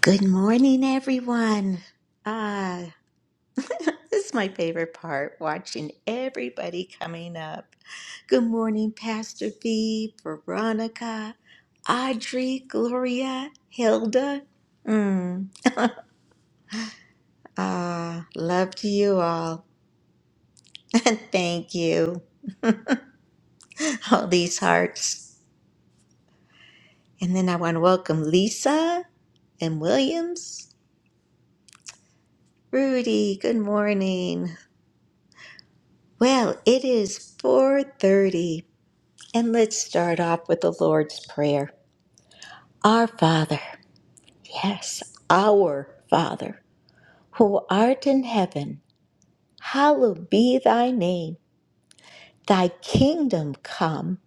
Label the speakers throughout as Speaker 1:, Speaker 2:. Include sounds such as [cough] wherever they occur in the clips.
Speaker 1: Good morning, everyone. Ah, this is my favorite part watching everybody coming up. Good morning, Pastor V, Veronica, Audrey, Gloria, Hilda. Mm, ah, love to you all. [laughs] And thank you, all these hearts. And then I want to welcome Lisa and Williams. Rudy, good morning. Well, it is 4:30. And let's start off with the Lord's Prayer. Our Father, yes, our Father, who art in heaven, hallowed be thy name. Thy kingdom come,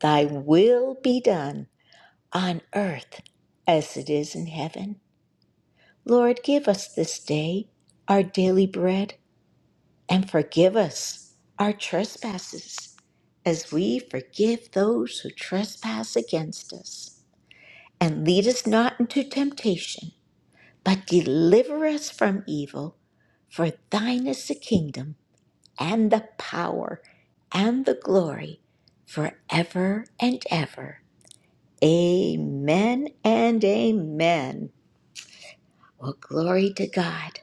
Speaker 1: thy will be done, on earth as it is in heaven. Lord, give us this day our daily bread, and forgive us our trespasses, as we forgive those who trespass against us And lead us not into temptation, but deliver us from evil. For thine is the kingdom, and the power, and the glory, forever and ever. Amen and amen. Well, glory to God.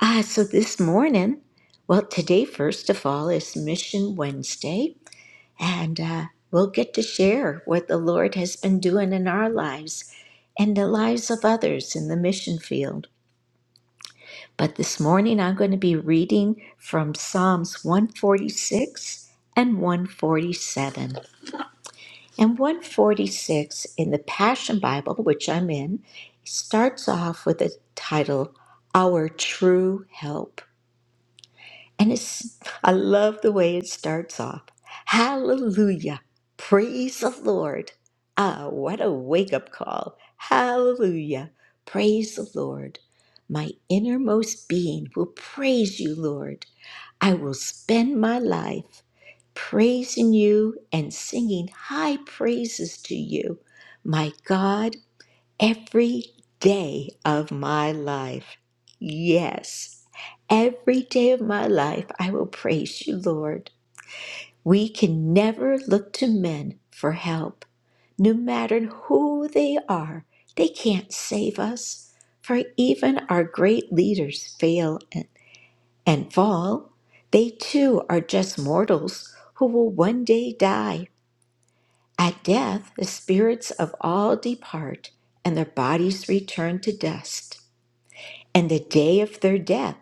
Speaker 1: Ah, so this morning, well, today, first of all, is Mission Wednesday. And uh, we'll get to share what the Lord has been doing in our lives and the lives of others in the mission field. But this morning I'm going to be reading from Psalms 146 and 147. And 146 in the Passion Bible, which I'm in, starts off with the title, Our True Help. And it's I love the way it starts off. Hallelujah. Praise the Lord. Ah, what a wake-up call. Hallelujah. Praise the Lord. My innermost being will praise you, Lord. I will spend my life praising you and singing high praises to you. My God Every day of my life, yes, every day of my life, I will praise you, Lord. We can never look to men for help. No matter who they are, they can't save us. For even our great leaders fail and, and fall. They too are just mortals who will one day die. At death, the spirits of all depart, and their bodies return to dust. And the day of their death,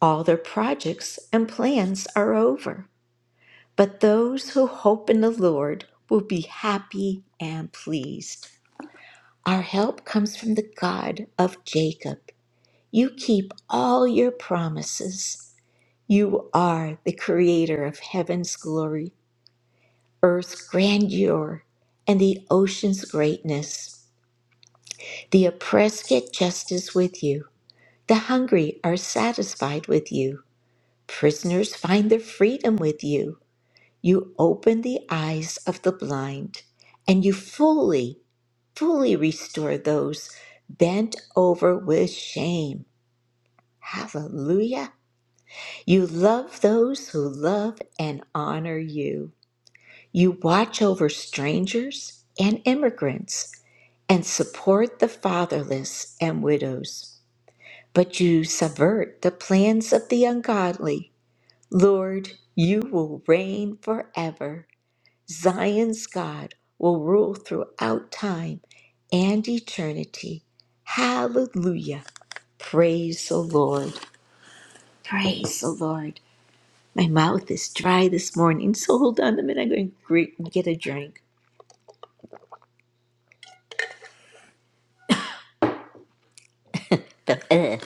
Speaker 1: all their projects and plans are over. But those who hope in the Lord will be happy and pleased. Our help comes from the God of Jacob. You keep all your promises. You are the creator of heaven's glory, earth's grandeur, and the ocean's greatness. The oppressed get justice with you. The hungry are satisfied with you. Prisoners find their freedom with you. You open the eyes of the blind, and you fully, fully restore those bent over with shame. Hallelujah. You love those who love and honor you. You watch over strangers and immigrants and support the fatherless and widows. But you subvert the plans of the ungodly. Lord, you will reign forever. Zion's God will rule throughout time and eternity. Hallelujah. Praise the Lord. Praise the Lord. My mouth is dry this morning, so hold on a minute. I'm going to gre- get a drink. The-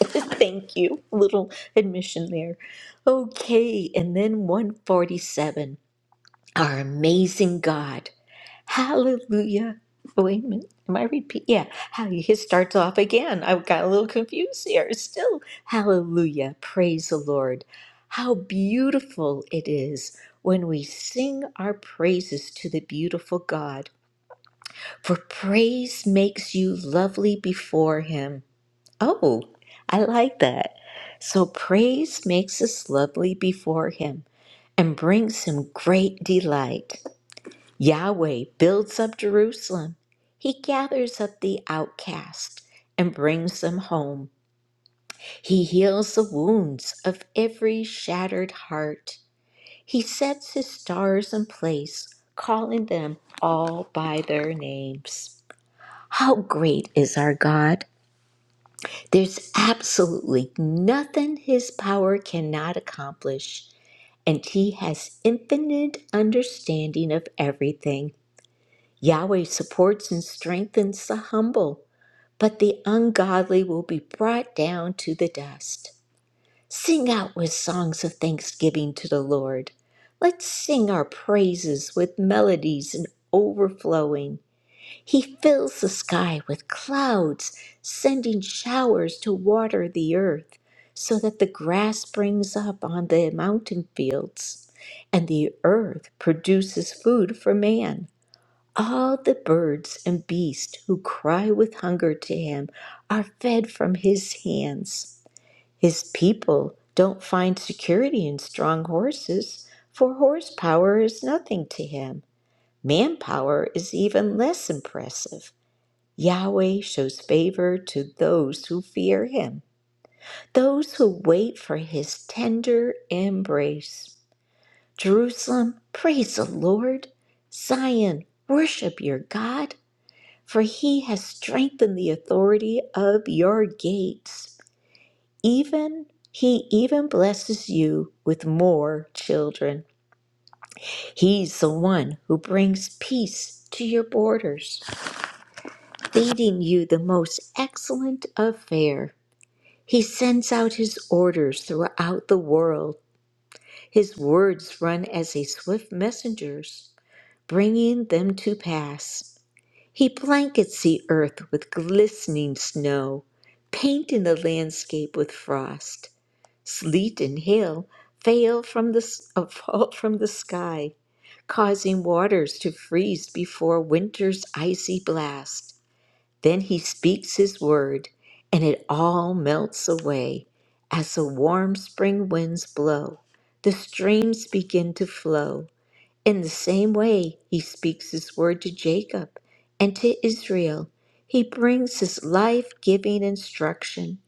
Speaker 1: [laughs] Thank you. Little admission there. Okay, and then 147. Our amazing God. Hallelujah. Wait a minute. Am I repeat? Yeah. How it starts off again. I got a little confused here. Still, hallelujah. Praise the Lord. How beautiful it is when we sing our praises to the beautiful God. For praise makes you lovely before Him. Oh, I like that. So praise makes us lovely before Him and brings Him great delight. Yahweh builds up Jerusalem. He gathers up the outcast and brings them home. He heals the wounds of every shattered heart. He sets his stars in place, calling them all by their names. How great is our God! There's absolutely nothing his power cannot accomplish, and he has infinite understanding of everything. Yahweh supports and strengthens the humble, but the ungodly will be brought down to the dust. Sing out with songs of thanksgiving to the Lord. Let's sing our praises with melodies and overflowing. He fills the sky with clouds, sending showers to water the earth, so that the grass springs up on the mountain fields, and the earth produces food for man. All the birds and beasts who cry with hunger to him are fed from his hands. His people don't find security in strong horses, for horsepower is nothing to him. Manpower is even less impressive. Yahweh shows favor to those who fear him, those who wait for his tender embrace. Jerusalem, praise the Lord. Zion, worship your God. For he has strengthened the authority of your gates. Even he even blesses you with more children. He's the one who brings peace to your borders, feeding you the most excellent of fare. He sends out his orders throughout the world. His words run as a swift messengers. bringing them to pass. He blankets the earth with glistening snow, painting the landscape with frost. Sleet and hail fail from the, s- uh, [laughs] fall from the sky, causing waters to freeze before winter's icy blast. Then he speaks his word, and it all melts away. As the warm spring winds blow, the streams begin to flow. In the same way, he speaks his word to Jacob and to Israel. He brings his life giving instruction.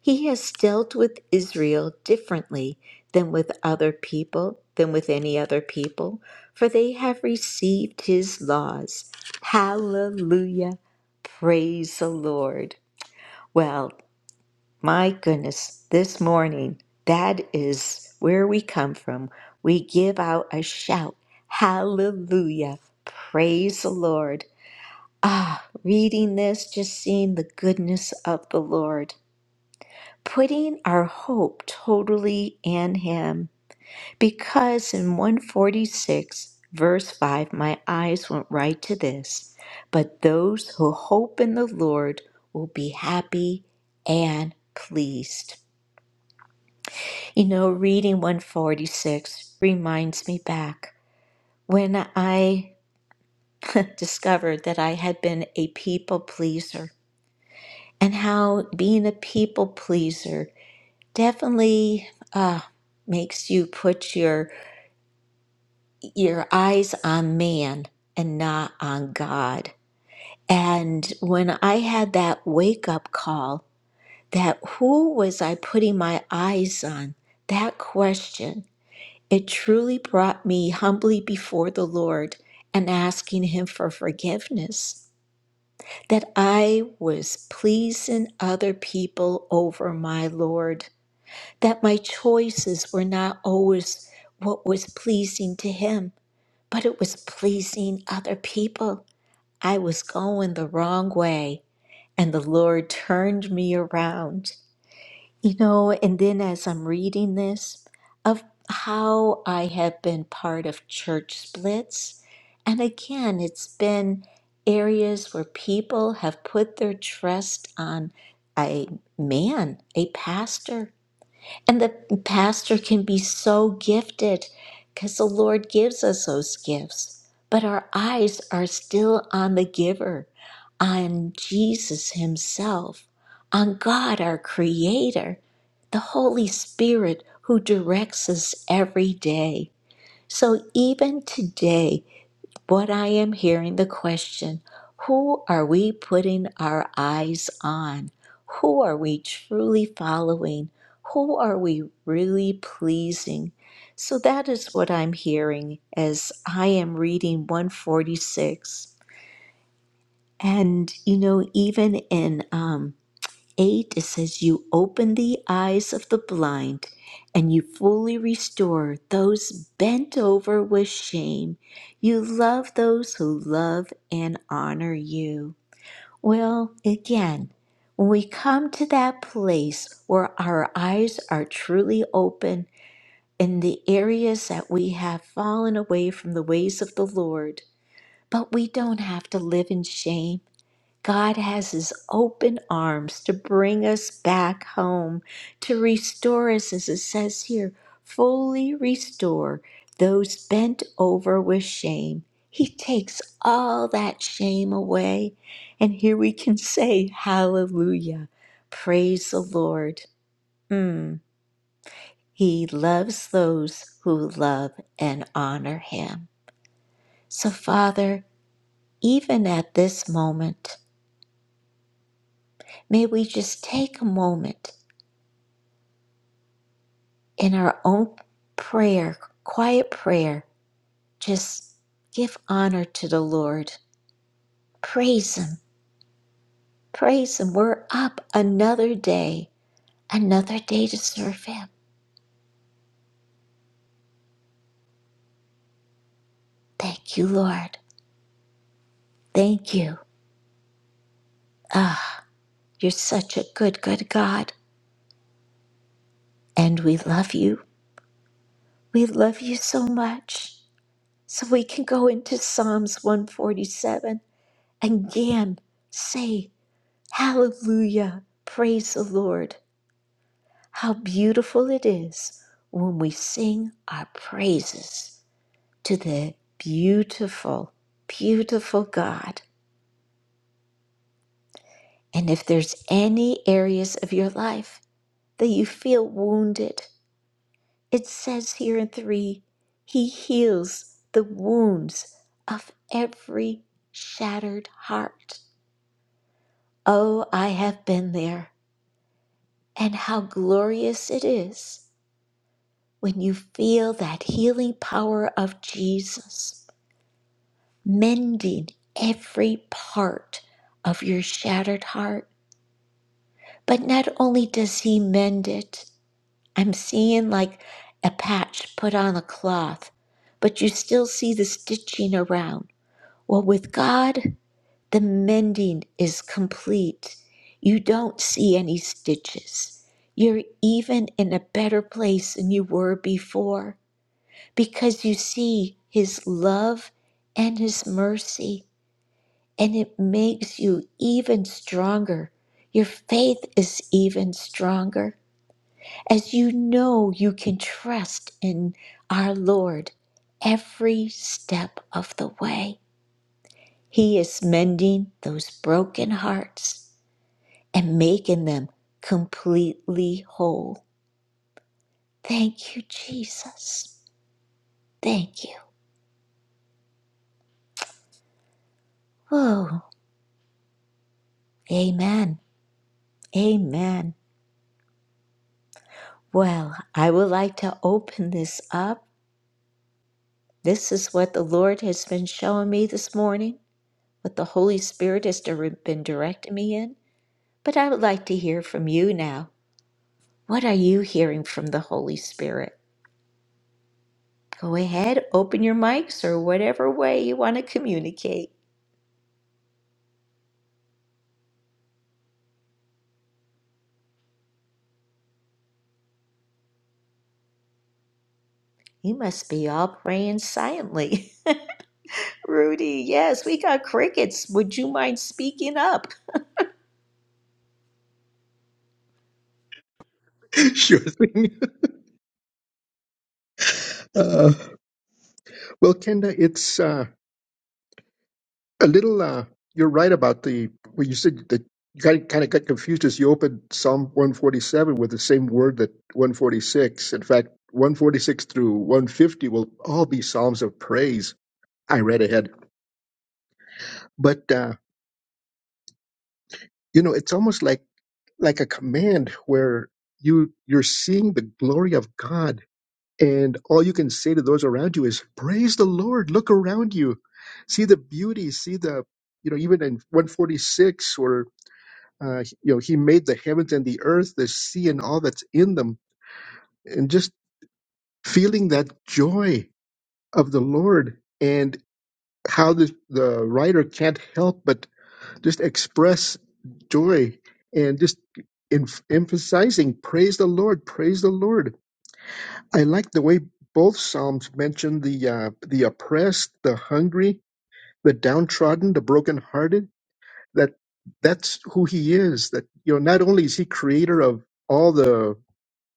Speaker 1: He has dealt with Israel differently than with other people, than with any other people, for they have received his laws. Hallelujah. Praise the Lord. Well. My goodness, this morning, that is where we come from. We give out a shout, Hallelujah, praise the Lord. Ah, reading this, just seeing the goodness of the Lord, putting our hope totally in Him. Because in 146, verse 5, my eyes went right to this. But those who hope in the Lord will be happy and pleased. You know, reading 146 reminds me back when I [laughs] discovered that I had been a people pleaser and how being a people pleaser definitely uh, makes you put your your eyes on man and not on God. And when I had that wake up call that who was I putting my eyes on? That question It truly brought me humbly before the Lord and asking Him for forgiveness that I was pleasing other people over my Lord, that my choices were not always what was pleasing to Him, but it was pleasing other people. I was going the wrong way, and the Lord turned me around. You know, and then as I'm reading this, of how I have been part of church splits. And again, it's been areas where people have put their trust on a man, a pastor, and the pastor can be so gifted because the Lord gives us those gifts. But our eyes are still on the giver, on Jesus Himself, on God, our Creator, the Holy Spirit who directs us every day. So even today, but I am hearing the question who are we putting our eyes on? Who are we truly following? Who are we really pleasing? So that is what I'm hearing as I am reading 146. And, you know, even in um. 8, it says, You open the eyes of the blind, and you fully restore those bent over with shame. You love those who love and honor you. Well, again, when we come to that place where our eyes are truly open in the areas that we have fallen away from the ways of the Lord, but we don't have to live in shame. God has his open arms to bring us back home, to restore us, as it says here, fully restore those bent over with shame. He takes all that shame away. And here we can say, Hallelujah. Praise the Lord. Mm, He loves those who love and honor him. So, Father, even at this moment, may we just take a moment in our own prayer, quiet prayer, just give honor to the Lord. Praise Him. Praise Him. We're up another day, another day to serve Him. Thank you, Lord. Thank you. Ah, you're such a good, good God. And we love you. We love you so much. So we can go into Psalms 147 and again say, Hallelujah. Praise the Lord. How beautiful it is when we sing our praises to the beautiful, beautiful God. And if there's any areas of your life that you feel wounded, it says here in 3 He heals the wounds of every shattered heart. Oh, I have been there. And how glorious it is when you feel that healing power of Jesus. mending every part of your shattered heart. But not only does he mend it, I'm seeing like a patch put on a cloth, but you still see the stitching around. Well, with God, the mending is complete. You don't see any stitches. You're even in a better place than you were before because you see his love and his mercy. and it makes you even stronger. Your faith is even stronger as you know you can trust in our Lord every step of the way. He is mending those broken hearts and making them completely whole. Thank you, Jesus. Thank you. Oh, amen. Amen. Well, I would like to open this up This is what the Lord has been showing me this morning, what the Holy Spirit has dir- been directing me in. But I would like to hear from you now. What are you hearing from the Holy Spirit? Go ahead, open your mics or whatever way you want to communicate. You must be all praying silently. [laughs] Rudy, yes, we got crickets. Would you mind speaking up?
Speaker 2: [laughs] Sure thing. Uh, well, Kenda, it's uh, a little. Uh, you're right about the. Well, you said that you kind of got confused as you opened Psalm 147 with the same word that 146. In fact, 146 through 150 will all be psalms of praise. I read ahead, but uh, you know, it's almost like like a command where you you're seeing the glory of God And all you can say to those around you is, Praise the Lord, look around you, see the beauty, see the, you know, even in 146, where, uh, you know, He made the heavens and the earth, the sea, and all that's in them, and just feeling that joy of the Lord and how the, the writer can't help but just express joy and just em- emphasizing, Praise the Lord, praise the Lord I like the way both psalms mention the uh, the oppressed, the hungry, the downtrodden, the brokenhearted. That that's who he is. That you know, not only is he creator of all the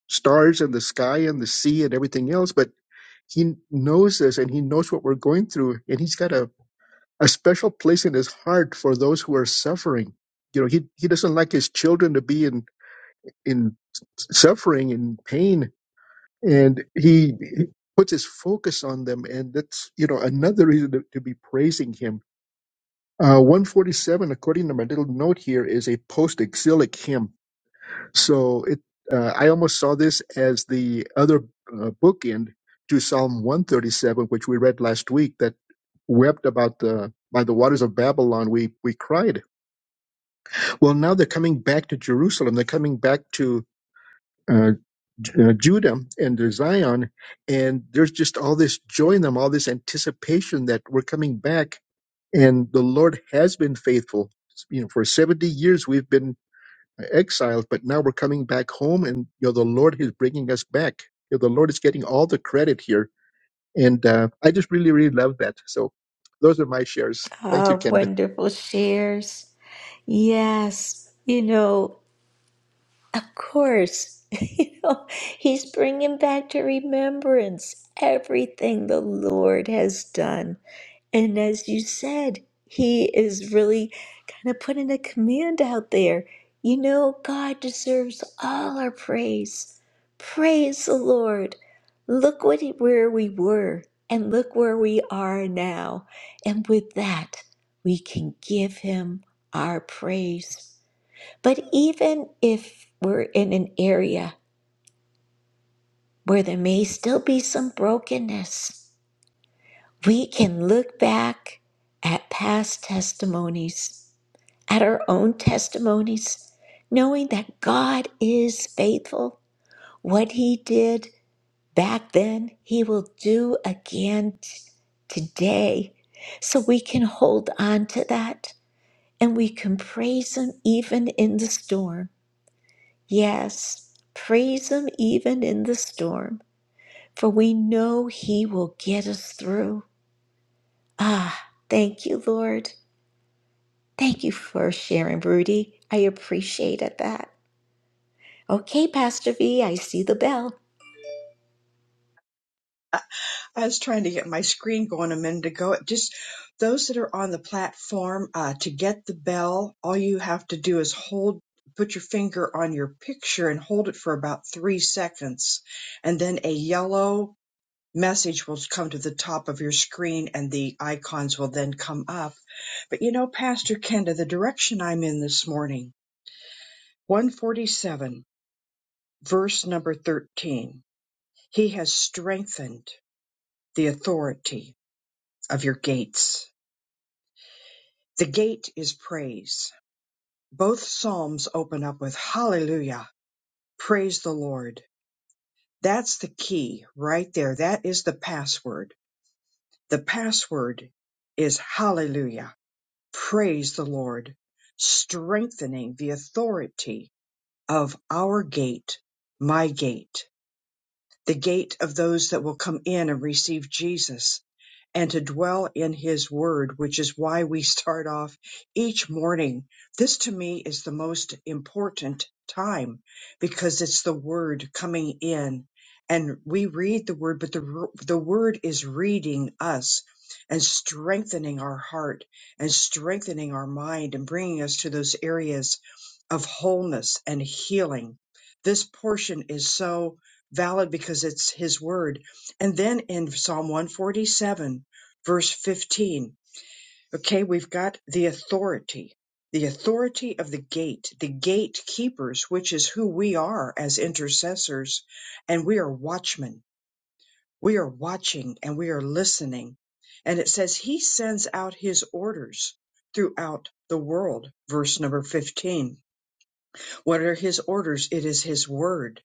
Speaker 2: stars and the sky and the sea and everything else, but he knows this and he knows what we're going through, and he's got a, a special place in his heart for those who are suffering. You know, he he doesn't like his children to be in in suffering and pain and he he puts his focus on them and that's you know another reason to, to be praising him uh, 147 according to my little note here is a post-exilic hymn so it uh, i almost saw this as the other uh, bookend to psalm 137 which we read last week that wept about the by the waters of babylon we we cried well now they're coming back to jerusalem they're coming back to uh, uh, Judah and Zion, and there's just all this joy in them, all this anticipation that we're coming back, and the Lord has been faithful. You know, for 70 years we've been uh, exiled, but now we're coming back home, and you know the Lord is bringing us back. You know, the Lord is getting all the credit here, and uh, I just really, really love that. So, those are my shares. Thank you,
Speaker 1: Ah,
Speaker 2: Kenda.
Speaker 1: wonderful shares. Yes, you know, Of course, [laughs] you know, he's bringing back to remembrance everything the Lord has done. And as you said, he is really kind of putting a command out there. You know, God deserves all our praise. Praise the Lord. Look what he, where we were and look where we are now. And with that, we can give him our praise. But even if we're in an area where there may still be some brokenness, we can look back at past testimonies, at our own testimonies, knowing that God is faithful. What He did back then, He will do again t- today. So we can hold on to that and we can praise Him even in the storm. Yes, praise Him even in the storm, for we know He will get us through. Ah, thank you, Lord. Thank you for sharing, Rudy. I appreciated that. Okay, Pastor V, I see the bell.
Speaker 3: I was trying to get my screen going a minute ago. It Just those that are on the platform, uh, to get the bell, all you have to do is hold, put your finger on your picture and hold it for about three seconds. And then a yellow message will come to the top of your screen and the icons will then come up. But you know, Pastor Kenda, the direction I'm in this morning, 147, verse number 13, he has strengthened the authority of your gates The gate is praise. Both psalms open up with hallelujah, praise the Lord. That's the key right there. That is the password. The password is hallelujah, praise the Lord, strengthening the authority of our gate, my gate, the gate of those that will come in and receive Jesus and to dwell in his word, which is why we start off each morning. This to me is the most important time because it's the word coming in and we read the word, but the, the word is reading us and strengthening our heart and strengthening our mind and bringing us to those areas of wholeness and healing. This portion is so valid because it's his word. And then in Psalm 147, verse 15. Okay, we've got the authority, the authority of the gate, the gatekeepers, which is who we are as intercessors. And we are watchmen. We are watching and we are listening. And it says he sends out his orders throughout the world. Verse number 15. What are his orders? It is his word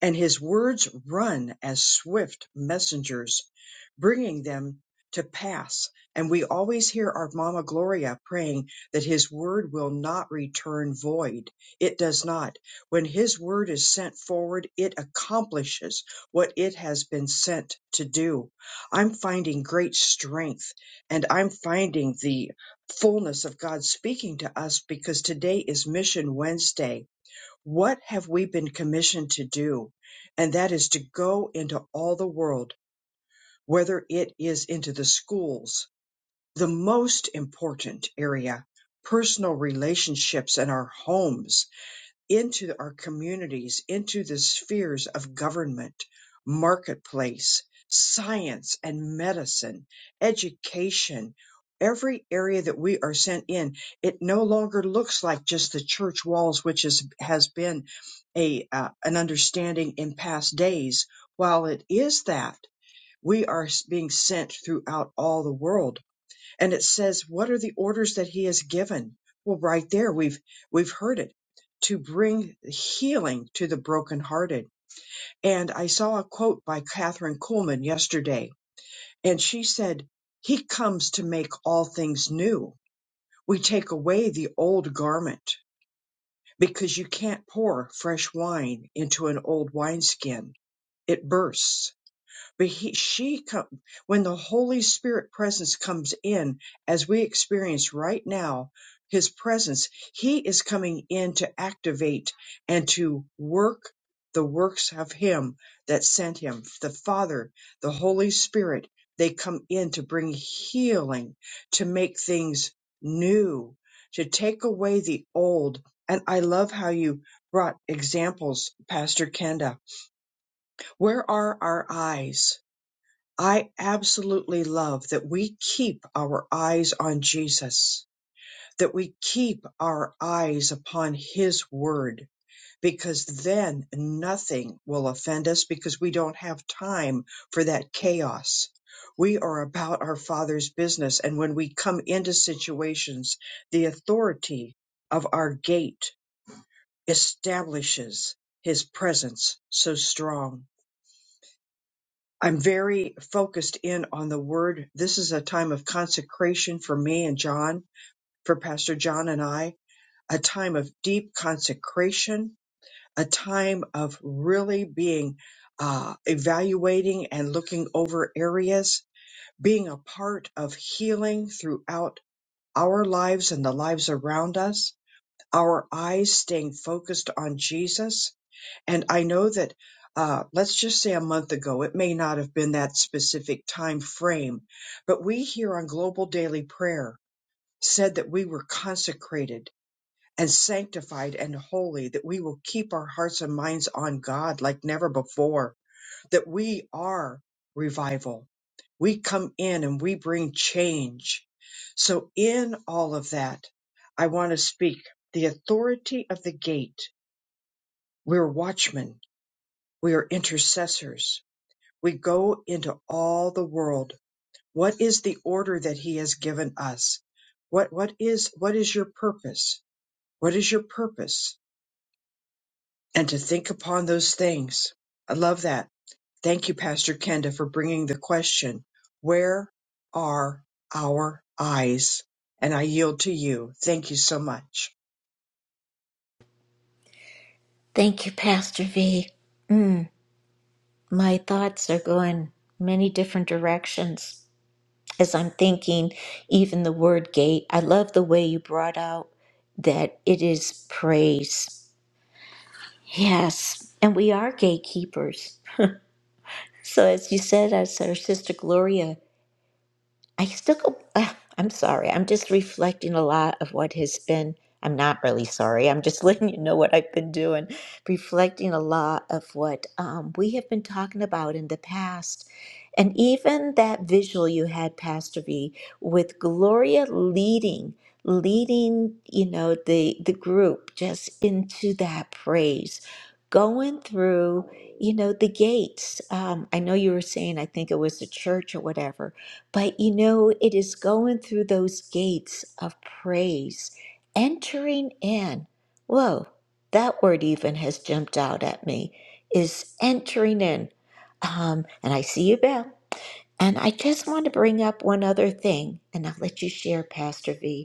Speaker 3: and his words run as swift messengers, bringing them to pass. And we always hear our Mama Gloria praying that his word will not return void. It does not. When his word is sent forward, it accomplishes what it has been sent to do. I'm finding great strength and I'm finding the fullness of God speaking to us because today is Mission Wednesday what have we been commissioned to do? And that is to go into all the world, whether it is into the schools, the most important area, personal relationships, and our homes into our communities, into the spheres of government, marketplace, science and medicine, education, every area that we are sent in. It no longer looks like just the church walls, which is, has been a, uh, an understanding in past days. While it is that, we are being sent throughout all the world and it says what are the orders that he has given well right there we've we've heard it to bring healing to the brokenhearted and i saw a quote by catherine kuhlman yesterday and she said he comes to make all things new we take away the old garment because you can't pour fresh wine into an old wineskin it bursts but he, she come, when the Holy Spirit presence comes in, as we experience right now, his presence, he is coming in to activate and to work the works of him that sent him, the Father, the Holy Spirit. They come in to bring healing, to make things new, to take away the old. And I love how you brought examples, Pastor Kenda. Where are our eyes? I absolutely love that we keep our eyes on Jesus, that we keep our eyes upon His Word, because then nothing will offend us because we don't have time for that chaos. We are about our Father's business. And when we come into situations, the authority of our gate establishes His presence so strong. I'm very focused in on the word. This is a time of consecration for me and John, for Pastor John and I, a time of deep consecration, a time of really being uh, evaluating and looking over areas, being a part of healing throughout our lives and the lives around us, our eyes staying focused on Jesus and I know that, uh, let's just say a month ago, it may not have been that specific time frame, but we here on Global Daily Prayer said that we were consecrated and sanctified and holy, that we will keep our hearts and minds on God like never before, that we are revival. We come in and we bring change. So, in all of that, I want to speak the authority of the gate. We're watchmen we are intercessors. We go into all the world. What is the order that he has given us? What, what is, what is your purpose? What is your purpose? And to think upon those things. I love that. Thank you, Pastor Kenda, for bringing the question. Where are our eyes? And I yield to you. Thank you so much.
Speaker 1: Thank you, Pastor V. Mm, my thoughts are going many different directions as I'm thinking, even the word gate. I love the way you brought out that it is praise. Yes, and we are gatekeepers. So, as you said, as our sister Gloria I still go, ugh, I'm sorry. I'm just reflecting a lot of what has been. I'm not really sorry. I'm just [laughs] letting you know what I've been doing, reflecting a lot of what um, we have been talking about in the past. And even that visual you had, Pastor V, with Gloria leading, leading, you know, the the group just into that praise, going through, you know, the gates. Um, I know you were saying, I think it was the church or whatever, but you know, it is going through those gates of praise, entering in. Whoa, that word even has jumped out at me is entering in. Um, and I see you, Belle. And I just want to bring up one other thing, and I'll let you share, Pastor V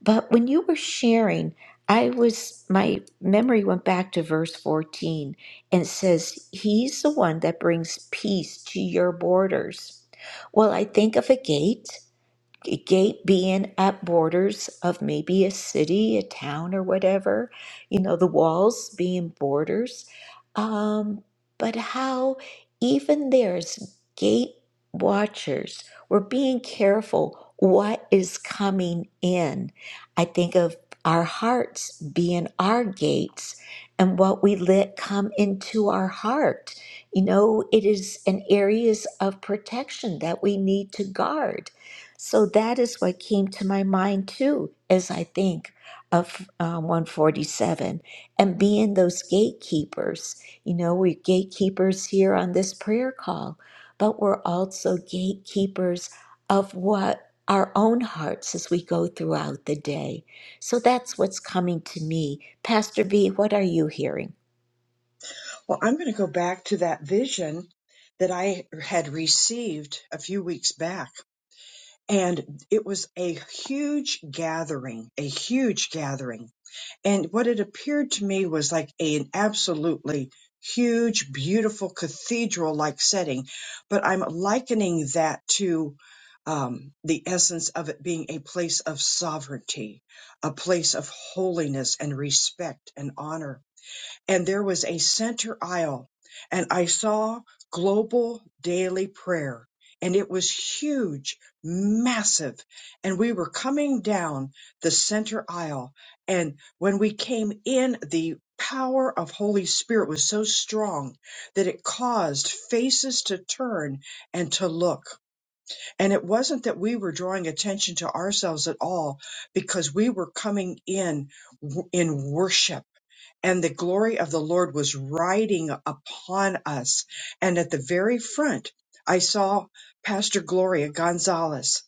Speaker 1: but when you were sharing, I was my memory went back to verse 14 and says, He's the one that brings peace to your borders. Well, I think of a gate a gate being at borders of maybe a city, a town, or whatever, you know, the walls being borders. Um, but how even there's gate watchers, we're being careful what is coming in. I think of our hearts being our gates and what we let come into our heart. You know, it is an areas of protection that we need to guard so that is what came to my mind too, as I think of uh, 147 and being those gatekeepers. You know, we're gatekeepers here on this prayer call, but we're also gatekeepers of what our own hearts as we go throughout the day. So that's what's coming to me. Pastor B, what are you hearing?
Speaker 3: Well, I'm going to go back to that vision that I had received a few weeks back and it was a huge gathering, a huge gathering. And what it appeared to me was like an absolutely huge, beautiful cathedral like setting. But I'm likening that to um, the essence of it being a place of sovereignty, a place of holiness and respect and honor and there was a center aisle and I saw global daily prayer and it was huge, massive. And we were coming down the center aisle. And when we came in, the power of Holy Spirit was so strong that it caused faces to turn and to look. And it wasn't that we were drawing attention to ourselves at all because we were coming in w- in worship and the glory of the Lord was riding upon us. And at the very front, I saw Pastor Gloria Gonzalez,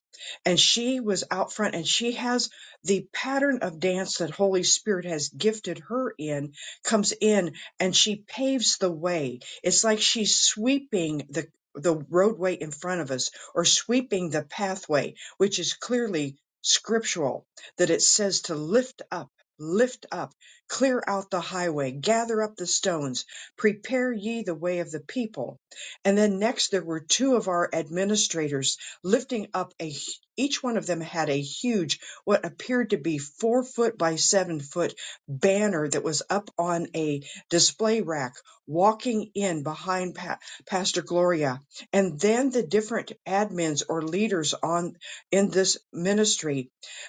Speaker 3: and she was out front, and she has the pattern of dance that Holy Spirit has gifted her in, comes in, and she paves the way. It's like she's sweeping the the roadway in front of us or sweeping the pathway, which is clearly scriptural that it says to lift up, lift up. Clear out the highway, gather up the stones, prepare ye the way of the people. And then next there were two of our administrators lifting up a, each one of them had a huge, what appeared to be four foot by seven foot banner that was up on a display rack, walking in behind pa- Pastor Gloria. And then the different admins or leaders on in this ministry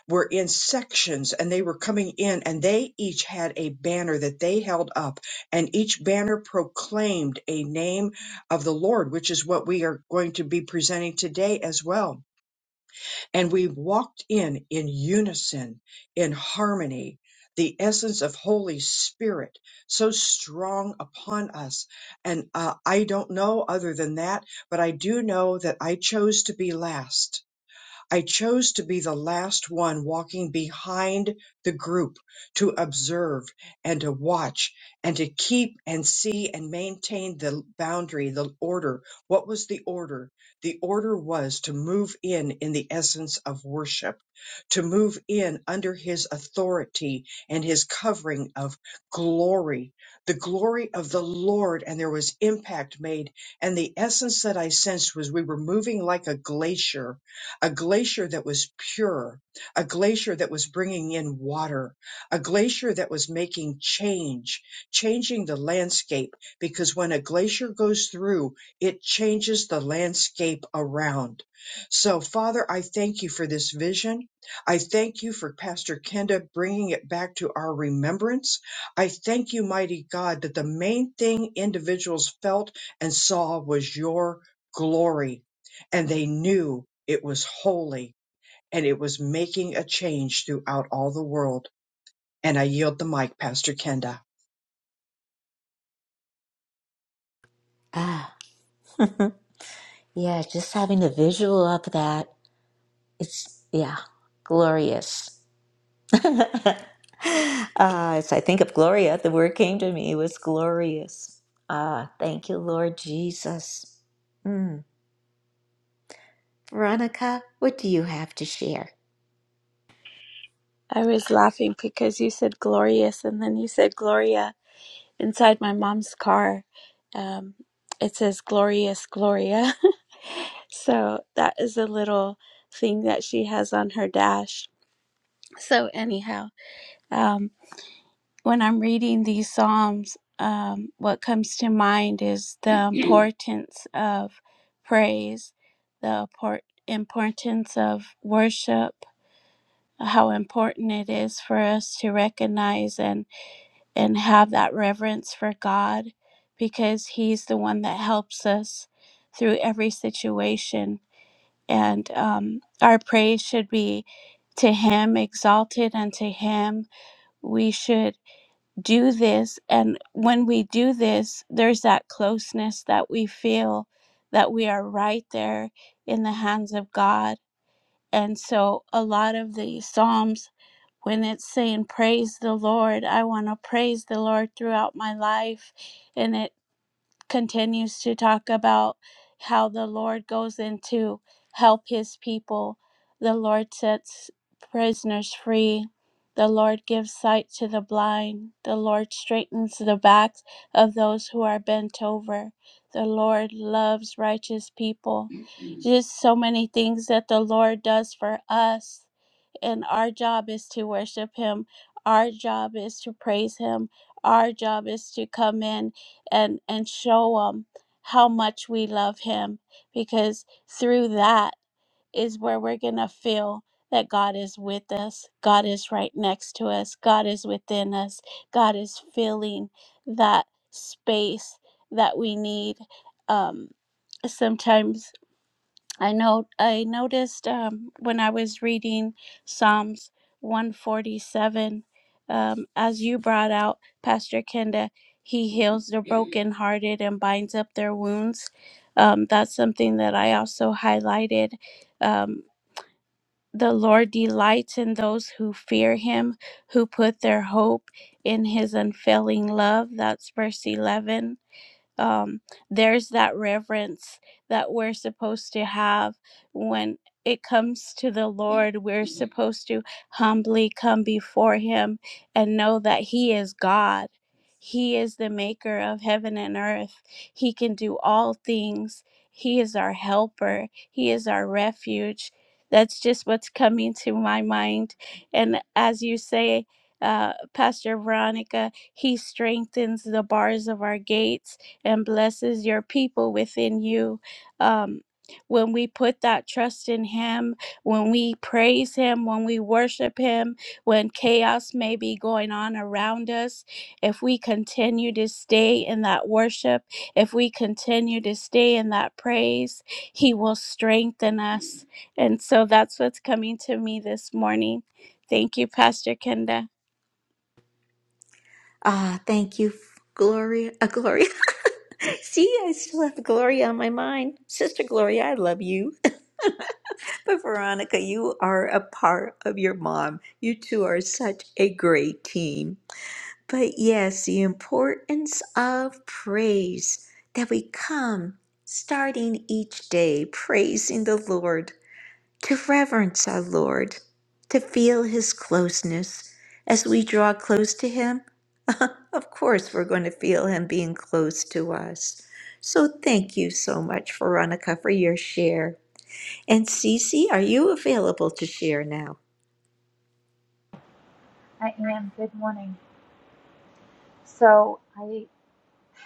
Speaker 3: were in sections and they were coming in and they each had a banner that they held up and each banner proclaimed a name of the Lord, which is what we are going to be presenting today as well. And we walked in in unison, in harmony, the essence of Holy Spirit so strong upon us. And uh, I don't know other than that, but I do know that I chose to be last I chose to be the last one walking behind the group to observe and to watch and to keep and see and maintain the boundary, the order. What was the order? The order was to move in in the essence of worship, to move in under his authority and his covering of glory, the glory of the Lord. And there was impact made. And the essence that I sensed was we were moving like a glacier a glacier that was pure, a glacier that was bringing in water, a glacier that was making change, changing the landscape. Because when a glacier goes through, it changes the landscape around. So, Father, I thank you for this vision. I thank you for Pastor Kenda bringing it back to our remembrance. I thank you, mighty God, that the main thing individuals felt and saw was your glory and they knew it was holy and it was making a change throughout all the world. And I yield the mic, Pastor Kenda.
Speaker 1: Ah, yeah, just having a visual of that. It's, yeah, glorious. [laughs] Ah, as I think of Gloria, the word came to me It was glorious. Ah, thank you, Lord Jesus. Mm. Veronica, what do you have to share?
Speaker 4: I was laughing because you said glorious and then you said Gloria inside my mom's car. Um, it says glorious Gloria. [laughs] so that is a little thing that she has on her dash. So, anyhow, um, when I'm reading these Psalms, um, what comes to mind is the [clears throat] importance of praise, the import- importance of worship, how important it is for us to recognize and and have that reverence for God because He's the one that helps us through every situation. And um, our praise should be to Him, exalted unto Him. We should do this. And when we do this, there's that closeness that we feel that we are right there in the hands of God. And so a lot of the Psalms when it's saying praise the Lord, I want to praise the Lord throughout my life. And it continues to talk about how the Lord goes in to help his people. The Lord sets prisoners free. The Lord gives sight to the blind. The Lord straightens the backs of those who are bent over. The Lord loves righteous people. [clears throat] Just so many things that the Lord does for us and our job is to worship him our job is to praise him our job is to come in and and show him how much we love him because through that is where we're going to feel that God is with us. God is right next to us. God is within us. God is filling that space that we need. Um, sometimes I know I noticed um, when I was reading Psalms 147, um, as you brought out, Pastor Kenda, he heals the brokenhearted and binds up their wounds. Um, that's something that I also highlighted. Um, the Lord delights in those who fear him, who put their hope in his unfailing love. That's verse 11 um, there's that reverence that we're supposed to have when it comes to the Lord. We're supposed to humbly come before Him and know that He is God. He is the maker of heaven and earth. He can do all things. He is our helper. He is our refuge. That's just what's coming to my mind. And as you say, uh, Pastor Veronica, He strengthens the bars of our gates and blesses your people within you. Um, when we put that trust in Him, when we praise Him, when we worship Him, when chaos may be going on around us, if we continue to stay in that worship, if we continue to stay in that praise, He will strengthen us. And so that's what's coming to me this morning. Thank you, Pastor Kenda.
Speaker 1: Ah, thank you, Gloria. Uh, Gloria. [laughs] See, I still have Gloria on my mind. Sister Gloria, I love you. [laughs] But Veronica, you are a part of your mom. You two are such a great team. But yes, the importance of praise that we come starting each day praising the Lord, to reverence our Lord, to feel his closeness. As we draw close to him, [laughs] of course, we're going to feel him being close to us. So thank you so much, Veronica, for your share. And Cece, are you available to share now?
Speaker 5: I am. Good morning. So I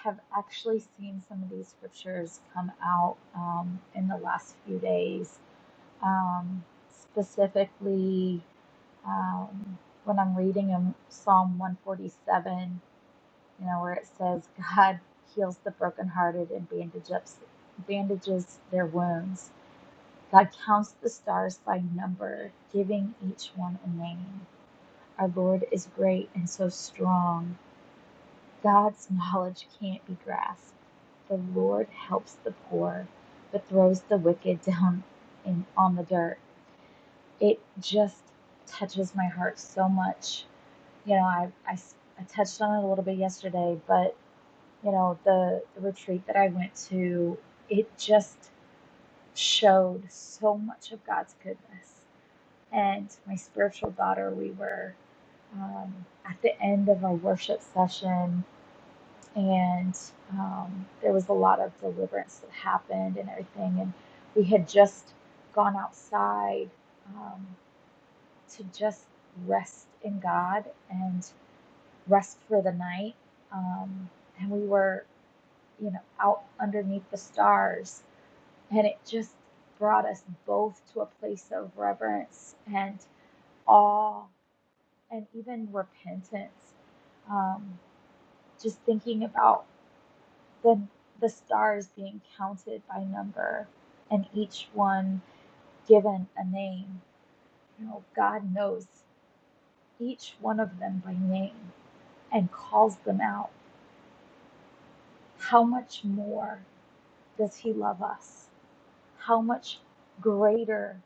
Speaker 5: have actually seen some of these scriptures come out um, in the last few days, um, specifically um, when I'm reading in Psalm 147, you know, where it says, God heals the brokenhearted and bandage up, bandages their wounds. God counts the stars by number, giving each one a name. Our Lord is great and so strong. God's knowledge can't be grasped. The Lord helps the poor, but throws the wicked down in on the dirt. It just touches my heart so much. You know, I I I touched on it a little bit yesterday, but you know, the, the retreat that I went to, it just showed so much of God's goodness. And my spiritual daughter, we were um, at the end of our worship session and um, there was a lot of deliverance that happened and everything. And we had just gone outside um, to just rest in God and rest for the night. Um, and we were, you know, out underneath the stars, and it just brought us both to a place of reverence and awe and even repentance. Um, just thinking about then the stars being counted by number and each one given a name. You know, God knows each one of them by name and calls them out. How much more does He love us? How much greater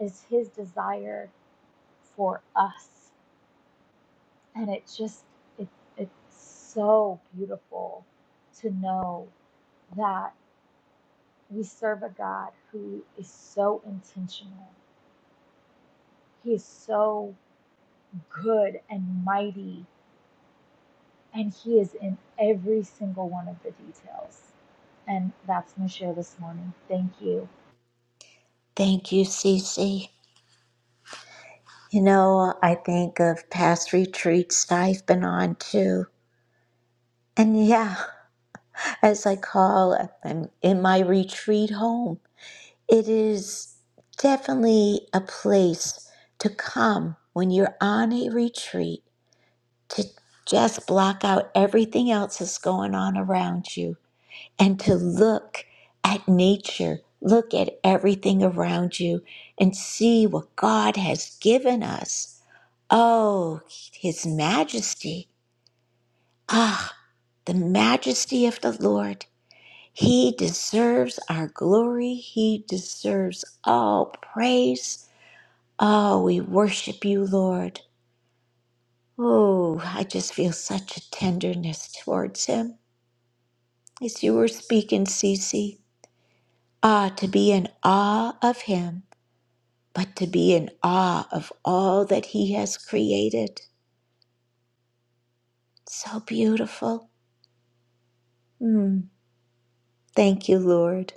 Speaker 5: is His desire for us? And it just, it, it's so beautiful to know that we serve a God who is so intentional He is so good and mighty, and He is in every single one of the details. And that's my share this morning. Thank you.
Speaker 1: Thank you, Cece. You know, I think of past retreats that I've been on too. And yeah, [laughs] as I call, I'm in my retreat home. It is definitely a place to come when you're on a retreat to just block out everything else that's going on around you and to look at nature, look at everything around you and see what God has given us Oh, his majesty. Ah, the majesty of the Lord. He deserves our glory. He deserves all praise. Oh, we worship you, Lord. Oh, I just feel such a tenderness towards him as you were speaking, Cece. Ah, to be in awe of him, but to be in awe of all that he has created. So beautiful. Mm, thank you, Lord.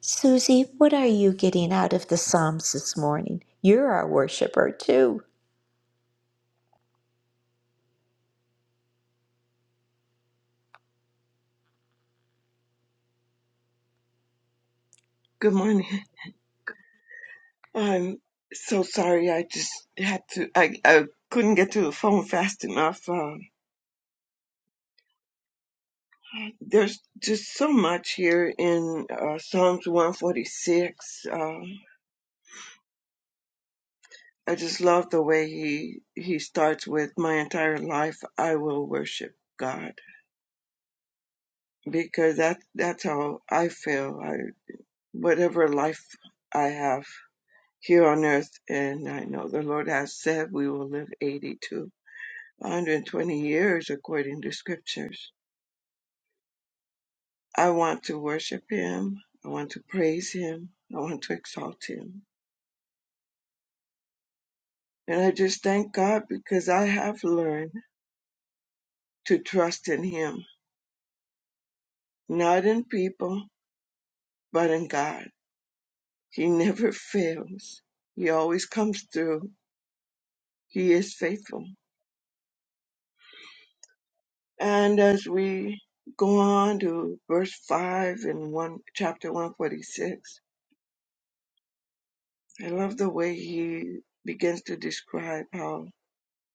Speaker 1: Susie, what are you getting out of the Psalms this morning? You're our worshiper too.
Speaker 6: Good morning. [laughs] I'm so sorry. I just had to. I, I couldn't get to the phone fast enough. Um, there's just so much here in uh, Psalms 146. Um, I just love the way he he starts with my entire life. I will worship God because that that's how I feel. I whatever life I have here on earth, and I know the Lord has said we will live 82. 120 years according to scriptures. I want to worship him. I want to praise him. I want to exalt him. And I just thank God because I have learned to trust in him, not in people, but in God. He never [laughs] fails. He always comes through. He is faithful. And as we go on to verse 5 in one, chapter 146, I love the way he begins to describe how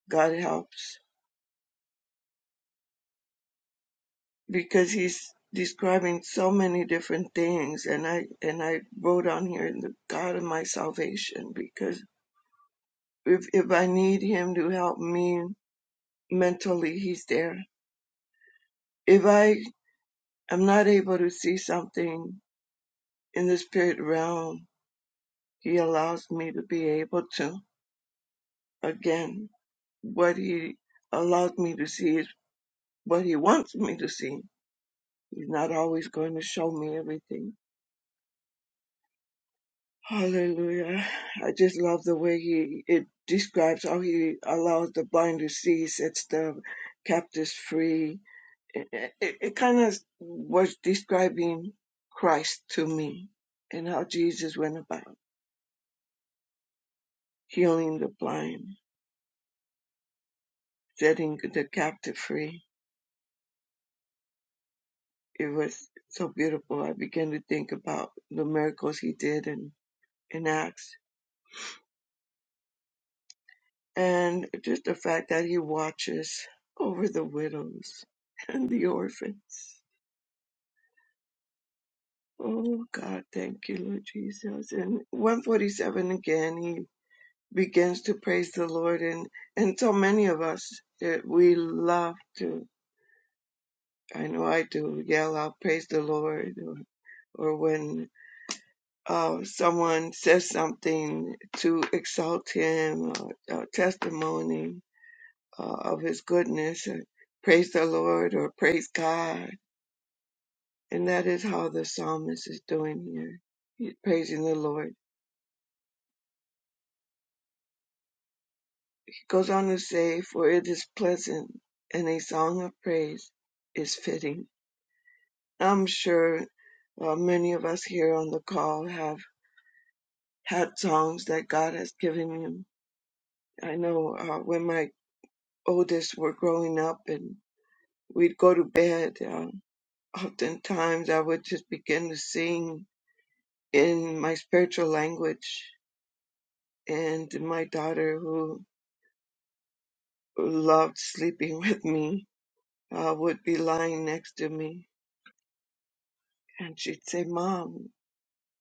Speaker 6: God helps because he's describing so many different things and I and I wrote on here the God of my salvation because if if I need him to help me mentally he's there. If I am not able to see something in the spirit realm, he allows me to be able to again what he allows me to see is what he wants me to see. He's not always going to show me everything Hallelujah. I just love the way he it describes how he allows the blind to see, sets the captives free. It, it, it kind of was describing Christ to me and how Jesus went about healing the blind, setting the captive free. It was so beautiful. I began to think about the miracles he did in, in Acts and just the fact that he watches over the widows [laughs] and the orphans. Oh God, thank you, Lord Jesus. And 147 again, he begins to praise the Lord, and and so many of us eh, we love to. I know I do. Yell out, praise the Lord, or or when uh, someone says something to exalt him, or, or testimony uh, of his goodness and praise the Lord or praise God. And that is how the psalmist is doing here. He's praising the Lord. He goes on to say, For it is pleasant and a song of praise is fitting. I'm sure uh, many of us here on the call have had songs that God has given him. I know uh, when my oldest were growing up and we'd go to bed, uh, oftentimes I would just begin to sing in my spiritual language. And my daughter, who loved sleeping [laughs] with me, uh, would be lying next to me. And she'd say, Mom,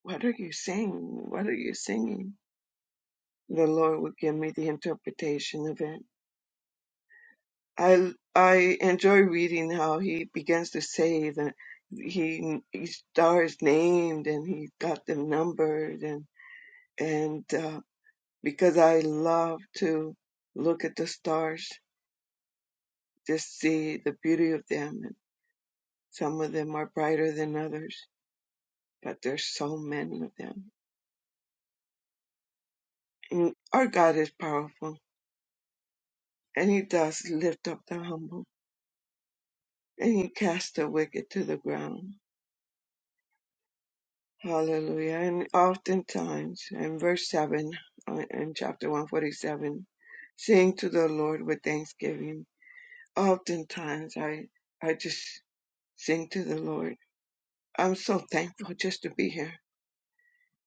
Speaker 6: what are you saying? What are you singing? The Lord would give me the interpretation of it. I, I enjoy reading how he begins to say that he, he stars named and he got them numbered and, and, uh, because I love to look at the stars just see the beauty of them. And some of them are brighter than others, but there's so many of them. And our God is powerful, and He does lift up the humble, and He casts the wicked to the ground. Hallelujah. And oftentimes, in verse 7 uh, in chapter 147, sing to the Lord with thanksgiving. Oftentimes, I, I just sing to the Lord. I'm so thankful just to be here,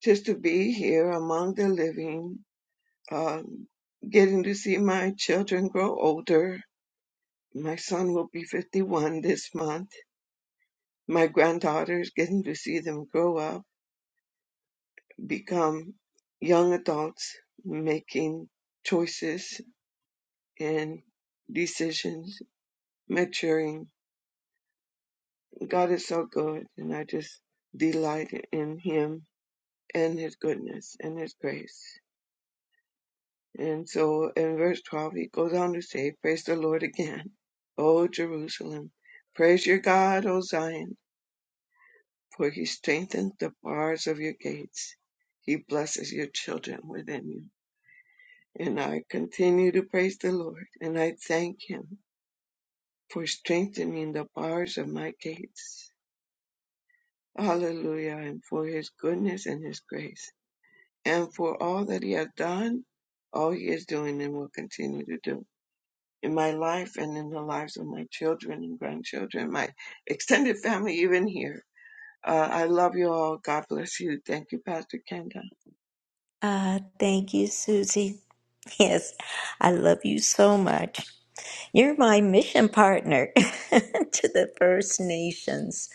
Speaker 6: just to be here among the living, um, getting to see my children grow older. My son will be 51 this month. My granddaughters, getting to see them grow up, become young adults, making choices and decisions, maturing. God is so good, and I just delight in Him and His goodness and His grace. And so in verse 12, he goes on to say, Praise the Lord again, O Jerusalem. Praise your God, O Zion, for he strengthened the bars of your gates. He blesses your children within you. And I continue to praise the Lord, and I thank him for strengthening the bars of my gates. Hallelujah, and for his goodness and his grace, and for all that he has done, all he is doing, and will continue to do. in my life and in the lives of my children and grandchildren, my extended family, even here. Uh, I love you all. God bless you. Thank you, Pastor Kenda.
Speaker 1: Ah, thank you, Susie. [laughs] Yes, I love you so much. You're my mission partner [laughs] to the First Nations.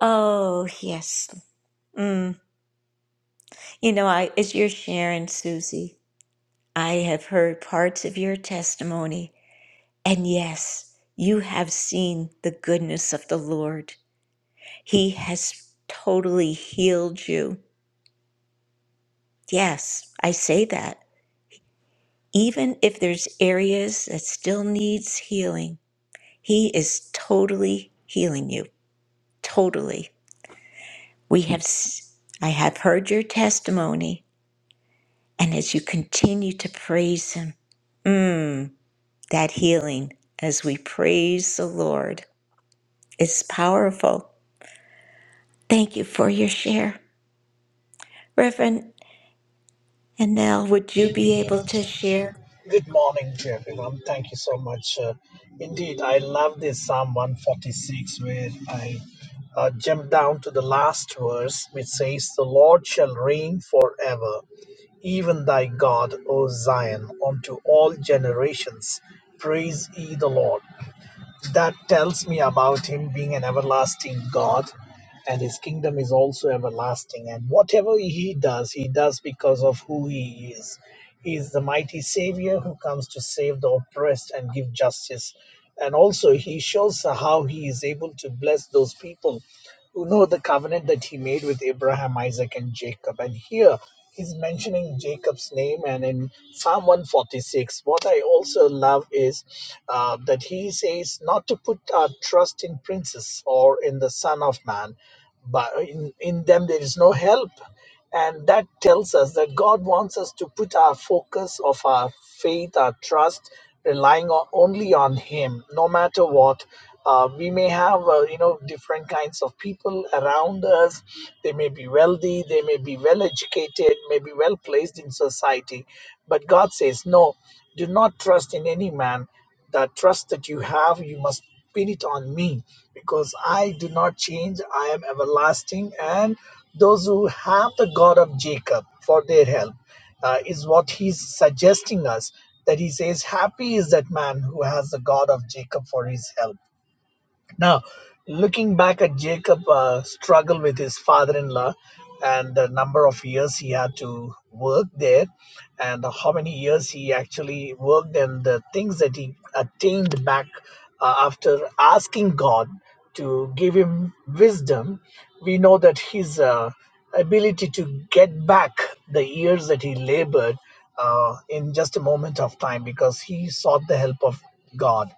Speaker 1: Oh, yes. Mm. You know, I as you're sharing, Susie, I have heard parts of your testimony, and yes, you have seen the goodness of the Lord. He has totally healed you. Yes, I say that. Even if there's areas that still needs healing, he is totally healing you. Totally. We have s- I have heard your testimony and as you continue to praise him, mm, that healing as we praise the Lord is powerful. Thank you for your share. Reverend Annelle, would you
Speaker 7: to
Speaker 1: be
Speaker 7: be
Speaker 1: able
Speaker 7: able to
Speaker 1: to
Speaker 7: hear.
Speaker 1: share?
Speaker 7: Good morning to everyone. Thank you so much. Uh, indeed, I love this Psalm 146 where I uh, jump down to the last verse which says, The Lord shall reign forever, even thy God, O Zion, unto all generations. Praise ye the Lord that tells me about him being an everlasting God and his kingdom is also everlasting. And whatever he does, he does because of who he is. He is the mighty Savior who comes to save the oppressed and give justice. And also, he shows how he is able to bless those people who know the covenant that he made with Abraham, Isaac, and Jacob. And here, he's mentioning Jacob's name, and in Psalm 146, what I also love is uh, that he says not to put our trust in princes or in the Son of Man, but in, in them there is no help. And that tells us that God wants us to put our focus of our faith, our trust, relying on, only on Him, no matter what. Uh, we may have, uh, you know, different kinds of people around us. They may be wealthy, they may be well educated, may be well placed in society. But God says, no, do not trust in any man. The trust that you have, you must pin it on me because I do not change. I am everlasting and those who have the God of Jacob for their help, uh, is what he's suggesting us. That he says, Happy is that man who has the God of Jacob for his help now, looking back at Jacob uh, struggle with his father-in-law and the number of years he had to work there and how many years he actually worked and the things that he attained back uh, after asking God to give him wisdom, we know that his uh, ability to get back the years that he labored uh, in just a moment of time because he sought the help of God.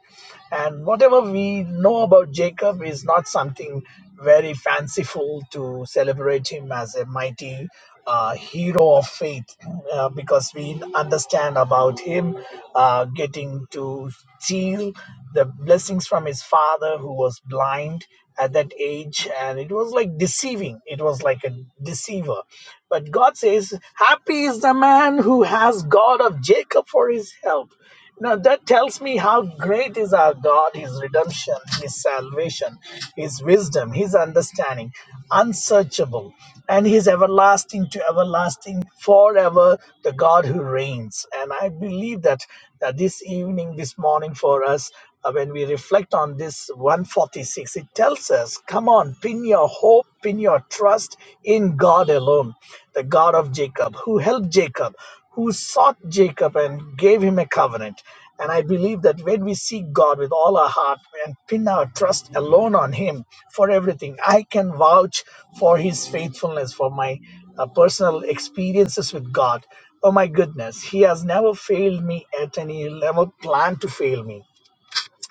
Speaker 7: And whatever we know about Jacob is not something very fanciful to celebrate him as a mighty uh, hero of faith, uh, because we understand about him uh, getting to steal the blessings from his father who was blind at that age and it was like deceiving it was like a deceiver but god says happy is the man who has god of jacob for his help now that tells me how great is our God, His redemption, His salvation, His wisdom, His understanding, unsearchable, and His everlasting to everlasting, forever, the God who reigns. And I believe that, that this evening, this morning for us, uh, when we reflect on this 146, it tells us, come on, pin your hope, pin your trust in God alone, the God of Jacob, who helped Jacob, who sought Jacob and gave him a covenant. And I believe that when we seek God with all our heart and pin our trust alone on Him for everything, I can vouch for His faithfulness, for my uh, personal experiences with God. Oh my goodness, He has never failed me at any level, planned to fail me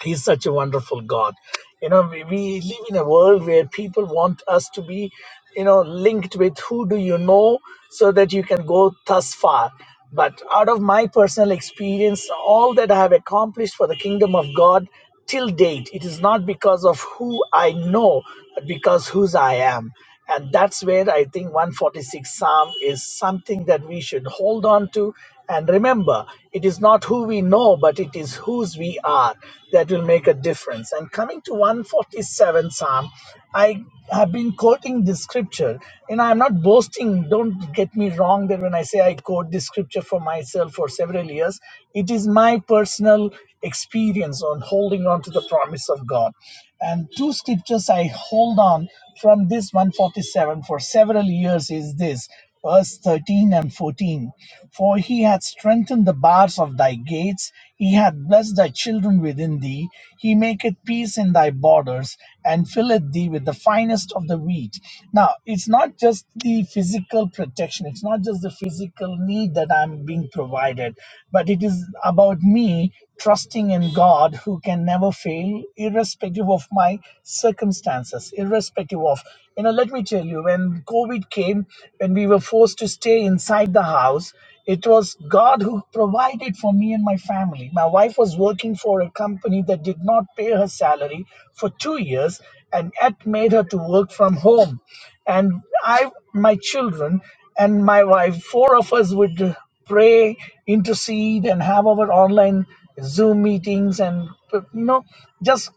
Speaker 7: He's such a wonderful God. You know, we, we live in a world where people want us to be, you know, linked with who do you know so that you can go thus far. But out of my personal experience, all that I have accomplished for the kingdom of God till date it is not because of who i know but because whose i am and that's where i think 146 psalm is something that we should hold on to and remember it is not who we know but it is whose we are that will make a difference and coming to 147 psalm i have been quoting this scripture and i'm not boasting don't get me wrong There, when i say i quote this scripture for myself for several years it is my personal experience on holding on to the promise of God. And two scriptures I hold on from this 147 for several years is this verse 13 and 14 for he hath strengthened the bars of thy gates he hath blessed thy children within thee he maketh peace in thy borders and filleth thee with the finest of the wheat now it's not just the physical protection protection it's not just the physical need that i'm being provided but it is about me trusting in god who can never fail irrespective of my circumstances irrespective of you know let me tell you when covid came when we were forced to stay inside the house it was god who provided for me and my family my wife was working for a company that did not pay her salary for 2 years and that made her to work from home and i my children and my wife four of us would pray intercede and have our online zoom meetings and you know just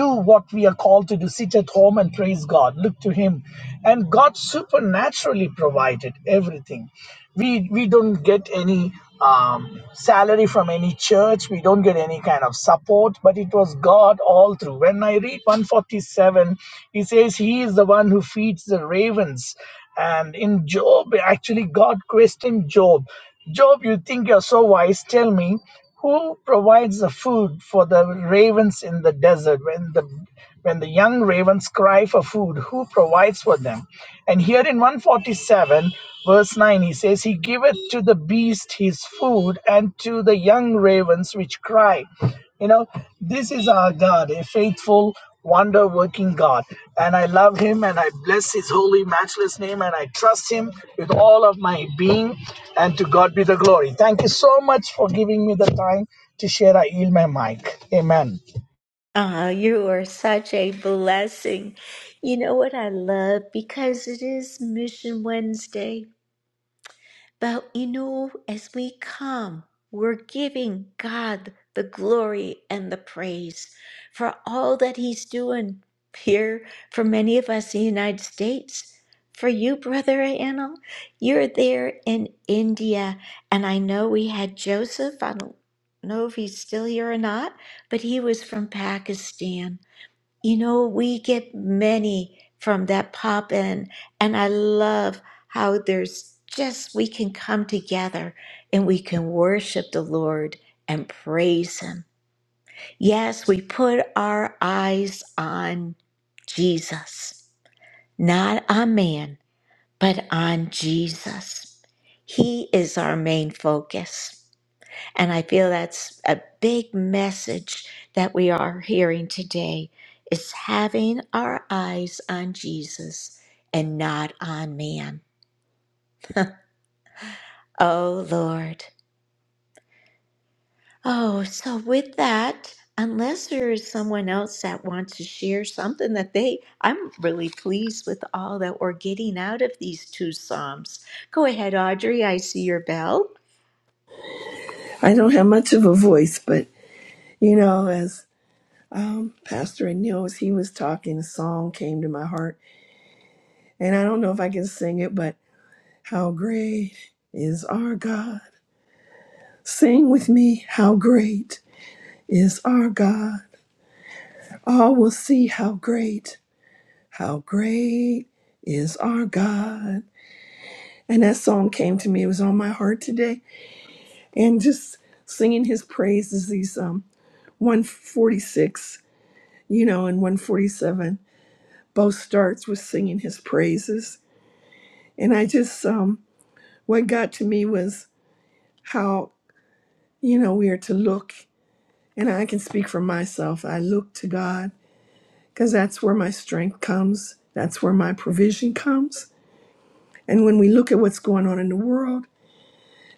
Speaker 7: do what we are called to do sit at home and praise god look to him and god supernaturally provided everything we we don't get any um, salary from any church we don't get any kind of support but it was god all through when i read 147 he says he is the one who feeds the ravens and in job actually god questioned job Job, you think you're so wise. Tell me, who provides the food for the ravens in the desert when the when the young ravens cry for food? Who provides for them? And here in 147, verse 9, he says, He giveth to the beast his food and to the young ravens which cry. You know, this is our God, a faithful wonder working God. And I love him and I bless his holy, matchless name and I trust him with all of my being. And to God be the glory. Thank you so much for giving me the time to share. I yield my mic. Amen.
Speaker 1: Ah, you are such a blessing. You know what I love? Because it is Mission Wednesday. But you know, as we come, we're giving God the glory and the praise for all that He's doing here for many of us in the United States. For you, Brother Anil, you're there in India. And I know we had Joseph, I don't know if he's still here or not, but he was from Pakistan. You know, we get many from that pop in, and I love how there's just we can come together and we can worship the Lord and praise Him. Yes, we put our eyes on Jesus, not on man, but on Jesus. He is our main focus. And I feel that's a big message that we are hearing today is having our eyes on Jesus and not on man. Oh Lord. Oh, so with that, unless there is someone else that wants to share something that they I'm really pleased with all that we're getting out of these two psalms. Go ahead, Audrey. I see your bell.
Speaker 8: I don't have much of a voice, but you know, as um, Pastor Anil, as he was talking, a song came to my heart, and I don't know if I can sing it, but how great is our God? Sing with me, how great is our God? All will see how great, how great is our God. And that song came to me; it was on my heart today, and just singing His praises, these um, 146, you know, and 147. both starts with singing his praises. And I just, um, what got to me was how, you know, we are to look. And I can speak for myself. I look to God because that's where my strength comes, that's where my provision comes. And when we look at what's going on in the world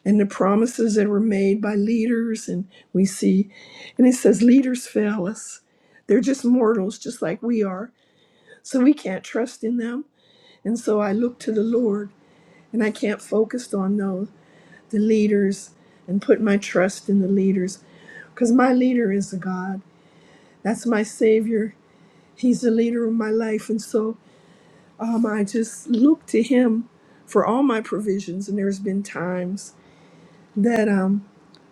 Speaker 8: and the promises that were made by leaders, and we see, and it says, leaders fail us. They're just mortals, just like we are. So we can't trust in them. And so I look to the Lord and I can't focus on those the leaders and put my trust in the leaders because my leader is a God. That's my Savior. He's the leader of my life, and so um, I just look to Him for all my provisions. And there's been times that um,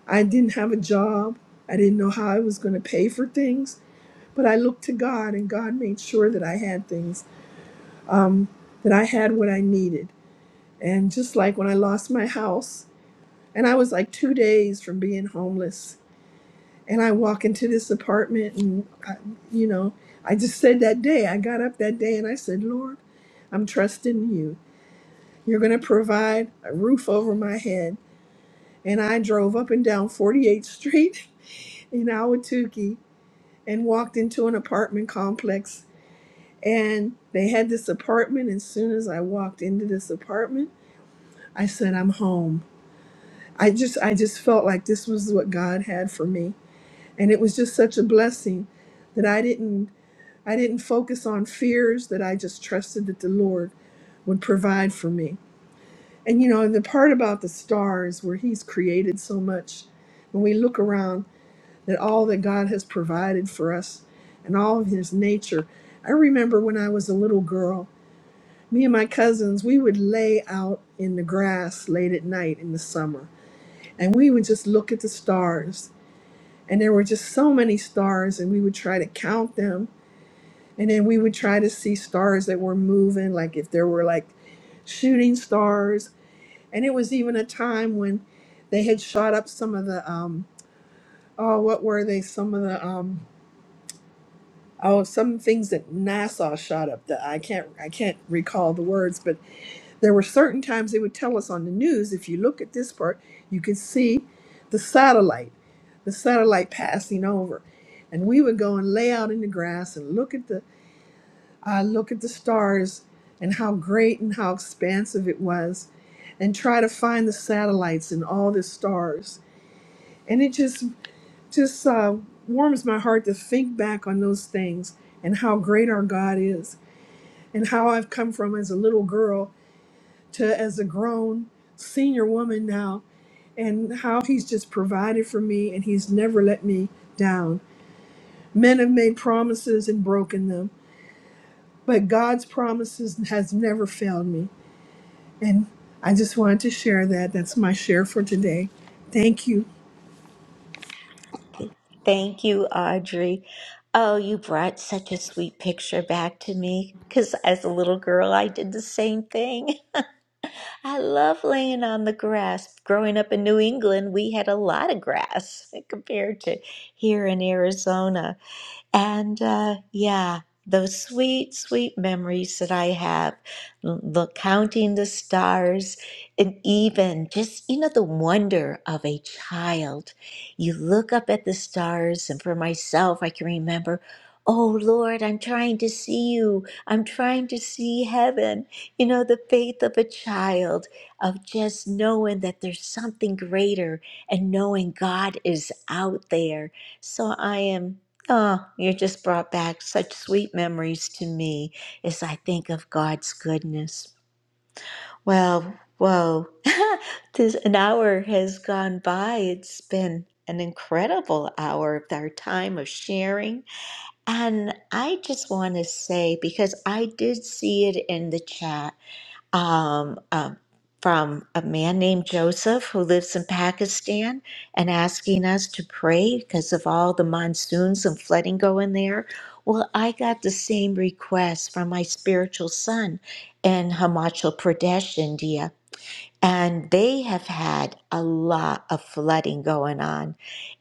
Speaker 8: I didn't have a job, I didn't know how I was going to pay for things, but I looked to God, and God made sure that I had things, um, that I had what I needed. And just like when I lost my house. And I was like two days from being homeless. And I walk into this apartment, and I, you know, I just said that day, I got up that day and I said, Lord, I'm trusting you. You're going to provide a roof over my head. And I drove up and down 48th Street [laughs] in Ahwatukee and walked into an apartment complex. And they had this apartment. And as soon as I walked into this apartment, I said, I'm home. I just, I just felt like this was what God had for me and it was just such a blessing that i didn't i didn't focus on fears that i just trusted that the lord would provide for me and you know and the part about the stars where he's created so much when we look around at all that god has provided for us and all of his nature i remember when i was a little girl me and my cousins we would lay out in the grass late at night in the summer and we would just look at the stars and there were just so many stars and we would try to count them And then we would try to see stars that were moving, like if there were like shooting stars. And it was even a time when they had shot up some of the um oh what were they? Some of the um oh some things that NASA shot up that I can't I can't recall the words, but there were certain times they would tell us on the news, if you look at this part, you can see the satellite, the satellite passing over. And we would go and lay out in the grass and look at the uh, look at the stars and how great and how expansive it was, and try to find the satellites and all the stars. And it just just uh, warms my heart to think back on those things and how great our God is, and how I've come from as a little girl to as a grown senior woman now, and how He's just provided for me, and He's never let me down. Men have made promises and broken them, but God's promises has never failed me. And I just wanted to share that. That's my share for today. Thank you.
Speaker 1: Thank you, Audrey. Oh, you brought such a sweet picture back to me because as a little girl, I did the same thing. [laughs] I love laying on the grass. Growing up in New England, we had a lot of grass [laughs] compared to here in Arizona. And uh, yeah, those sweet, sweet memories that I have, l- look, counting the stars, and even just, you know, the wonder of a child. You look up at the stars, and for myself, I can remember. Oh Lord, I'm trying to see you. I'm trying to see heaven. You know, the faith of a child of just knowing that there's something greater and knowing God is out there. So I am Oh, you just brought back such sweet memories to me as I think of God's goodness. Well, whoa, [laughs] this an hour has gone by. It's been an incredible hour of our time of sharing. And I just want to say, because I did see it in the chat, um, uh, from a man named Joseph who lives in Pakistan and asking us to pray because of all the monsoons and flooding going there. Well, I got the same request from my spiritual son in Himachal Pradesh, India and they have had a lot of flooding going on.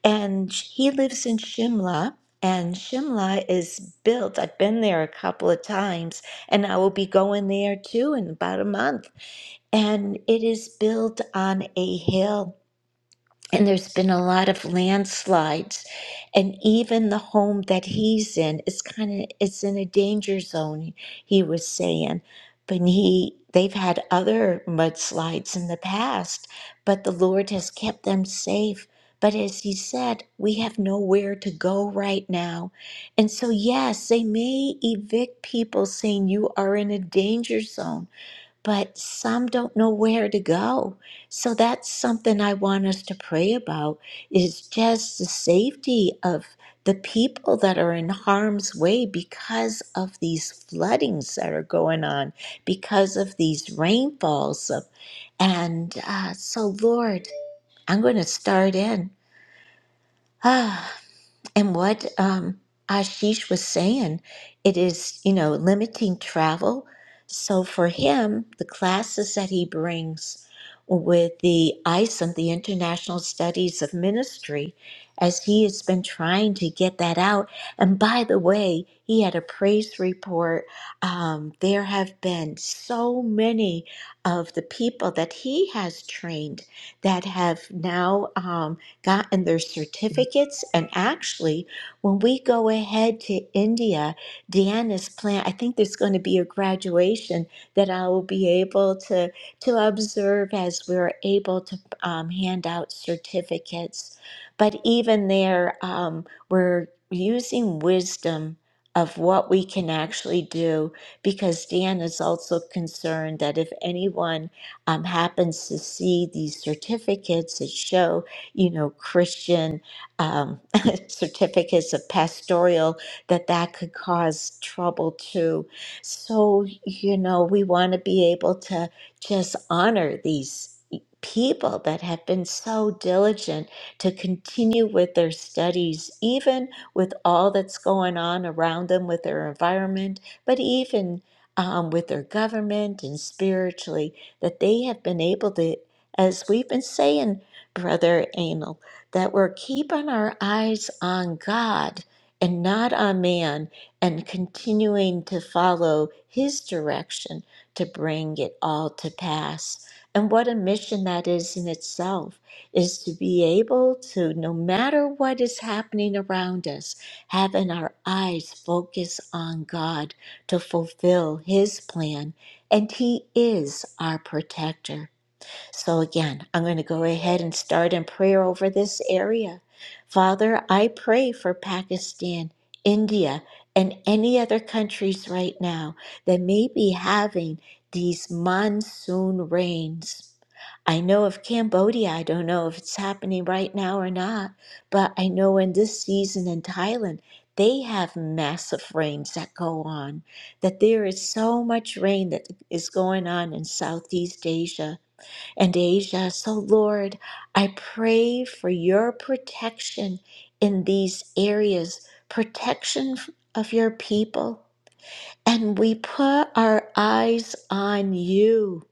Speaker 1: And he lives in Shimla, and Shimla is built. I've been there a couple of times, and I will be going there too in about a month. And it is built on a hill. And there's been a lot of landslides, and even the home that he's in is kind of it's in a danger zone. He was saying, but he they've had other mudslides in the past, but the Lord has kept them safe. But as he said, we have nowhere to go right now. And so, yes, they may evict people saying you are in a danger zone, but some don't know where to go. So that's something I want us to pray about is just the safety of the people that are in harm's way because of these floodings that are going on, because of these rainfalls. Of, and uh, so, Lord, I'm going to start in. [sighs] And what um, Ashish was saying, it is, you know, limiting travel. So for him, the classes that he brings with the ISOM, the International Studies of Ministry, as he has been trying to get that out. And by the way, he had a praise report. Um, there have been so many of the people that he has trained that have now. Um, gotten their certificates. And actually, when we go ahead to India, Deanna's plan, I think there's going to be a graduation that I will be able to, to observe as we're able to um, hand out certificates. But even there, um, we're using wisdom of what we can actually do because Dan is also concerned that if anyone um, happens to see these certificates that show you know, Christian um, [laughs] certificates of pastoral, that that could cause trouble too. So, you know, we want to be able to just honor these people that have been so diligent to continue with their studies, even with all that's going on around them with their environment, but even um, with their government and spiritually, that they have been able to, as we've been saying, Brother Anil, that we're keeping our eyes on God and not on man and continuing to follow his direction to bring it all to pass. And what a mission that is in itself is to be able to, no matter what is happening around us, having our eyes focus on God to fulfill his plan. And he is our protector. So, again, I'm going to go ahead and start in prayer over this area. Father, I pray for Pakistan, India, and any other countries right now that may be having these monsoon rains. I know of Cambodia, I don't know if it's happening right now or not, but I know in this season in Thailand, they have massive rains that go on, that there is so much rain that is going on in Southeast Asia and Asia. So, Lord, I pray for your protection in these areas, protection of your people. And we put our eyes on you.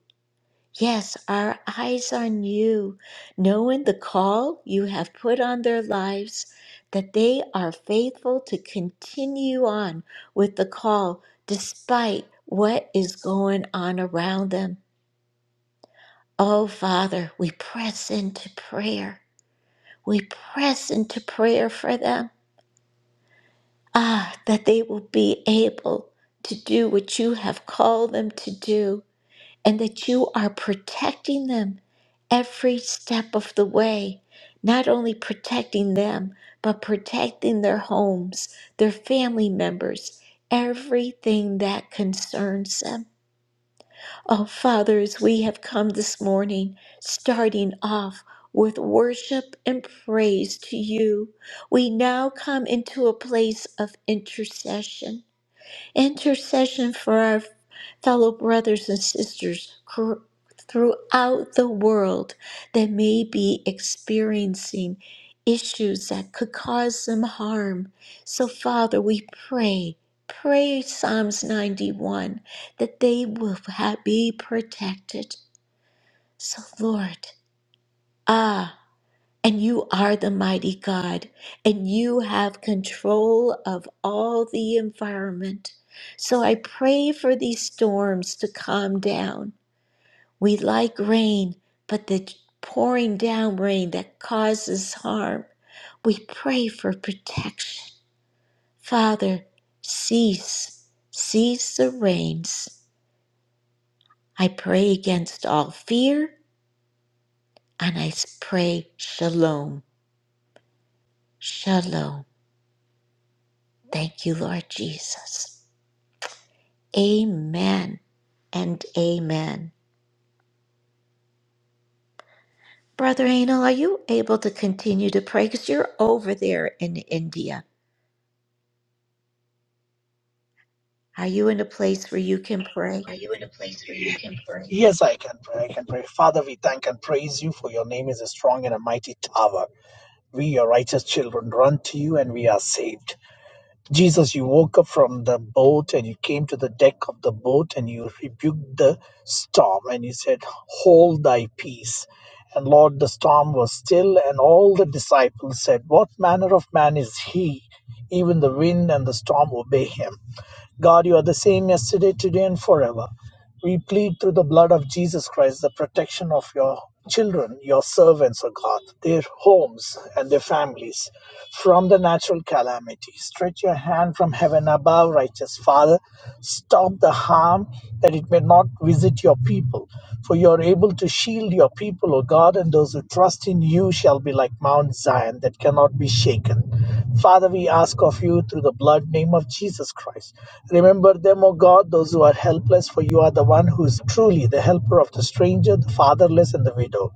Speaker 1: Yes, our eyes on you, knowing the call you have put on their lives, that they are faithful to continue on with the call despite what is going on around them. Oh, Father, we press into prayer. We press into prayer for them. Ah, that they will be able to do what you have called them to do, and that you are protecting them every step of the way. Not only protecting them, but protecting their homes, their family members, everything that concerns them. Oh, Father, as we have come this morning, starting off with worship and praise to you, we now come into a place of intercession intercession for our fellow brothers and sisters cr- throughout the world that may be experiencing issues that could cause them harm. So, Father, we pray, pray Psalms 91 that they will ha- be protected. So, Lord, ah. And you are the mighty God, and you have control of all the environment. So I pray for these storms to calm down. We like rain, but the pouring down rain that causes harm, we pray for protection. Father, cease, cease the rains. I pray against all fear, and I pray shalom, shalom. Thank you, Lord Jesus. Amen and amen. Brother Anil, are you able to continue to pray? Because you're over there in India. Are you in a place where you can pray?
Speaker 7: Are you you in a place where you can pray? Yes, I can pray. I can pray. Father, we thank and praise you for your name is a strong and a mighty tower. We, your righteous children, run to you and we are saved. Jesus, you woke up from the boat and you came to the deck of the boat and you rebuked the storm and you said, Hold thy peace. And Lord, the storm was still, and all the disciples said, What manner of man is he? Even the wind and the storm obey him. God, you are the same yesterday, today, and forever. We plead through the blood of Jesus Christ the protection of your children, your servants, O God, their homes and their families from the natural calamity. Stretch your hand from heaven above, righteous Father. Stop the harm that it may not visit your people. For you are able to shield your people, O God, and those who trust in you shall be like Mount Zion that cannot be shaken. Father, we ask of you through the blood name of Jesus Christ. Remember them, O God, those who are helpless, for you are the one who is truly the helper of the stranger, the fatherless, and the widow.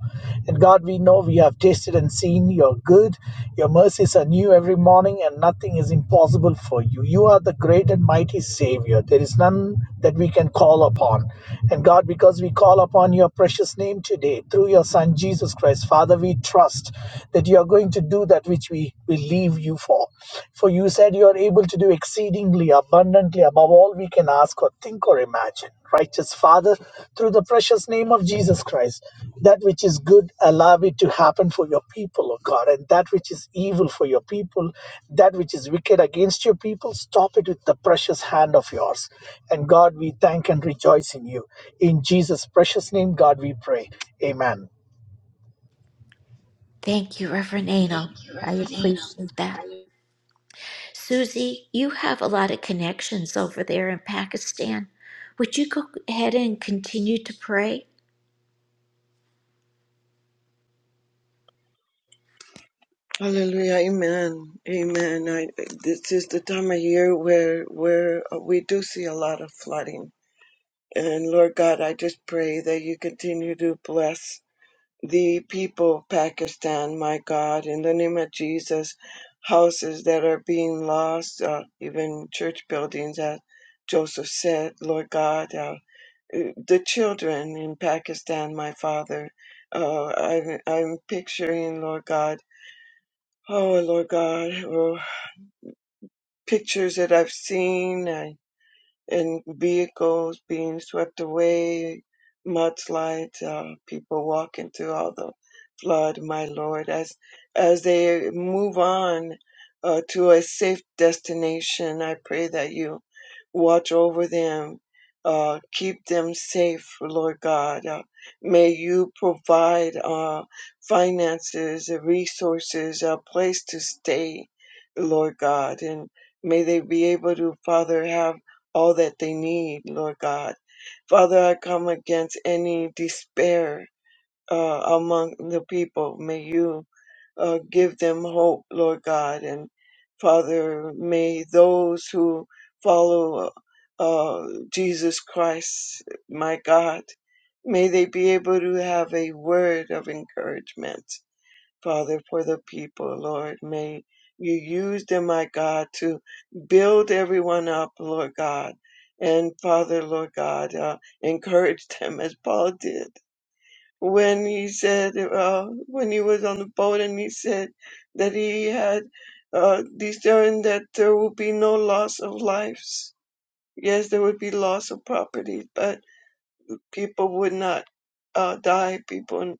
Speaker 7: And God, we know we have tasted and seen. You're good. Your mercies are new every morning, and nothing is impossible for you. You are the great and mighty Savior. There is none that we can call upon. And God, because we call upon your precious name today through your Son Jesus Christ, Father, we trust that you are going to do that which we believe you for. For you said you are able to do exceedingly abundantly above all we can ask or think or imagine. Righteous Father, through the precious name of Jesus Christ, that which is good, allow it to happen for your people, O God, and that which is evil for your people, that which is wicked against your people, stop it with the precious hand of yours. And God, we thank and rejoice in you. In Jesus' precious name, God, we pray. Amen.
Speaker 1: Thank you, Reverend Anil.
Speaker 7: Thank you,
Speaker 1: I
Speaker 7: Reverend.
Speaker 1: appreciate that.
Speaker 7: Ada.
Speaker 1: Susie, you have a lot of connections over there in Pakistan. Would you go ahead and continue to pray?
Speaker 6: Hallelujah. Amen. Amen. I, this is the time of year where where uh, we do see a lot of flooding. And Lord God, I just pray that you continue to bless. the people of Pakistan, my God, in the name of Jesus, houses that are being lost, uh, even church buildings, as Joseph said, Lord God, uh, the children in Pakistan, my Father, uh, I'm, I'm picturing, Lord God, oh, Lord God, oh, pictures that I've seen. uh, and vehicles being swept away, mudslides, uh, people walking through all the flood, my Lord, as as they move on uh, to a safe destination. I pray that you watch over them, uh, keep them safe, Lord God. Uh, may you provide uh, finances, resources, a place to stay, Lord God, and may they be able to, Father, have all that they need, Lord God. Father, I come against any despair uh, among the people. May you uh, give them hope, Lord God. And Father, may those who follow uh, Jesus Christ, my God, may they be able to have a word of encouragement Father, for the people, Lord. May you use them, my God, to build everyone up, Lord God. And Father, Lord God, uh, encourage [laughs] them as Paul did when he said, uh, when he was on the boat and he said that he had uh, discerned that there would be no loss of lives. Yes, there would be loss of property, but people would not uh, die. People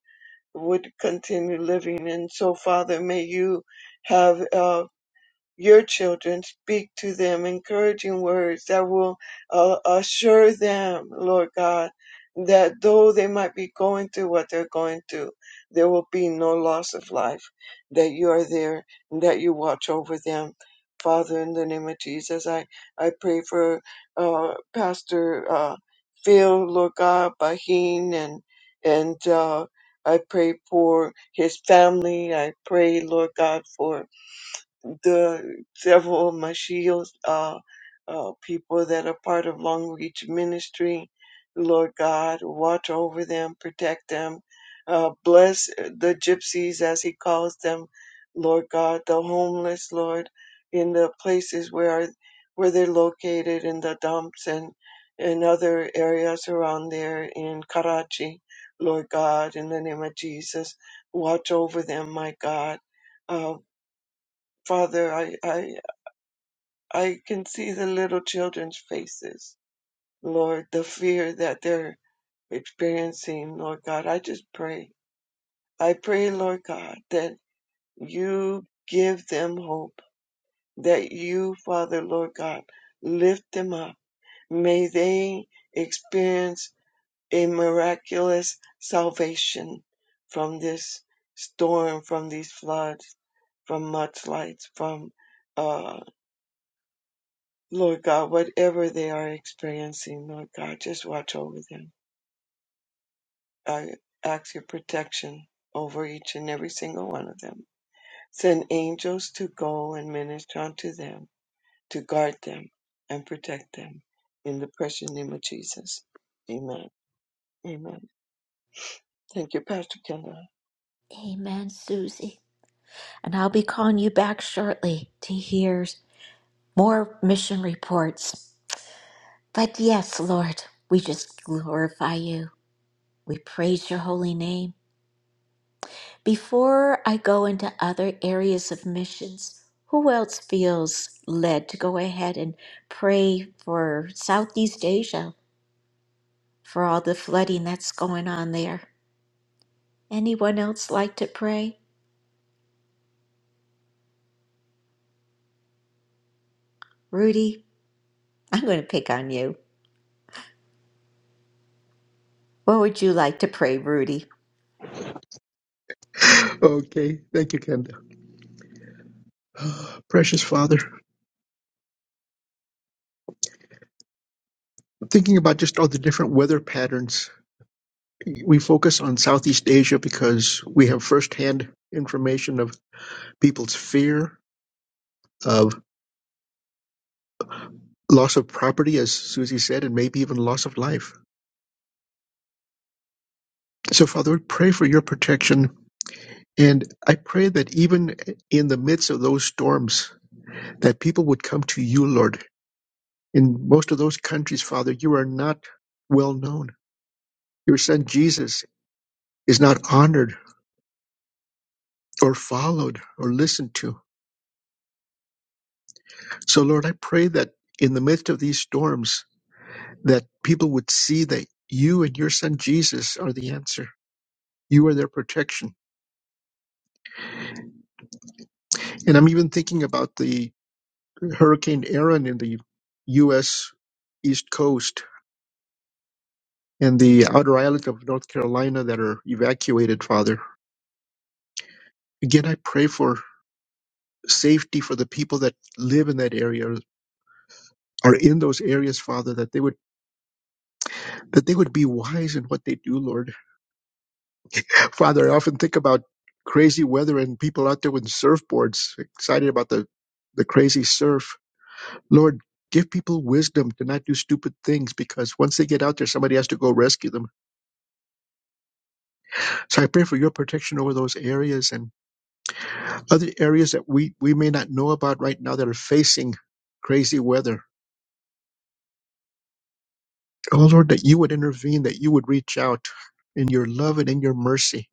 Speaker 6: would continue living. And so, Father, may you have. Uh, your children. Speak to them encouraging words that will uh, assure them, Lord God, that though they might be going through what they're going through, there will be no loss of life, that you are there and that you watch over them. Father, in the name of Jesus, I, I pray for uh, Pastor uh, Phil, Lord God, Bahin, and, and uh, I pray for his family. I pray, Lord God, for the several of my shields, uh, uh, people that are part of Long Reach Ministry. Lord God, watch over them, protect them, uh, bless uh, the gypsies as He calls them, Lord God, the homeless, Lord, in the places where where they're located in the dumps and in other areas around there in Karachi, Lord God, in the name of Jesus, watch over them, my God Uh, Father, I, I, I can see the little children's faces. Lord, the fear that they're experiencing, Lord God, I just pray. I pray, Lord God, that you give them hope, that you, Father, Lord God, lift them up. May they experience a miraculous salvation from this storm, from these floods, from mudslides, from uh. Lord God, whatever they are experiencing, Lord God, just watch over them. I ask your protection over each and every single one of them. Send angels to go and minister unto them, to guard them and protect them. In the precious name of Jesus. Amen. Amen. Thank you, Pastor Kenda.
Speaker 1: Amen, Susie. And I'll be calling you back shortly to hear more mission reports. But yes, Lord, we just glorify you. We praise your holy name. Before I go into other areas of missions, who else feels led to go ahead and pray for Southeast Asia for all the flooding that's going on there? Anyone else like to pray? Rudy, I'm going to pick on you. What would you like to pray, Rudy?
Speaker 2: [laughs] Okay, thank you, Kenda. [sighs] Precious Father, I'm thinking about just all the different weather patterns We focus on Southeast Asia because we have firsthand information of people's fear of loss of property, as Susie said, and maybe even loss of life. So, Father, I pray for your protection. And I pray that even in the midst of those storms, that people would come to you, Lord. In most of those countries, Father, you are not well known. Your son Jesus is not honored or followed or listened to. So, Lord, I pray that in the midst of these storms, that people would see that you and your son Jesus are the answer. You are their protection. And I'm even thinking about the Hurricane Aaron in the U.S. East Coast and the outer island of North Carolina that are evacuated, Father. Again, I pray for safety for the people that live in that area are in those areas, Father, that they would that they would be wise in what they do, Lord Father, I often think about crazy weather and people out there with surfboards, excited about the, the crazy surf. Lord, give people wisdom to not do stupid things because once they get out there, somebody has to go rescue them. So I pray for your protection over those areas and other areas that we, we may not know about right now that are facing crazy weather. Oh, Lord, that you would intervene, that you would reach out in your love and in your mercy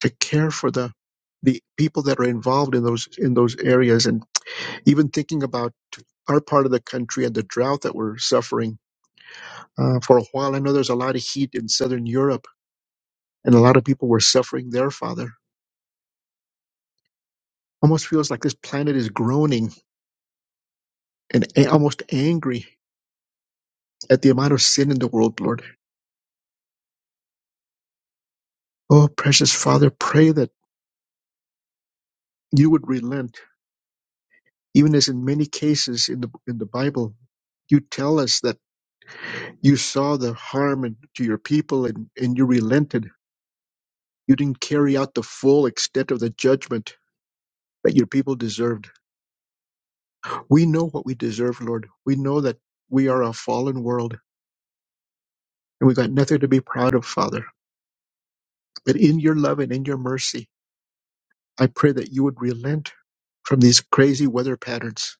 Speaker 2: to care for the the people that are involved in those in those areas and Even thinking about our part of the country and the drought that we're suffering uh, for a while, I know there's a lot of heat in Southern Europe, and a lot of people were suffering there, Father. Almost feels like this planet is groaning and a- almost angry at the amount of sin in the world, Lord. Oh, precious Father, pray that you would relent, even as in many cases in the in the Bible, you tell us that you saw the harm in- to your people and, and you relented. You didn't carry out the full extent of the judgment that your people deserved. We know what we deserve, Lord. We know that we are a fallen world and we got nothing to be proud of, Father. But in your love and in your mercy, I pray that you would relent from these crazy weather patterns,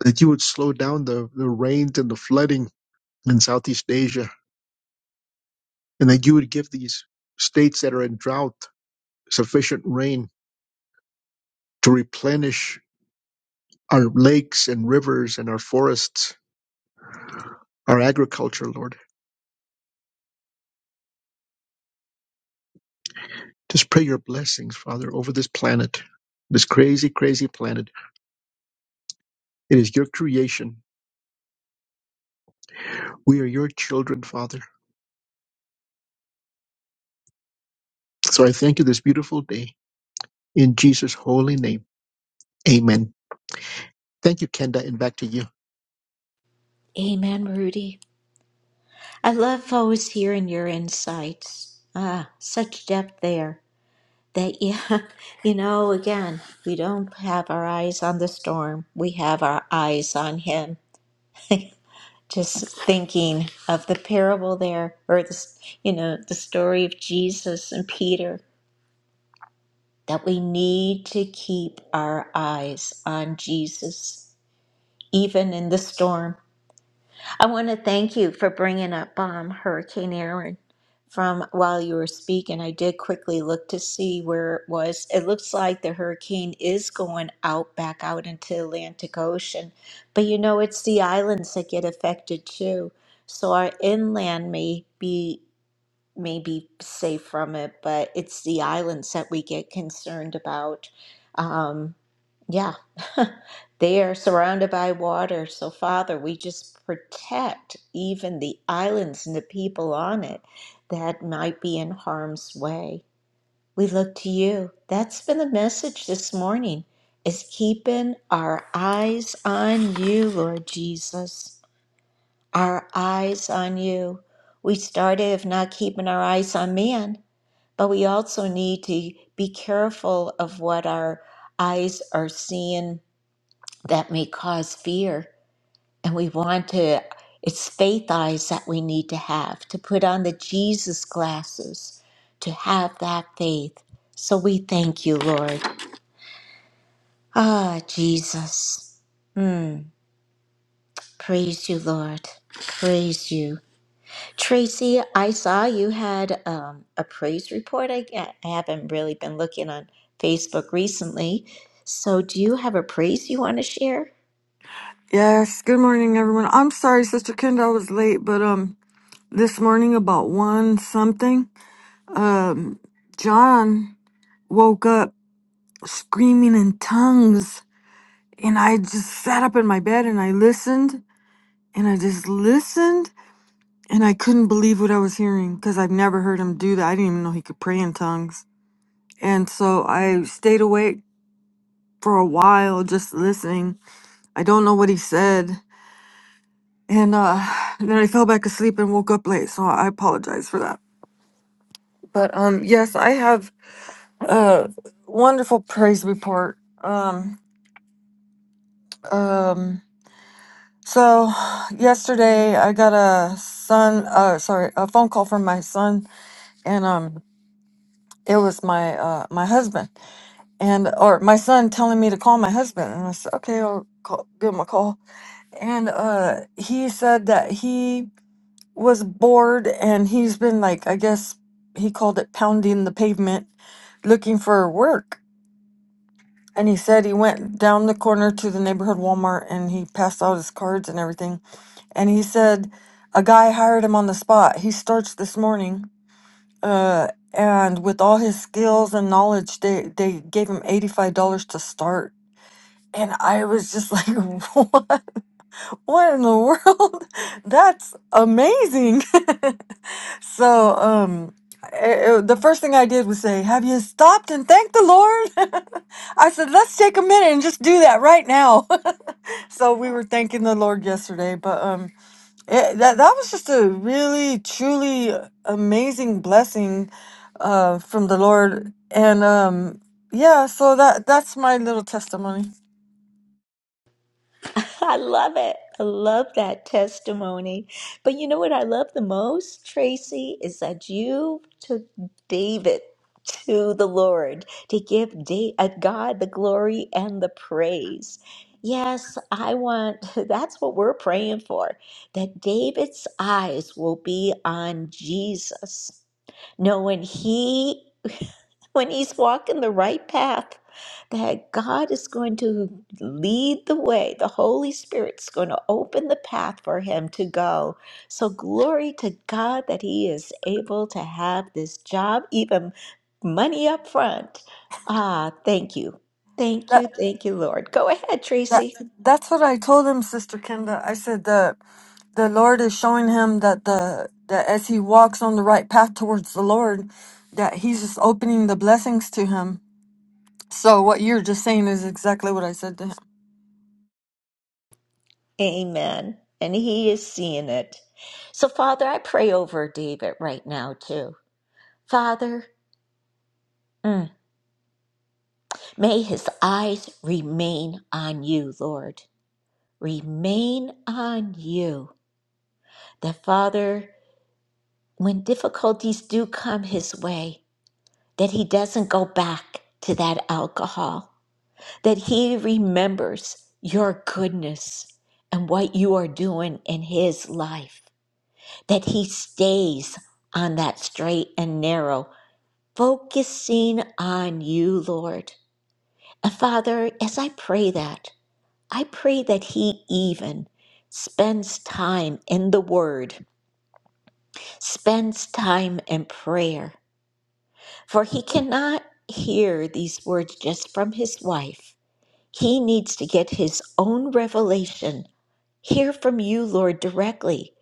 Speaker 2: that you would slow down the, the rains and the flooding in Southeast Asia, and that you would give these states that are in drought sufficient rain to replenish our lakes and rivers and our forests, our agriculture, Lord. Just pray your blessings, Father, over this planet, this crazy, crazy planet. It is your creation. We are your children, Father. So I thank you this beautiful day in Jesus' holy name. Amen. Thank you, Kenda, and back to you.
Speaker 1: Amen, Rudy. I love always hearing your insights. Ah, such depth there. that yeah [laughs] you know again we don't have our eyes on the storm we have our eyes on him [laughs] just thinking of the parable there or this you know the story of jesus and peter that we need to keep our eyes on jesus even in the storm I want to thank you for bringing up um, Hurricane Erin from while you were speaking. I did quickly look to see where it was. It looks like the hurricane is going out back out into the Atlantic Ocean, but you know it's the islands that get affected too. So our inland may be maybe safe from it, but it's the islands that we get concerned about. Um, yeah, [laughs] they are surrounded by water. So, Father, we just protect even the islands and the people on it that might be in harm's way. We look to you. That's been the message this morning is keeping our eyes on you, Lord Jesus our eyes on you. We started of not keeping our eyes on man, but we also need to be careful of what our eyes are seeing that may cause fear. And we want to, it's faith eyes that we need to have to put on the Jesus glasses to have that faith. So we thank you, Lord. Ah, Jesus. Mm, praise you, Lord. Praise you. Tracy, I saw you had um, a praise report. I, I haven't really been looking on Facebook recently. So, do you have a praise you want to share?
Speaker 9: Yes, good morning, everyone. I'm sorry, Sister Kendall, I was late, but um, this morning about one something, um, John woke up screaming in tongues, and I just sat up in my bed and I listened, and I just listened, and I couldn't believe what I was hearing because I've never heard him do that. I didn't even know he could pray in tongues, and so I stayed awake for a while just listening. I don't know what he said, and uh and then I fell back asleep and woke up late, so I apologize for that. But um yes, I have a wonderful praise report. Um um so [sighs] yesterday I got a son uh sorry, a phone call from my son and um it was my uh my husband and or my son telling me to call my husband and I said, "Okay, I'll call, give him a call." And uh he said that he was bored and he's been like, I guess he called it pounding the pavement looking for work. And he said he went down the corner to the neighborhood Walmart and he passed out his cards and everything. And he said a guy hired him on the spot. He starts this morning. Uh, and with all his skills and knowledge, they, they gave him $85 to start. And I was just like, [laughs] what? What in the world? [laughs] That's amazing. [laughs] So, um, I- I- the first thing I did was say, "Have you stopped and thanked the Lord?" [laughs] I said, "Let's take a minute and just do that right now." [laughs] so we were thanking the Lord yesterday, but um, it, that that was just a really, truly amazing blessing, uh, from the Lord, and um, yeah. So that that's my little testimony.
Speaker 1: [laughs] I love it. I love that testimony. But you know what I love the most, Tracy, is that you took David to the Lord to give Da- uh, God the glory and the praise. Yes, I want, [laughs] that's what we're praying for, that David's eyes will be on Jesus, knowing he when he's walking the right path, that God is going to lead the way. The Holy Spirit's going to open the path for him to go. So, glory to God that he is able to have this job, even money up front. Ah, thank you. Thank
Speaker 9: That
Speaker 1: you. Thank you, Lord. Go ahead,
Speaker 9: that
Speaker 1: Tracy.
Speaker 9: that's what I told him, Sister Kenda. I said that. the Lord is showing him that the that as he walks on the right path towards the Lord, that he's just opening the blessings to him. So what you're just saying is exactly what I said to him.
Speaker 1: Amen. And he is seeing it. So, Father, I pray over David right now, too. Father, mm. May his eyes remain on you, Lord. Remain on you. That, Father, when difficulties do come his way, that he doesn't go back to that alcohol, that he remembers your goodness and what you are doing in his life, that he stays on that straight and narrow, focusing on you, Lord. And Father, as I pray that, I pray that he even spends time in the Word, spends time in prayer, for he cannot hear these words just from his wife. He needs to get his own revelation, hear from you, Lord, directly.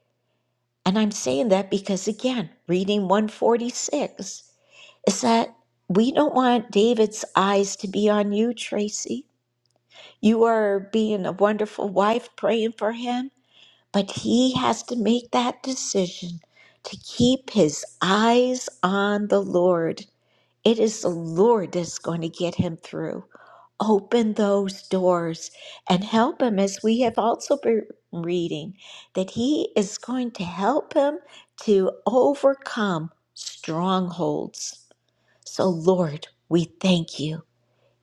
Speaker 1: And I'm saying that because, again, reading 146 is that we don't want David's eyes to be on you, Tracy. You are being a wonderful wife praying for him But he has to make that decision to keep his eyes on the Lord. It is the Lord that's going to get him through. Open those doors and help him, as we have also been reading, that he is going to help him to overcome strongholds. So, Lord, we thank you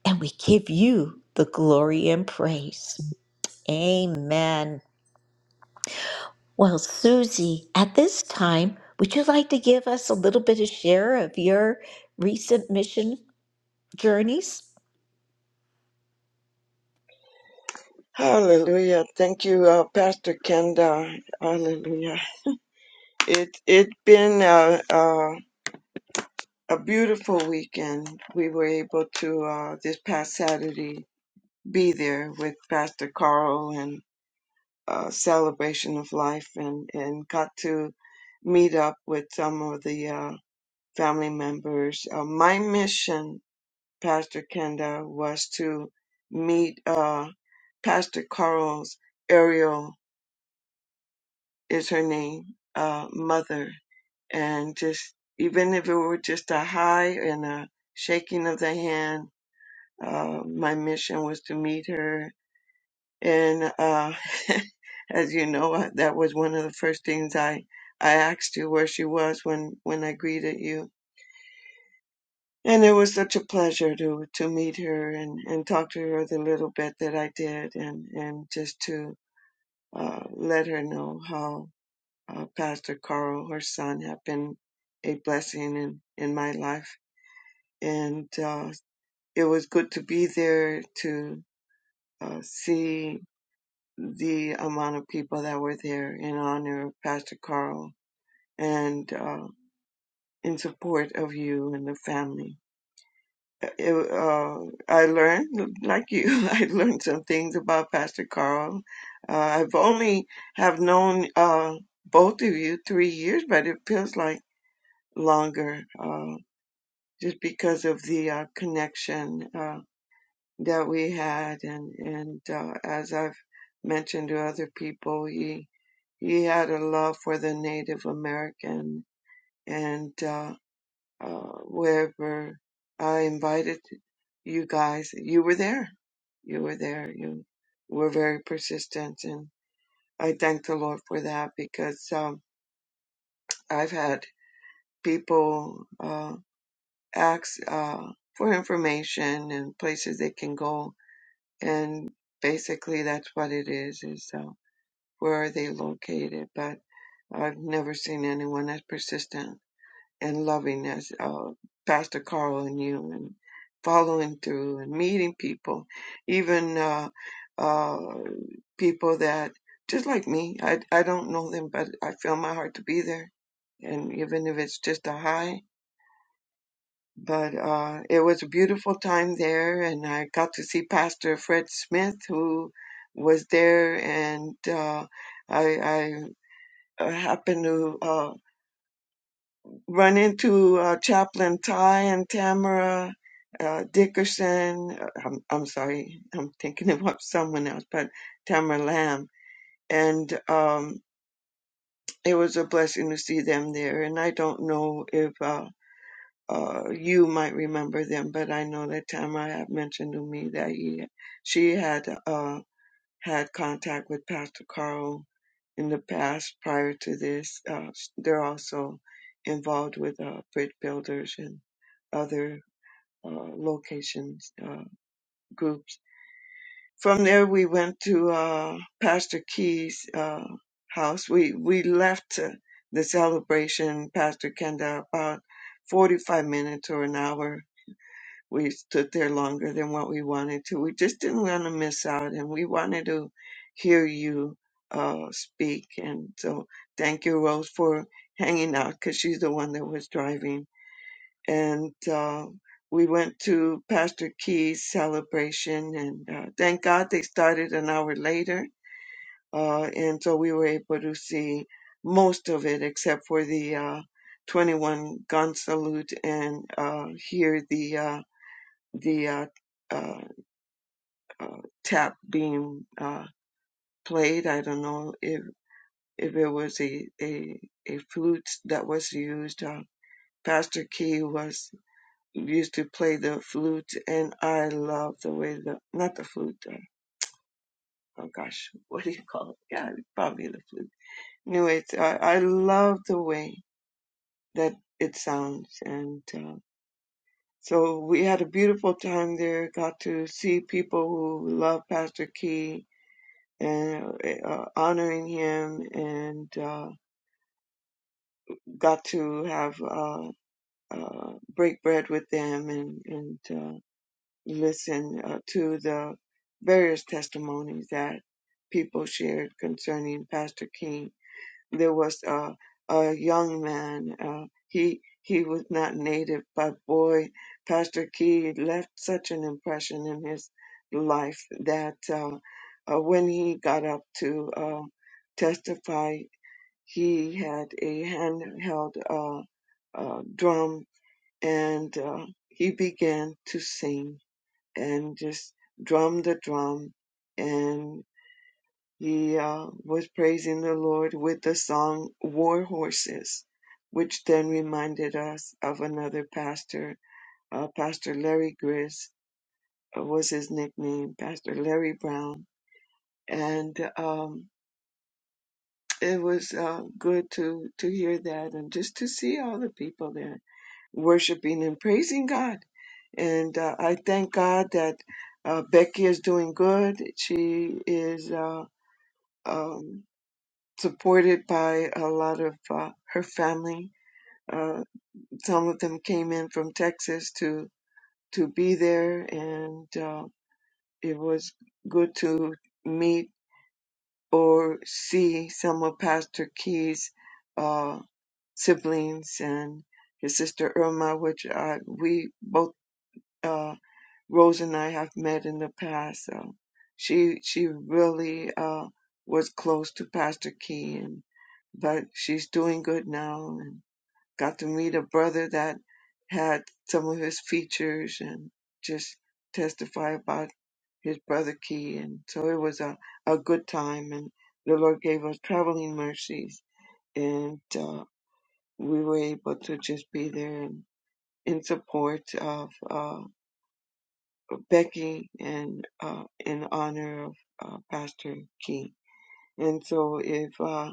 Speaker 1: and we give you the glory and praise. Amen. Well, Susie, at this time, would you like to give us a little bit of share of your recent mission journeys?
Speaker 6: Hallelujah. Thank you, uh, Pastor Kenda. Hallelujah. It it been a, a a beautiful weekend. We were able to, uh, this past Saturday, be there with Pastor Carl and uh, Celebration of Life and, and got to meet up with some of the uh, family members. Uh, my mission, Pastor Kenda, was to meet uh, Pastor Carl's Ariel, is her name, uh, mother, and just even if it were just a hi and a shaking of the hand Uh, my mission was to meet her. And uh, [laughs] as you know, I- that was one of the first things I, I asked you where she was when, when I greeted you. And it was such a pleasure to, to meet her and, and talk to her the little bit that I did and, and just to uh, let her know how uh, Pastor Carl, her son, had been a blessing in, in my life. And uh, it was good to be there to uh, see the amount of people that were there in honor of Pastor Carl and uh, in support of you and the family. Uh, It, uh, I learned, like you, [laughs] I learned some things about Pastor Carl. Uh, I've only have known uh, both of you three years, but it feels like longer, uh, just because of the uh, connection. Uh, that we had and and uh, as I've mentioned to other people he he had a love for the Native American and uh, uh, wherever I invited you guys you were there you were there you were very persistent and I thank the Lord for that because um, I've had people uh, ask uh, for information and places they can go and basically that's what it is is uh, where are they located but i've never seen anyone as persistent and loving as uh, pastor carl and you and following through and meeting people even uh, uh, people that just like me I, I don't know them but i feel my heart to be there and even if it's just a hi but uh, it was a beautiful time there, and I got to see Pastor Fred Smith, who was there, and uh, I, I uh, happened to uh, run into uh, Chaplain Ty and Tamara uh, Dickerson. uh, I'm, I'm sorry, I'm thinking [laughs] about someone else, but Tamara Lamb, and um, it was a blessing to see them there. And I don't know if. Uh, uh, you might remember them, but I know that Tamara had mentioned to me that he, she had uh, had contact with Pastor Carl in the past prior to this. Uh, they're also involved with uh, Bridge Builders and other uh, locations, uh, groups. From there, we went to uh, Pastor Key's uh, house. We, we left uh, the celebration, Pastor Kenda, about 45 minutes or an hour we stood there longer than what we wanted to. We just didn't want to miss out, and we wanted to hear you uh, speak. And so, thank you, Rose, for hanging out because she's the one that was driving. And uh, we went to Pastor Key's celebration, and uh, thank God they started an hour later. Uh, and so we were able to see most of it except for the uh, 21 gun salute and uh, hear the Uh, the uh, uh, uh, tap being uh, played. I don't know if if it was a a, a flute that was used. Uh, Pastor Key was used to play the flute, and I love the way the not the flute. Uh, oh gosh, [laughs] what do you call it? Yeah, probably the flute. Anyways, I, I love the way that it sounds, and uh, so we had a beautiful time there. Got to see people who love Pastor Key and uh, honoring him and uh, got to have uh, uh, break bread with them and, and uh, listen uh, to the various testimonies that people shared concerning Pastor King there was a, a young man. Uh, he he was not native, but boy, Pastor Key left such an impression in his life that uh, uh, when he got up to uh, testify, he had a handheld uh, uh, drum and uh, he began to sing and just drum the drum. And he uh, was praising the Lord with the song War Horses, which then reminded us of another pastor, uh, Pastor Larry Grizz uh, was his nickname, Pastor Larry Brown. And um, it was uh, good to, to hear that and just to see all the people there worshiping and praising God. And uh, I thank God that uh, Becky is doing good. She is. Uh, um, supported by a lot of uh, her family. Uh, some of them came in from Texas to to be there, and uh, it was good to meet or see some of Pastor Key's uh, siblings and his sister Irma, which I, we both uh, Rose and I have met in the past. So she she really uh, was close to Pastor Key, and but she's doing good now, and got to meet a brother that had some of his features and just testify about his brother Key. And so it was a, a good time. And the Lord gave us traveling mercies. And uh, we were able to just be there and in support of uh, Becky and uh, in honor of uh, Pastor Key. And so if uh,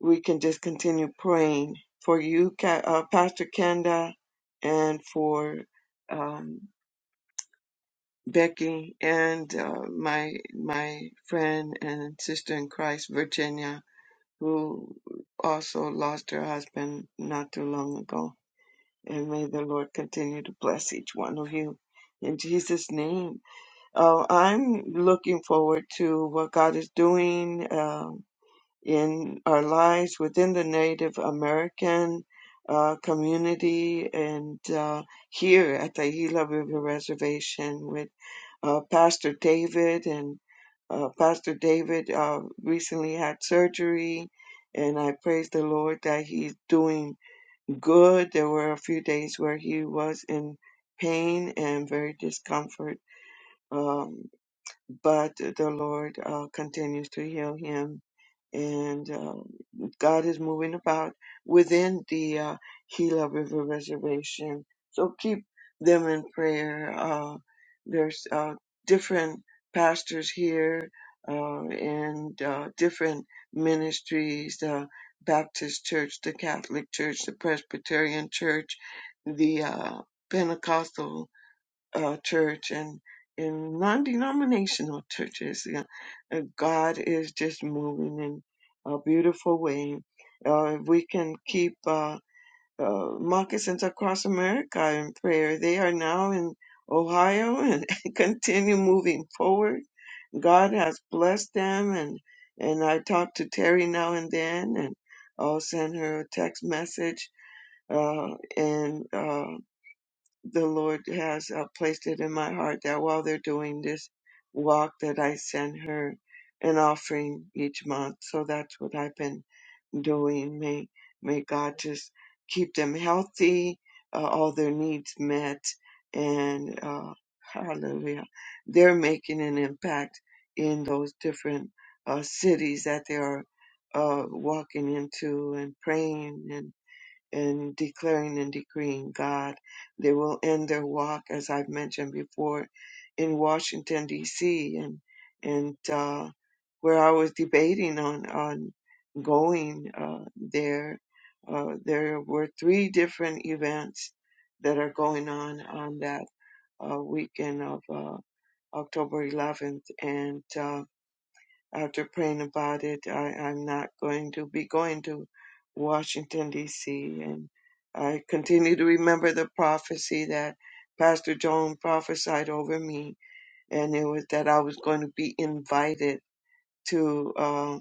Speaker 6: we can just continue praying for you, Ca- uh, Pastor Kenda, and for um, Becky and uh, my my friend and sister in Christ, Virginia, who also lost her husband not too long ago. And may the Lord continue to bless each one of you. In Jesus' name, uh, I'm looking forward to what God is doing. Uh, in our lives within the Native American uh, community and uh, here at the Gila River Reservation with uh, Pastor David. And uh, Pastor David uh, recently had surgery, and I praise the Lord that he's doing good. There were a few days where he was in pain and very discomfort, um, but the Lord uh, continues to heal him and uh, God is moving about within the uh, Gila River Reservation. So keep them in prayer. Uh, there's uh, different pastors here uh, and uh, different ministries: the Baptist Church, the Catholic Church, the Presbyterian Church, the uh, Pentecostal uh, church and in non-denominational churches. yeah, uh, God is just moving in a beautiful way. Uh, if we can keep uh, uh, moccasins across America in prayer. They are now in Ohio and [laughs] continue moving forward. God has blessed them, and and I talk to Terry now and then, and I'll send her a text message. Uh, and Uh, the Lord has uh, placed it in my heart that while they're doing this walk that I send her an offering each month. So that's what I've been doing. May may God just keep them healthy, uh, all their needs met, and uh, hallelujah. They're making an impact in those different uh, cities that they are uh, walking into and praying and in declaring and decreeing God. They will end their walk, as I've mentioned before, in Washington D.C. and and uh, where I was debating on on going uh, there. Uh, there were three different events that are going on on that uh, weekend of uh, October 11th, and uh, after praying about it, I, I'm not going to be going to Washington, D.C. And I continue to remember the prophecy that Pastor Joan prophesied over me, and it was that I was going to be invited to. uh,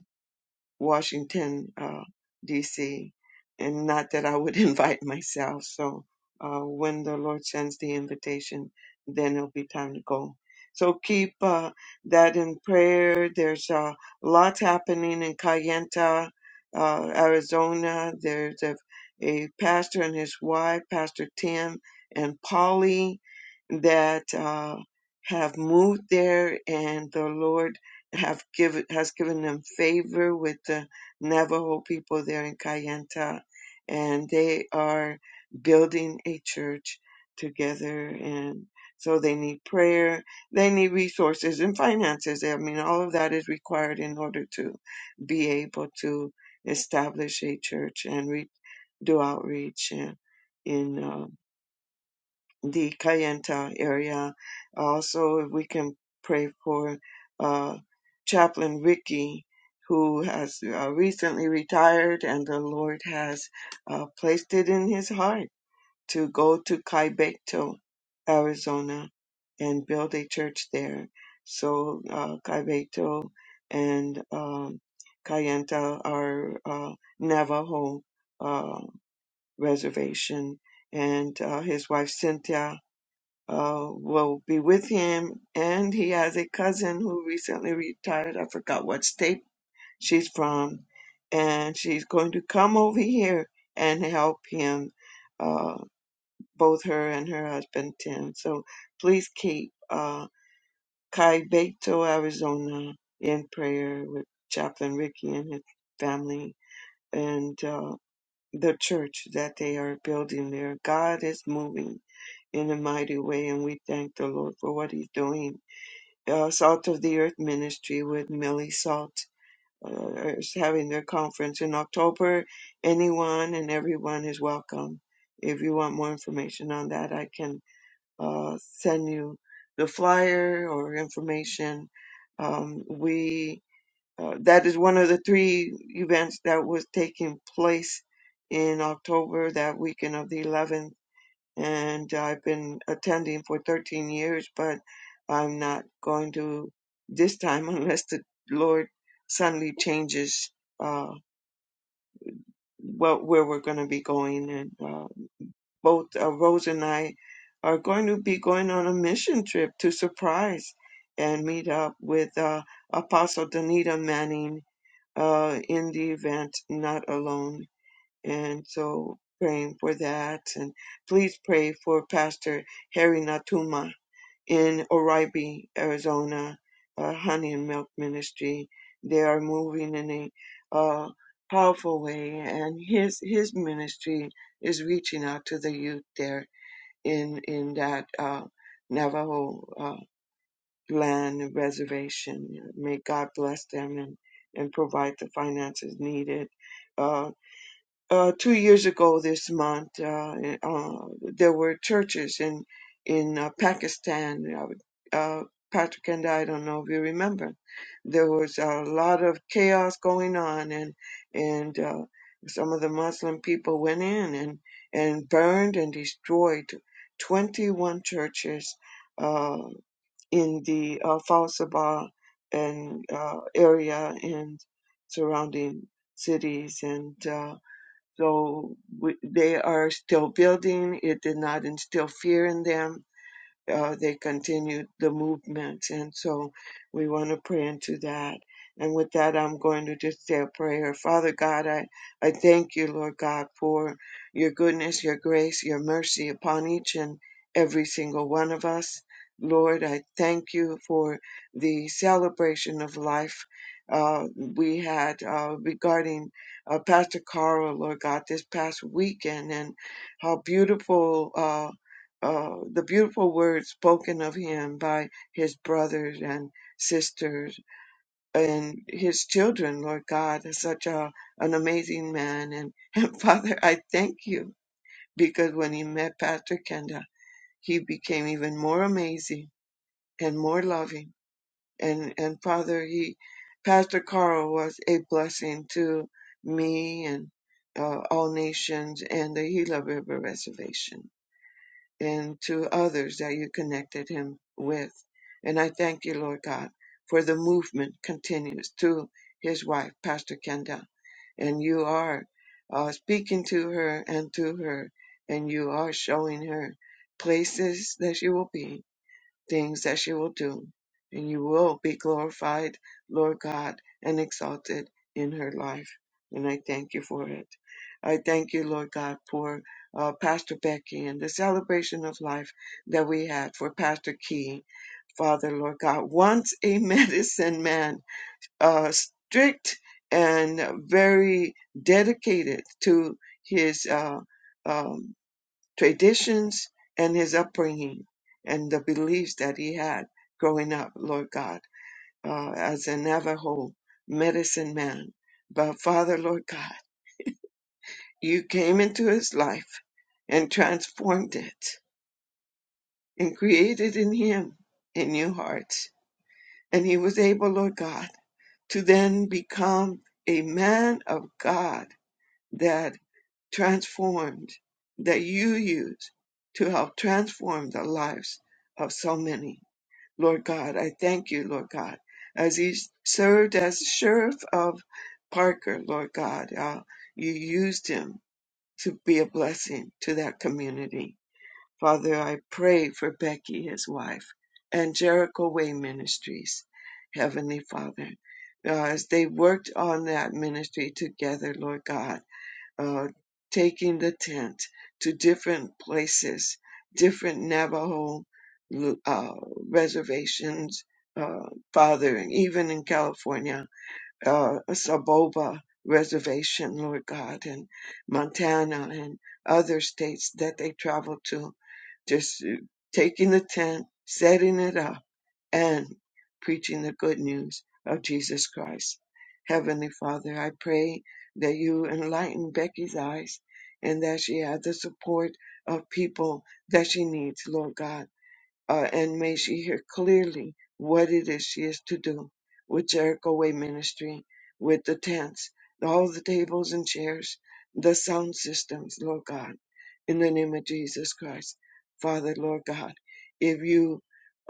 Speaker 6: Washington, uh, D.C., and not that I would [laughs] invite myself. So uh, when the Lord sends the invitation, then it'll be time to go. So keep uh, that in prayer. There's a uh, lot happening in Cayenta, uh, Arizona. There's a, a pastor and his wife, Pastor Tim and Polly, that uh, have moved there, and the Lord have given has given them favor with the Navajo people there in Kayenta, and they are building a church together. And so they need prayer, they need resources and finances. I mean, all of that is required in order to be able to establish a church and re- do outreach in, in uh, the Kayenta area. Also, if we can pray for uh, Chaplain Ricky, who has uh, recently retired, and the Lord has uh, placed it in his heart to go to Kaibecto, Arizona, and build a church there. So, uh, Kaibecto and um, Kayenta are uh, Navajo uh, reservation, and uh, his wife Cynthia uh, will be with him. And he has a cousin who recently retired. I forgot what state she's from. And she's going to come over here and help him, uh, both her and her husband, Tim. So please keep uh, Beto, Arizona, in prayer with Chaplain Ricky and his family and uh, the church that they are building there. God is moving in a mighty way, and we thank the Lord for what he's doing uh, Salt of the Earth Ministry with Millie Salt uh, is having their conference in October. Anyone and everyone is welcome. If you want more information on that, I can uh, send you the flyer or information. Um, we uh, that is one of the three events that was taking place in October, that weekend of the 11th and I've been attending for 13 years, but I'm not going to this time [laughs] unless the Lord suddenly changes uh, what, where we're going to be going. And uh, both uh, Rose and I are going to be going on a mission trip to surprise and meet up with uh, Apostle Danita Manning uh, in the event Not Alone and so praying for that. And please pray for Pastor Harry Natuma in Oribe, Arizona, uh, Honey and Milk Ministry. They are moving in a uh, powerful way, and his his ministry is reaching out to the youth there in in that uh, Navajo uh, land and reservation. May God bless them and and provide the finances needed Uh, uh, two years ago this month, uh, uh, there were churches in in uh, Pakistan. Uh, uh, Patrick and I don't know if you remember. There was a lot of chaos going on, and and uh, some of the Muslim people went in and and burned and destroyed 21 churches uh, in the uh, Falsaba and uh, area and surrounding cities and. Uh, so we, they are still building. It did not instill fear in them uh, they continued the movement. And so we want to pray into that. And with that, I'm going to just say a prayer. Father God, I, I thank you, Lord God, for your goodness, your grace, your mercy upon each and every single one of us. Lord, I thank you for the celebration of life uh, we had uh, regarding uh, Pastor Carl, Lord God, this past weekend, and how beautiful. uh, uh, the beautiful words spoken of him by his brothers and sisters and his children, Lord God, is such a, an amazing man. And, [laughs] and Father, I thank you because when he met Pastor Kenda, he became even more amazing and more loving. And, and Father, he, Pastor Carl was a blessing to me and uh, all nations and the Gila River Reservation and to others that you connected him with. And I thank you, Lord God, for the movement continues to his wife, Pastor Kendall. And you are uh, speaking to her and to her, and you are showing her places that she will be, things that you will do, and you will be glorified, Lord God, and exalted in her life. And I thank you for it. I thank you, Lord God, for uh, Pastor Becky and the celebration of life that we had for Pastor Key. Father, Lord God, once a [laughs] medicine man, uh, strict and very dedicated to his uh, um, traditions and his upbringing and the beliefs that he had growing up, Lord God, uh, as a Navajo medicine man. But Father, Lord God, you came into his life and transformed it and created in him a new heart. And he was able, Lord God, to then become a man of God that transformed, that you use to help transform the lives of so many. Lord God. I thank you, Lord God, as he served as sheriff of Parker, Lord God. Uh, you used him to be a blessing to that community. Father, I pray for Becky, his wife, and Jericho Way Ministries, Heavenly Father, uh, as they worked on that ministry together, Lord God uh, taking the tent to different places, different Navajo uh, reservations, uh, Father, and even in California, uh, Saboba Reservation, Lord God, and Montana and other states that they travel to, just uh, taking the tent, setting it up and preaching the good news of Jesus Christ. Heavenly Father, I pray that you enlighten Becky's eyes and that she has the support of people that she needs, Lord God uh, and may she hear clearly what it is she is to do with Jericho Way Ministry, with the tents, all the tables and chairs, the sound systems, Lord God, in the name of Jesus Christ. Father, Lord God, if you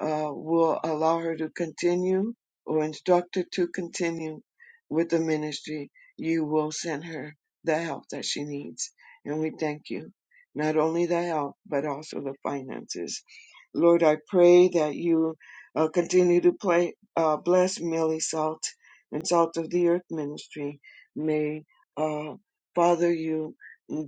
Speaker 6: uh, will allow her to continue or instruct her to continue with the ministry, you will send her the help that she needs. And we thank you, not only the help, but also the finances Lord, I pray that you uh, continue to play, uh, bless Millie Salt and Salt of the Earth Ministry. May, uh, Father, you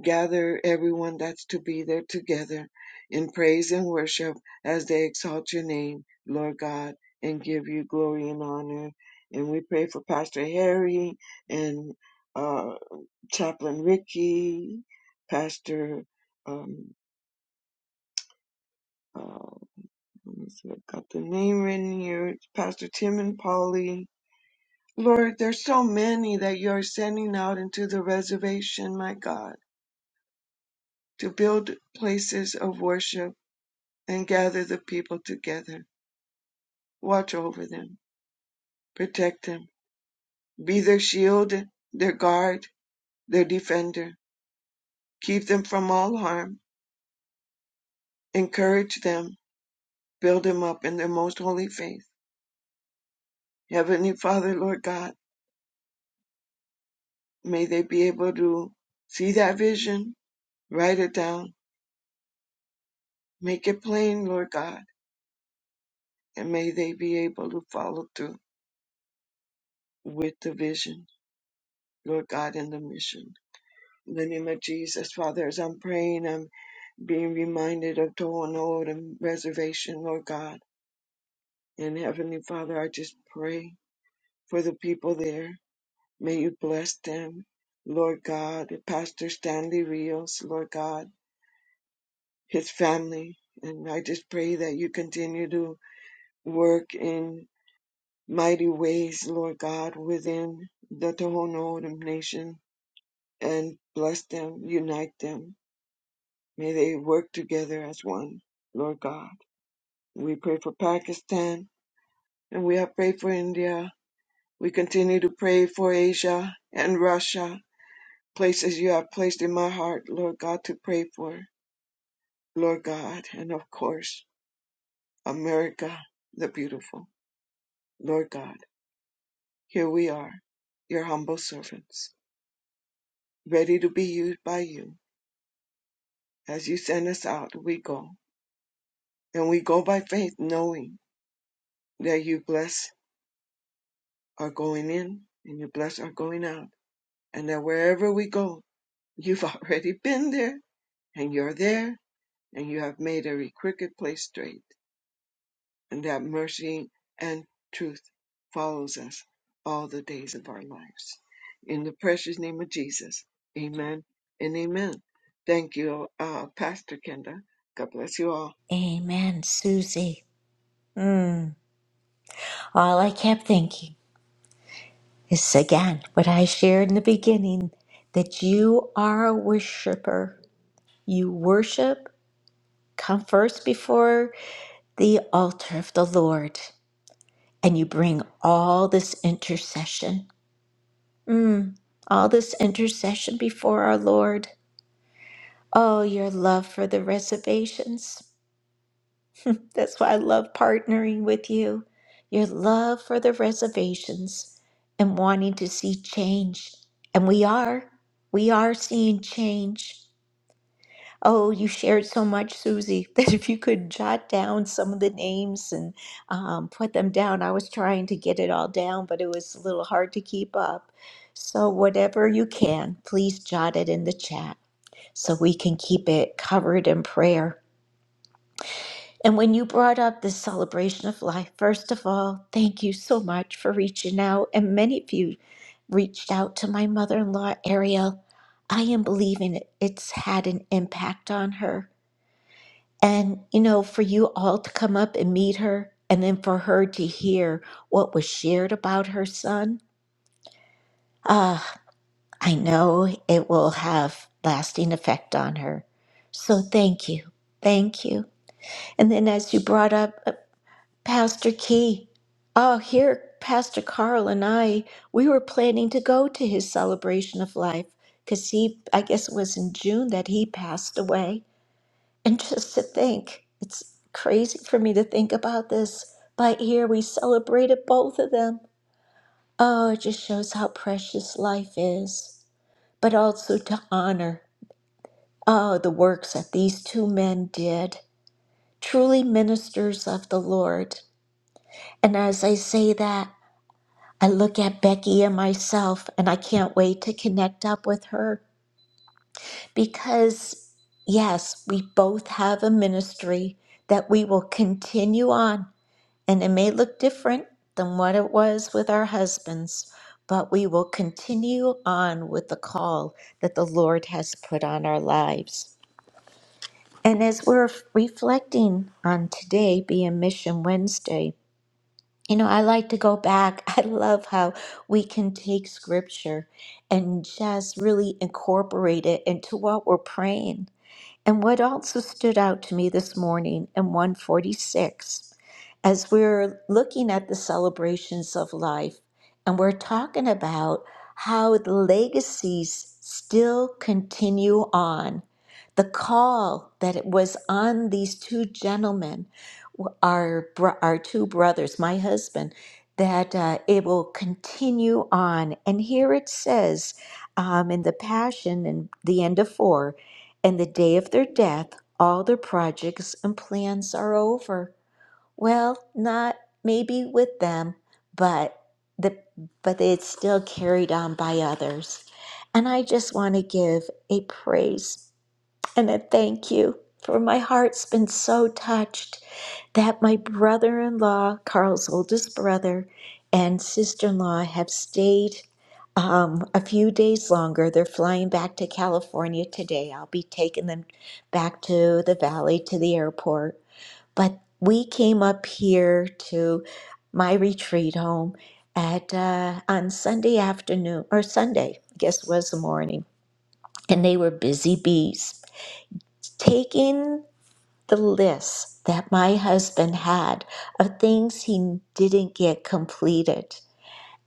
Speaker 6: gather everyone that's to be there together in praise and worship as they exalt your name, Lord God, and give you glory and honor. And we pray for Pastor Harry and uh, Chaplain Ricky, Pastor um, uh, let me see, I've got the name written here. It's Pastor Tim and Polly. Lord, there's so many that you are sending out into the reservation, my God, to build places of worship and gather the people together. Watch over them, protect them, be their shield, their guard, their defender. Keep them from all harm, encourage them, build them up in their most holy faith. Heavenly Father, Lord God, may they be able to see that vision, write it down, Make it plain, Lord God, and may they be able to follow through with the vision, Lord God, and the mission. In the name of Jesus, Father, as I'm praying, I'm being reminded of Tohono and reservation, Lord God. And Heavenly Father, I just pray for the people there. May you bless them, Lord God, Pastor Stanley Rios, Lord God, his family. And I just pray that you continue to work in mighty ways, Lord God, within the Tohono O'odham nation and bless them, unite them. May they work together as one, Lord God. We pray for Pakistan and we have prayed for India. We continue to pray for Asia and Russia, places you have placed in my heart, Lord God, to pray for, Lord God, and of course, America, the beautiful, Lord God. Here we are, your humble servants, ready to be used by you As you send us out, we go. And we go by faith, knowing that you bless our going in and you bless our going out. And that wherever we go, you've [laughs] already been there and you're there and you have made every crooked place straight. And that mercy and truth follows us all the days of our lives. In the precious name of Jesus, amen and amen. Thank you, uh, Pastor Kenda. God bless you all.
Speaker 1: Amen, Susie. Mm. All I kept thinking is again what I shared in the beginning that you are a worshiper. You worship, come first before the altar of the Lord, and you bring all this intercession. Mm. All this intercession before our Lord. Oh, your love for the reservations. That's why I love partnering with you. Your love for the reservations and wanting to see change. And we are. We are seeing change. Oh, you shared so much, Susie, [laughs] that if you could jot down some of the names and um, put them down, I was trying to get it all down, but it was a little hard to keep up. So, whatever you can, please jot it in the chat so we can keep it covered in prayer. And when you brought up this celebration of life, first of all, thank you so much for reaching out. And many of you reached out to my mother in law, Ariel. I am believing it, it's had an impact on her. And, you know, for you all to come up and meet her, and then for her to hear what was shared about her son, ah, I know it will have lasting effect on her. So thank you. Thank you. And then, as you brought up Pastor Key. Oh, here, Pastor Carl and I, we were planning to go to his celebration of life because he, I guess it was in June that he passed away. And just to think, it's crazy for me to think about this, but here we celebrated both of them. Oh, it just shows how precious life is, but also to honor, oh, the works that these two men did, truly ministers of the Lord. And as I say that, I look at Becky and myself, and I can't wait to connect up with her because, yes, we both have a ministry that we will continue on. And it may look different than what it was with our husbands, but we will continue on with the call that the Lord has put on our lives. And as we're reflecting on today being Mission Wednesday, You know, I like to go back. [laughs] I love how we can take scripture and just really incorporate it into what we're praying. And what also stood out to me this morning in 146, as we're looking at the celebrations of life, and we're talking about how the legacies still continue on. The call that it was on these two gentlemen, our, bro- our two brothers, my husband, that uh, it will continue on. And here it says um, in the Passion, in the end of four, and the day of their death, all their projects and plans are over. Well, not maybe with them, but the but it's still carried on by others. And I just want to give a praise and a thank you for my heart's been so touched that my brother in law, Carl's oldest brother, and sister in law have stayed um, a few days longer. They're flying back to California today. I'll be taking them back to the valley to the airport. But we came up here to my retreat home at uh, on Sunday afternoon or Sunday, I guess it was the morning, and they were busy bees taking the list that my husband had of things he didn't get completed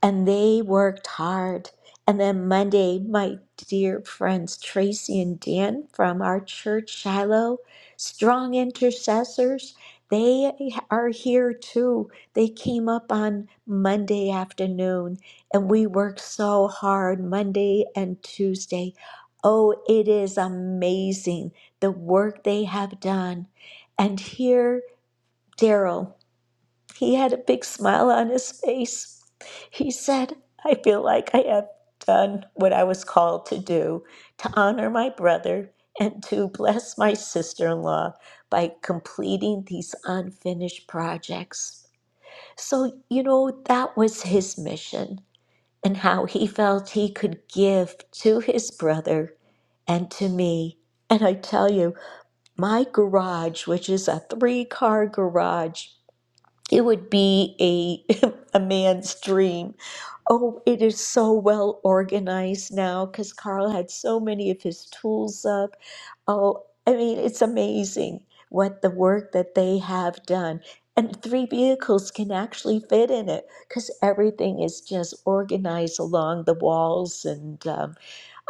Speaker 1: and they worked hard. And then Monday, my dear friends Tracy and Dan from our church, Shiloh, strong intercessors, they are here too. They came up on Monday afternoon and we worked so hard Monday and Tuesday. Oh, it is amazing the work they have done. And here, Daryl. He had a big smile on his face. He said, I feel like I have done what I was called to do to honor my brother and to bless my sister in law by completing these unfinished projects. So, you know, that was his mission and how he felt he could give to his brother and to me. And I tell you, my garage, which is a three car garage. It would be a [laughs] a man's dream. Oh, it is so well organized now because Carl had so many of his tools up. Oh, I mean, it's amazing what the work that they have done. And three vehicles can actually fit in it because everything is just organized along the walls and um,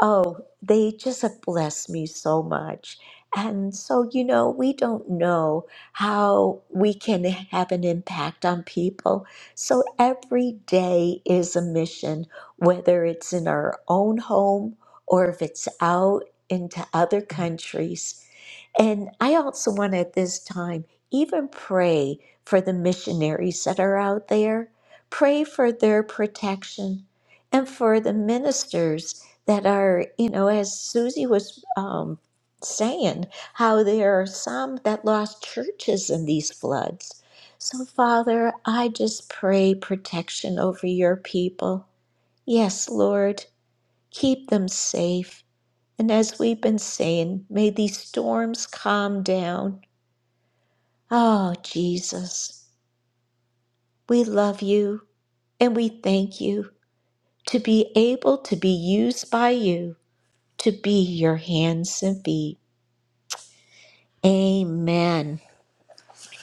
Speaker 1: Oh, they just have blessed me so much. And so, you know, we don't know how we can have an impact on people. So every day is a mission, whether it's in our own home or if it's out into other countries. And I also want at this time even pray for the missionaries that are out there, pray for their protection and for the ministers that are, you know, as Susie was um, saying, how there are some that lost churches in these floods. So, Father, I just pray protection over your people. Yes, Lord, keep them safe. And as we've been saying, may these storms calm down. Oh, Jesus, we love you and we thank you to be able to be used by you to be your hands and feet. Amen.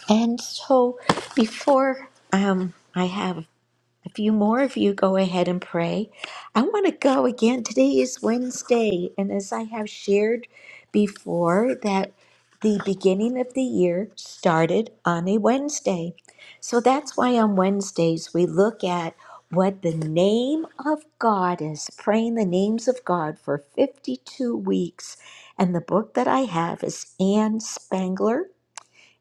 Speaker 1: And so before um, I have a few more of you go ahead and pray, I want to go again. Today is Wednesday, and as I have shared before, that the beginning of the year started on a Wednesday. So that's why on Wednesdays we look at what the name of God is, praying the names of God for 52 weeks. And the book that I have is Anne Spangler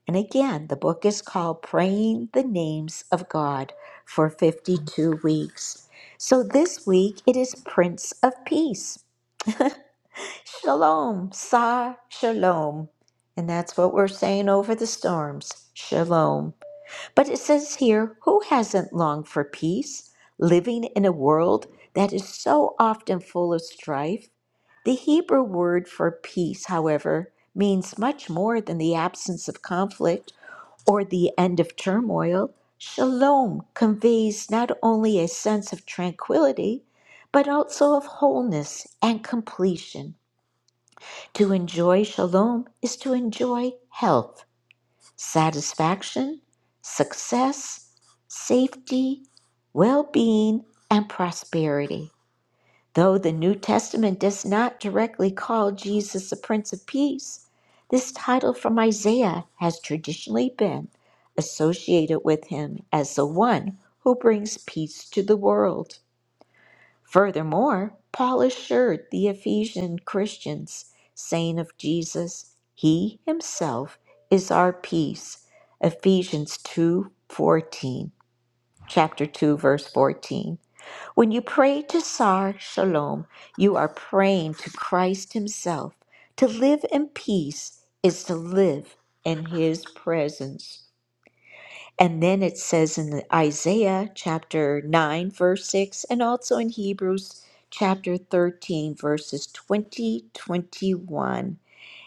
Speaker 1: and again, the book is called Praying the Names of God for 52 Weeks. So this week it is Prince of Peace. Shalom, Sa Shalom. And that's what we're saying over the storms. Shalom. But it says here, who hasn't longed for peace, living in a world that is so often full of strife? The Hebrew word for peace, however, means much more than the absence of conflict or the end of turmoil. Shalom conveys not only a sense of tranquility, but also of wholeness and completion. To enjoy shalom is to enjoy health satisfaction, success, safety, well being, and prosperity. Though the New Testament does not directly call Jesus the Prince of Peace, this title from Isaiah has traditionally been associated with him as the one who brings peace to the world. Furthermore, Paul assured the Ephesian Christians, saying of Jesus, He Himself is our peace. Ephesians 2:14, chapter 2, verse 14. When you pray to Sar Shalom, you are praying to Christ Himself. To live in peace is to live in His presence. And then it says in the Isaiah chapter 9, verse 6, and also in Hebrews chapter 13, verses 20, 21.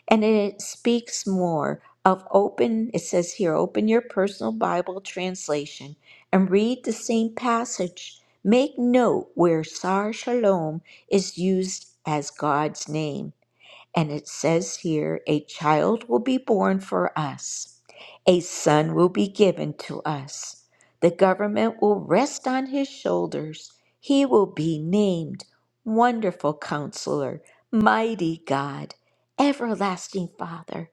Speaker 1: And it speaks more of open, it says here, open your personal Bible translation and read the same passage. Make note where Sar Shalom is used as God's name. And it says here, a child will be born for us, a son will be given to us. The government will rest on his shoulders. He will be named Wonderful Counselor, Mighty God, Everlasting Father,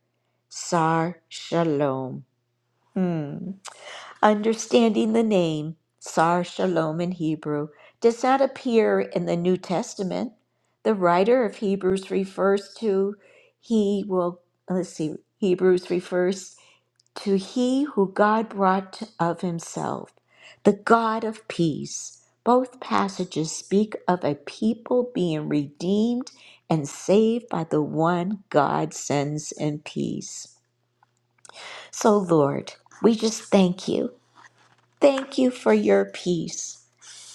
Speaker 1: Sar Shalom. Hmm. Understanding the name, Sar Shalom in Hebrew, does not appear in the New Testament. The writer of Hebrews refers to he will, let's see, Hebrews refers to he who God brought of himself, the God of peace. Both passages speak of a people being redeemed and saved by the one God sends in peace. So, Lord, we just thank you. Thank you for your peace.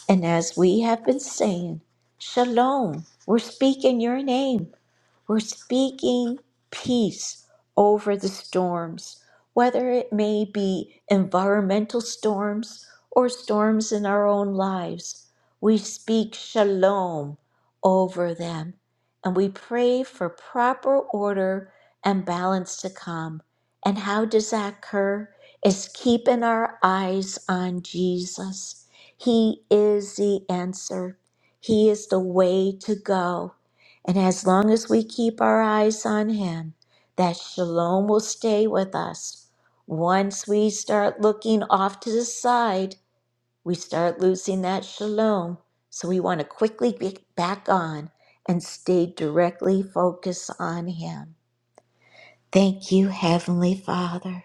Speaker 1: And as we have been saying, Shalom, we're speaking your name. We're speaking peace over the storms, whether it may be environmental storms or storms in our own lives. We speak shalom over them and we pray for proper order and balance to come. And how does that occur? Is keeping our eyes on Jesus. He is the answer. He is the way to go. And as long as we keep our eyes on Him, that shalom will stay with us. Once we start looking off to the side, we start losing that shalom. So we want to quickly get back on and stay directly focused on Him. Thank you, Heavenly Father.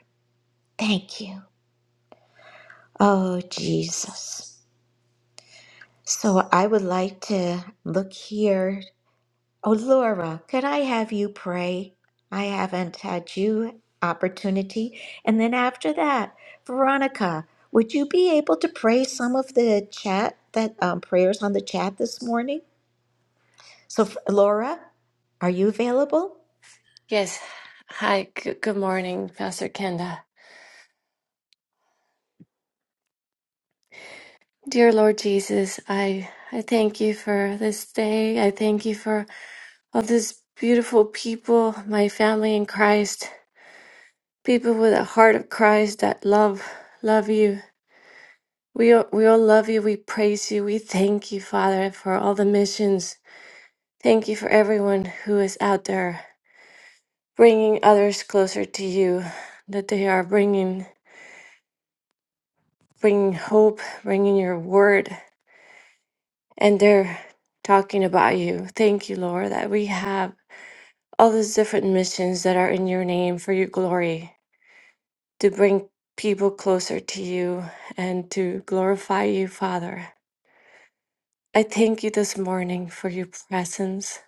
Speaker 1: Thank you. Oh, Jesus. So I would like to look here Oh, Laura, could I have you pray? I haven't had you opportunity. And then after that, Veronica, would you be able to pray some of the chat that um, prayers on the chat this morning? So, f- Laura, are you available?
Speaker 10: Yes. Hi. Good, good morning, Pastor Kenda. Dear Lord Jesus, I I thank you for this day. I thank you for all these beautiful people, my family in Christ, people with a heart of Christ that love love you. We all, we all love you. We praise you. We thank you, Father, for all the missions. Thank you for everyone who is out there bringing others closer to you, that they are bringing bringing hope, bringing your word. and they're talking about you. Thank you, Lord, that we have all those different missions that are in your name for your glory to bring people closer to you and to glorify you, Father. I thank you this morning for your presence.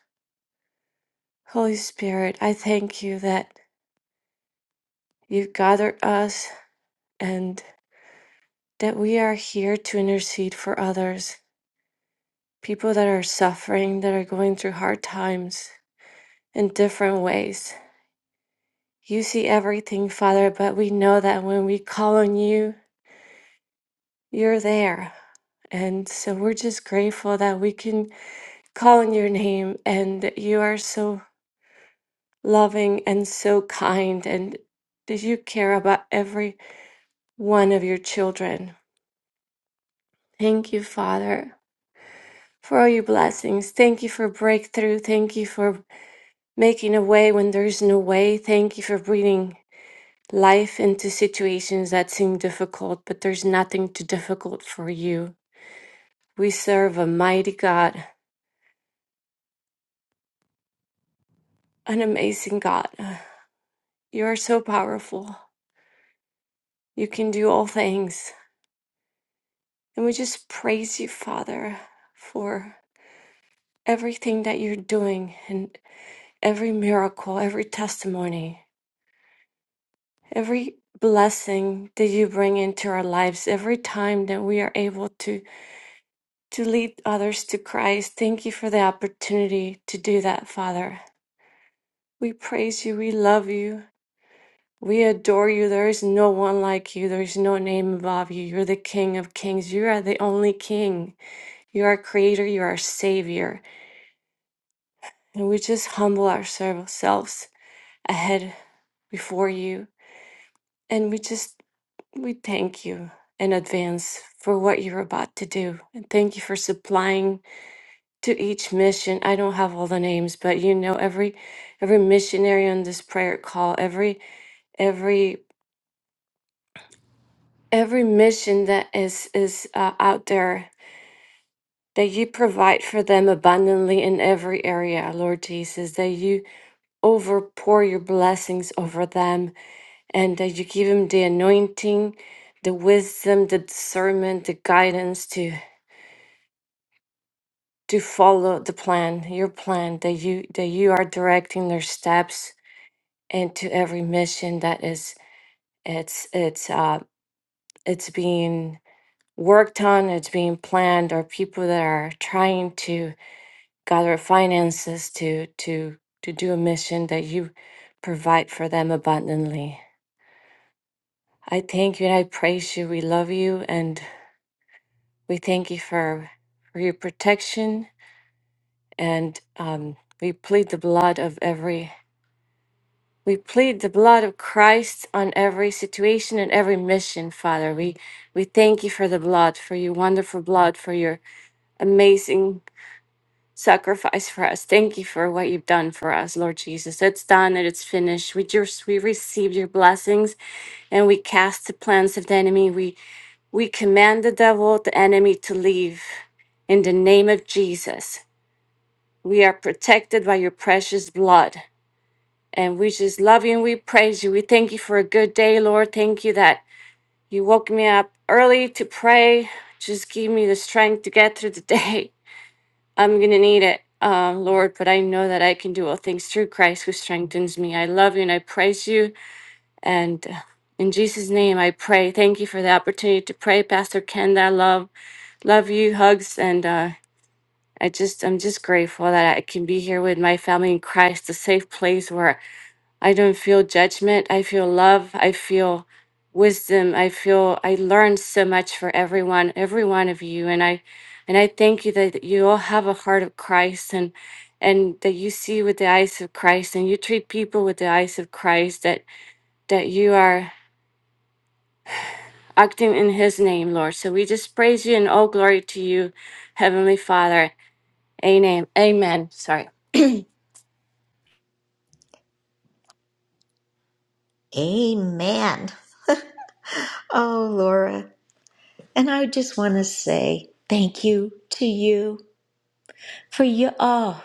Speaker 10: Holy Spirit, I thank you that you've gathered us and that we are here to intercede for others, people that are suffering, that are going through hard times in different ways. You see everything, Father, but we know that when we call on you, you're there. And so we're just grateful that we can call on your name and that you are so loving and so kind and that you care about every one of your children. Thank you, Father, for all your blessings. Thank you for breakthrough. Thank you for making a way when there's no way. Thank you for breathing life into situations that seem difficult, but there's nothing too difficult for you. We serve a mighty God, an amazing God. You are so powerful. You can do all things. And we just praise you, Father, for everything that you're doing and every miracle, every testimony, every blessing that you bring into our lives, every time that we are able to to lead others to Christ. Thank you for the opportunity to do that, Father. We praise you. We love you. We adore you. There is no one like you. There is no name above you. You're the King of Kings. You are the only King. You are Creator. You are Savior. And we just humble ourselves ahead before you. And we just, we thank you in advance for what you're about to do. And thank you for supplying to each mission. I don't have all the names, but you know every every missionary on this prayer call, every every every mission that is is uh, out there that you provide for them abundantly in every area lord jesus that you overpour your blessings over them and that you give them the anointing the wisdom the discernment the guidance to to follow the plan your plan that you that you are directing their steps into every mission that is it's it's uh it's being work done that's being planned or people that are trying to gather finances to to to do a mission that you provide for them abundantly. I thank you and I praise you. We love you and we thank you for, for your protection and um, we plead the blood of every we plead the blood of Christ on every situation and every mission, Father. We we thank you for the blood, for your wonderful blood, for your amazing sacrifice for us. Thank you for what you've done for us, Lord Jesus. It's done and it's finished. We just we receive your blessings and we cast the plans of the enemy. We we command the devil, the enemy to leave in the name of Jesus. We are protected by your precious blood. And we just love you and we praise you. We thank you for a good day, Lord. Thank you that you woke me up early to pray. Just give me the strength to get through the [laughs] day. I'm going to need it, uh, Lord, but I know that I can do all things through Christ who strengthens me. I love you and I praise you. And uh, in Jesus' name, I pray. Thank you for the opportunity to pray, Pastor Ken. I love, love you, hugs, and uh, I just, I'm just grateful that I can be here with my family in Christ, a safe place where I don't feel judgment. I feel love. I feel wisdom. I feel I learn so much for everyone, every one of you. And I and I thank you that you all have a heart of Christ and and that you see with the eyes of Christ and you treat people with the eyes of Christ that that you are acting in his name, Lord. So we just praise you and all glory to you, Heavenly Father. Amen. Amen. Sorry.
Speaker 1: Amen. Oh, Laura, and I just want to say thank you to you. for you oh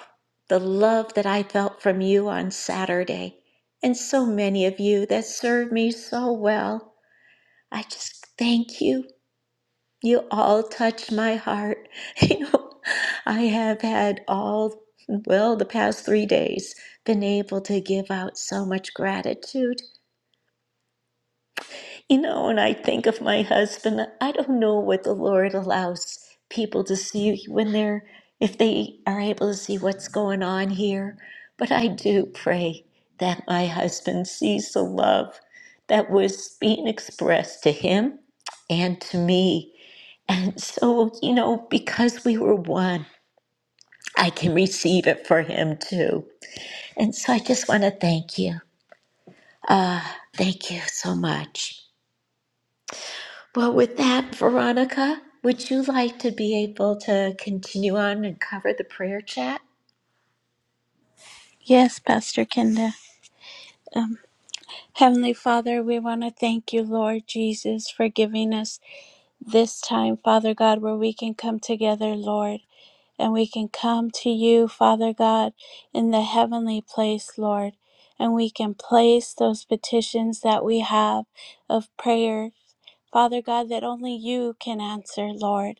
Speaker 1: the love that i felt from you on saturday and so many of you that served me so well i just thank you you all touched my heart [laughs] you know i have had all well the past three days been able to give out so much gratitude You know, and I think of my husband, I don't know what the Lord allows people to see when they're, if they are able to see what's going on here. But I do pray that my husband sees the love that was being expressed to him and to me. And so, you know, because we were one, I can receive it for him too. And so I just want to thank you. Thank you so much. Well, with that, Veronica, would you like to be able to continue on and cover the prayer chat?
Speaker 4: Yes, Pastor Kenda. Um, Heavenly Father, we want to thank you, Lord Jesus, for giving us this time, Father God, where we can come together, Lord, and we can come to you, Father God, in the heavenly place, Lord, and we can place those petitions that we have of prayer, Father God, that only you can answer, Lord.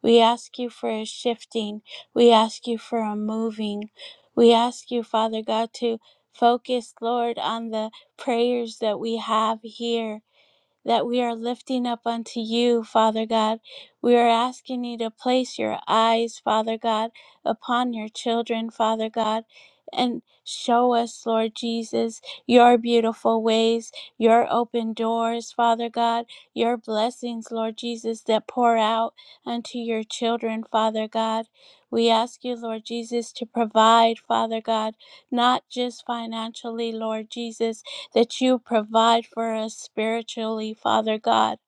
Speaker 4: We ask you for a shifting. We ask you for a moving. We ask you, Father God, to focus, Lord, on the prayers that we have here that we are lifting up unto you, Father God. We are asking you to place your eyes, Father God, upon your children, Father God, and show us, Lord Jesus, your beautiful ways, your open doors, Father God, your blessings, Lord Jesus, that pour out unto your children, Father God. We ask you, Lord Jesus, to provide, Father God, not just financially, Lord Jesus, that you provide for us spiritually, Father God,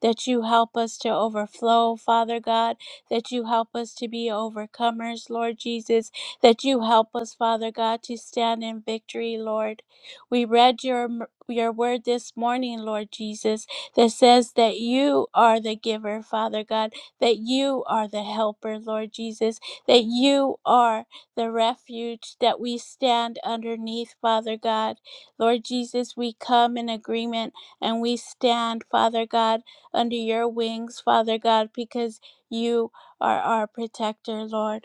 Speaker 4: that you help us to overflow, Father God, that you help us to be overcomers, Lord Jesus, that you help us, Father God, to stand in victory, Lord. We read your your word this morning, Lord Jesus, that says that you are the giver, Father God, that you are the helper, Lord Jesus, that you are the refuge that we stand underneath, Father God. Lord Jesus, we come in agreement and we stand, Father God, under your wings, Father God, because you are our protector, Lord.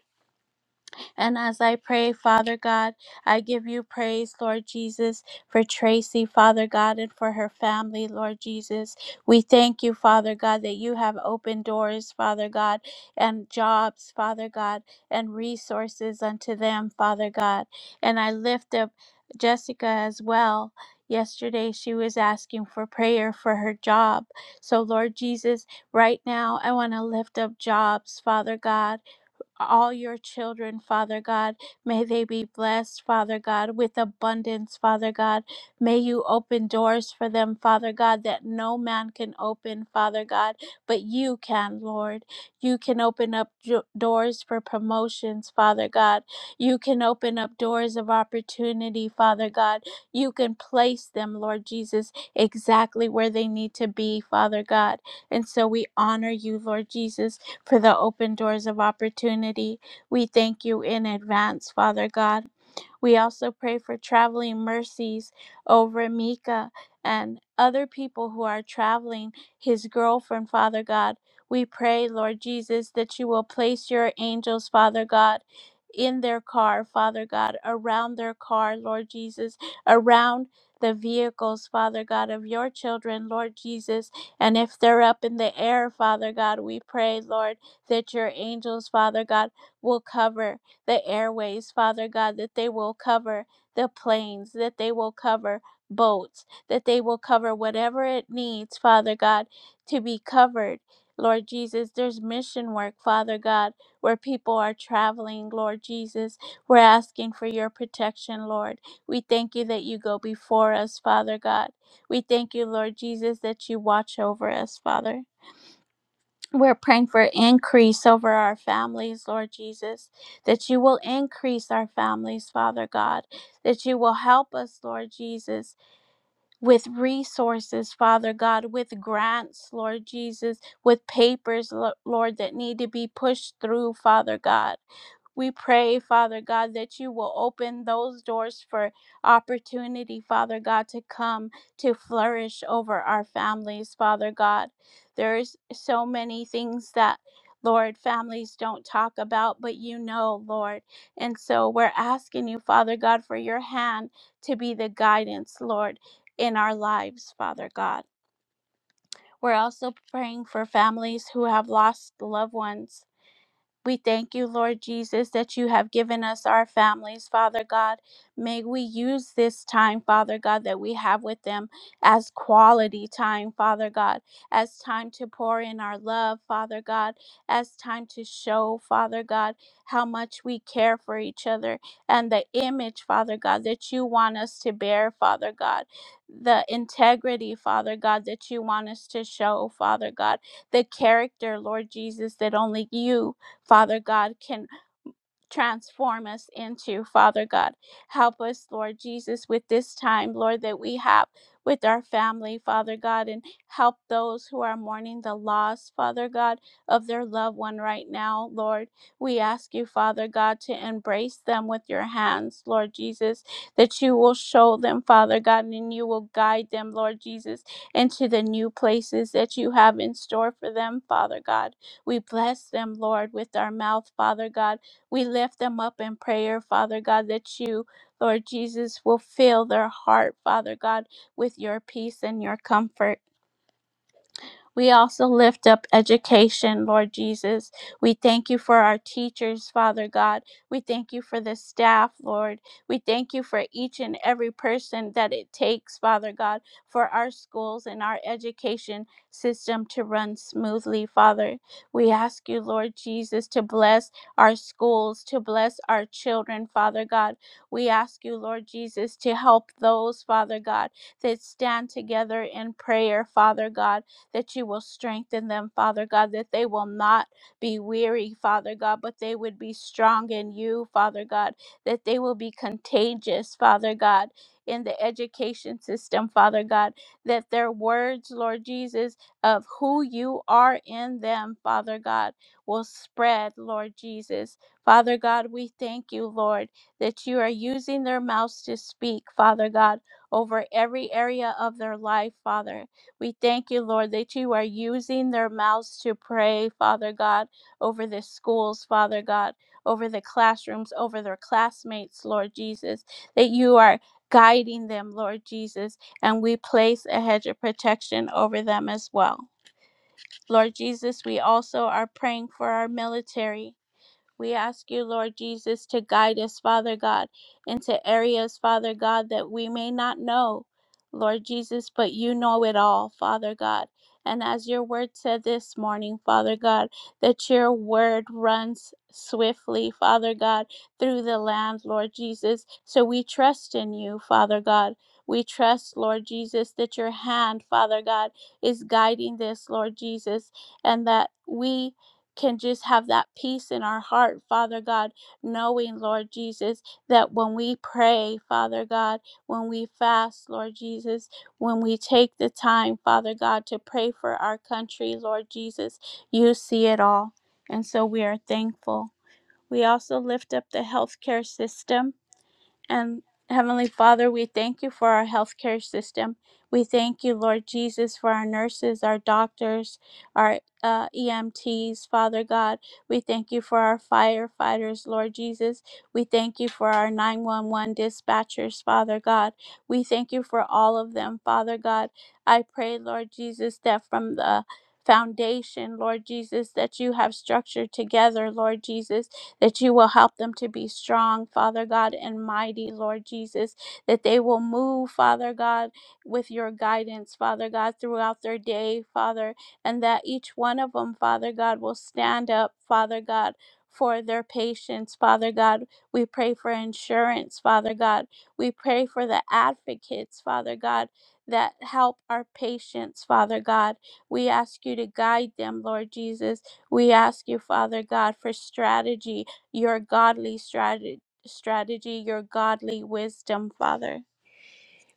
Speaker 4: And as I pray, Father God, I give you praise, Lord Jesus, for Tracy, Father God, and for her family, Lord Jesus. We thank you, Father God, that you have opened doors, Father God, and jobs, Father God, and resources unto them, Father God. And I lift up Jessica as well. Yesterday, she was asking for prayer for her job. So, Lord Jesus, right now, I want to lift up jobs, Father God all your children, Father God. May they be blessed, Father God, with abundance, Father God. May you open doors for them, Father God, that no man can open, Father God, but you can, Lord. You can open up jo- doors for promotions, Father God. You can open up doors of opportunity, Father God. You can place them, Lord Jesus, exactly where they need to be, Father God. And so we honor you, Lord Jesus for the open doors of opportunity. We thank you in advance, Father God. We also pray for traveling mercies over Mika and other people who are traveling, his girlfriend, Father God. We pray, Lord Jesus, that you will place your angels, Father God, in their car, Father God, around their car, Lord Jesus, around the vehicles, Father God, of your children, Lord Jesus. And if they're up in the air, Father God, we pray, Lord, that your angels, Father God, will cover the airways, Father God, that they will cover the planes, that they will cover boats, that they will cover whatever it needs, Father God, to be covered. Lord Jesus, there's mission work, Father God, where people are traveling, Lord Jesus. We're asking for your protection, Lord. We thank you that you go before us, Father God. We thank you, Lord Jesus, that you watch over us, Father. We're praying for increase over our families, Lord Jesus, that you will increase our families, Father God, that you will help us, Lord Jesus, with resources, Father God, with grants, Lord Jesus, with papers, Lo- Lord, that need to be pushed through, Father God. We pray, Father God, that you will open those doors for opportunity, Father God, to come to flourish over our families, Father God. There's so many things that, Lord, families don't talk about, but you know, Lord. And so we're asking you, Father God, for your hand to be the guidance, Lord, in our lives, Father God. We're also praying for families who have lost loved ones we thank you, Lord Jesus, that you have given us our families, Father God. May we use this time, Father God, that we have with them as quality time, Father God, as time to pour in our love, Father God, as time to show, Father God, how much we care for each other and the image, Father God, that you want us to bear, Father God, the integrity, Father God, that you want us to show, Father God, the character, Lord Jesus, that only you. Father God, can transform us into, Father God. Help us, Lord Jesus, with this time, Lord, that we have with our family, Father God, and help those who are mourning the loss, Father God, of their loved one right now, Lord. We ask you, Father God, to embrace them with your hands, Lord Jesus, that you will show them, Father God, and you will guide them, Lord Jesus, into the new places that you have in store for them, Father God. We bless them, Lord, with our mouth, Father God we lift them up in prayer, Father God, that you, Lord Jesus, will fill their heart, Father God, with your peace and your comfort. We also lift up education, Lord Jesus. We thank you for our teachers, Father God. We thank you for the staff, Lord. We thank you for each and every person that it takes, Father God, for our schools and our education system to run smoothly, Father. We ask you, Lord Jesus, to bless our schools, to bless our children, Father God. We ask you, Lord Jesus, to help those, Father God, that stand together in prayer, Father God that you will strengthen them, Father God, that they will not be weary, Father God, but they would be strong in you, Father God, that they will be contagious, Father God, in the education system, Father God, that their words, Lord Jesus, of who you are in them, Father God, will spread, Lord Jesus. Father God, we thank you, Lord, that you are using their mouths to speak, Father God, over every area of their life, Father. We thank you, Lord, that you are using their mouths to pray, Father God, over the schools, Father God, over the classrooms, over their classmates, Lord Jesus, that you are guiding them, Lord Jesus, and we place a hedge of protection over them as well. Lord Jesus, we also are praying for our military. We ask you, Lord Jesus, to guide us, Father God, into areas, Father God, that we may not know, Lord Jesus, but you know it all, Father God. And as your word said this morning, Father God, that your word runs swiftly, Father God, through the land, Lord Jesus. So we trust in you, Father God. We trust, Lord Jesus, that your hand, Father God, is guiding this, Lord Jesus, and that we can just have that peace in our heart, Father God, knowing, Lord Jesus, that when we pray, Father God, when we fast, Lord Jesus, when we take the time, Father God, to pray for our country, Lord Jesus, you see it all. And so we are thankful. We also lift up the healthcare system and Heavenly Father, we thank you for our healthcare system. We thank you, Lord Jesus, for our nurses, our doctors, our uh, EMTs, Father God. We thank you for our firefighters, Lord Jesus. We thank you for our 911 dispatchers, Father God. We thank you for all of them, Father God. I pray, Lord Jesus, that from the foundation, Lord Jesus, that you have structured together, Lord Jesus that you will help them to be strong, Father God, and mighty, Lord Jesus, that they will move, Father God, with your guidance, Father God, throughout their day, Father, and that each one of them, Father God, will stand up, Father God. For their patience, Father God. We pray for insurance, Father God. We pray for the advocates, Father God, that help our patients, Father God. We ask you to guide them, Lord Jesus. We ask you, Father God, for strategy your godly strategy, strategy, your godly wisdom, Father.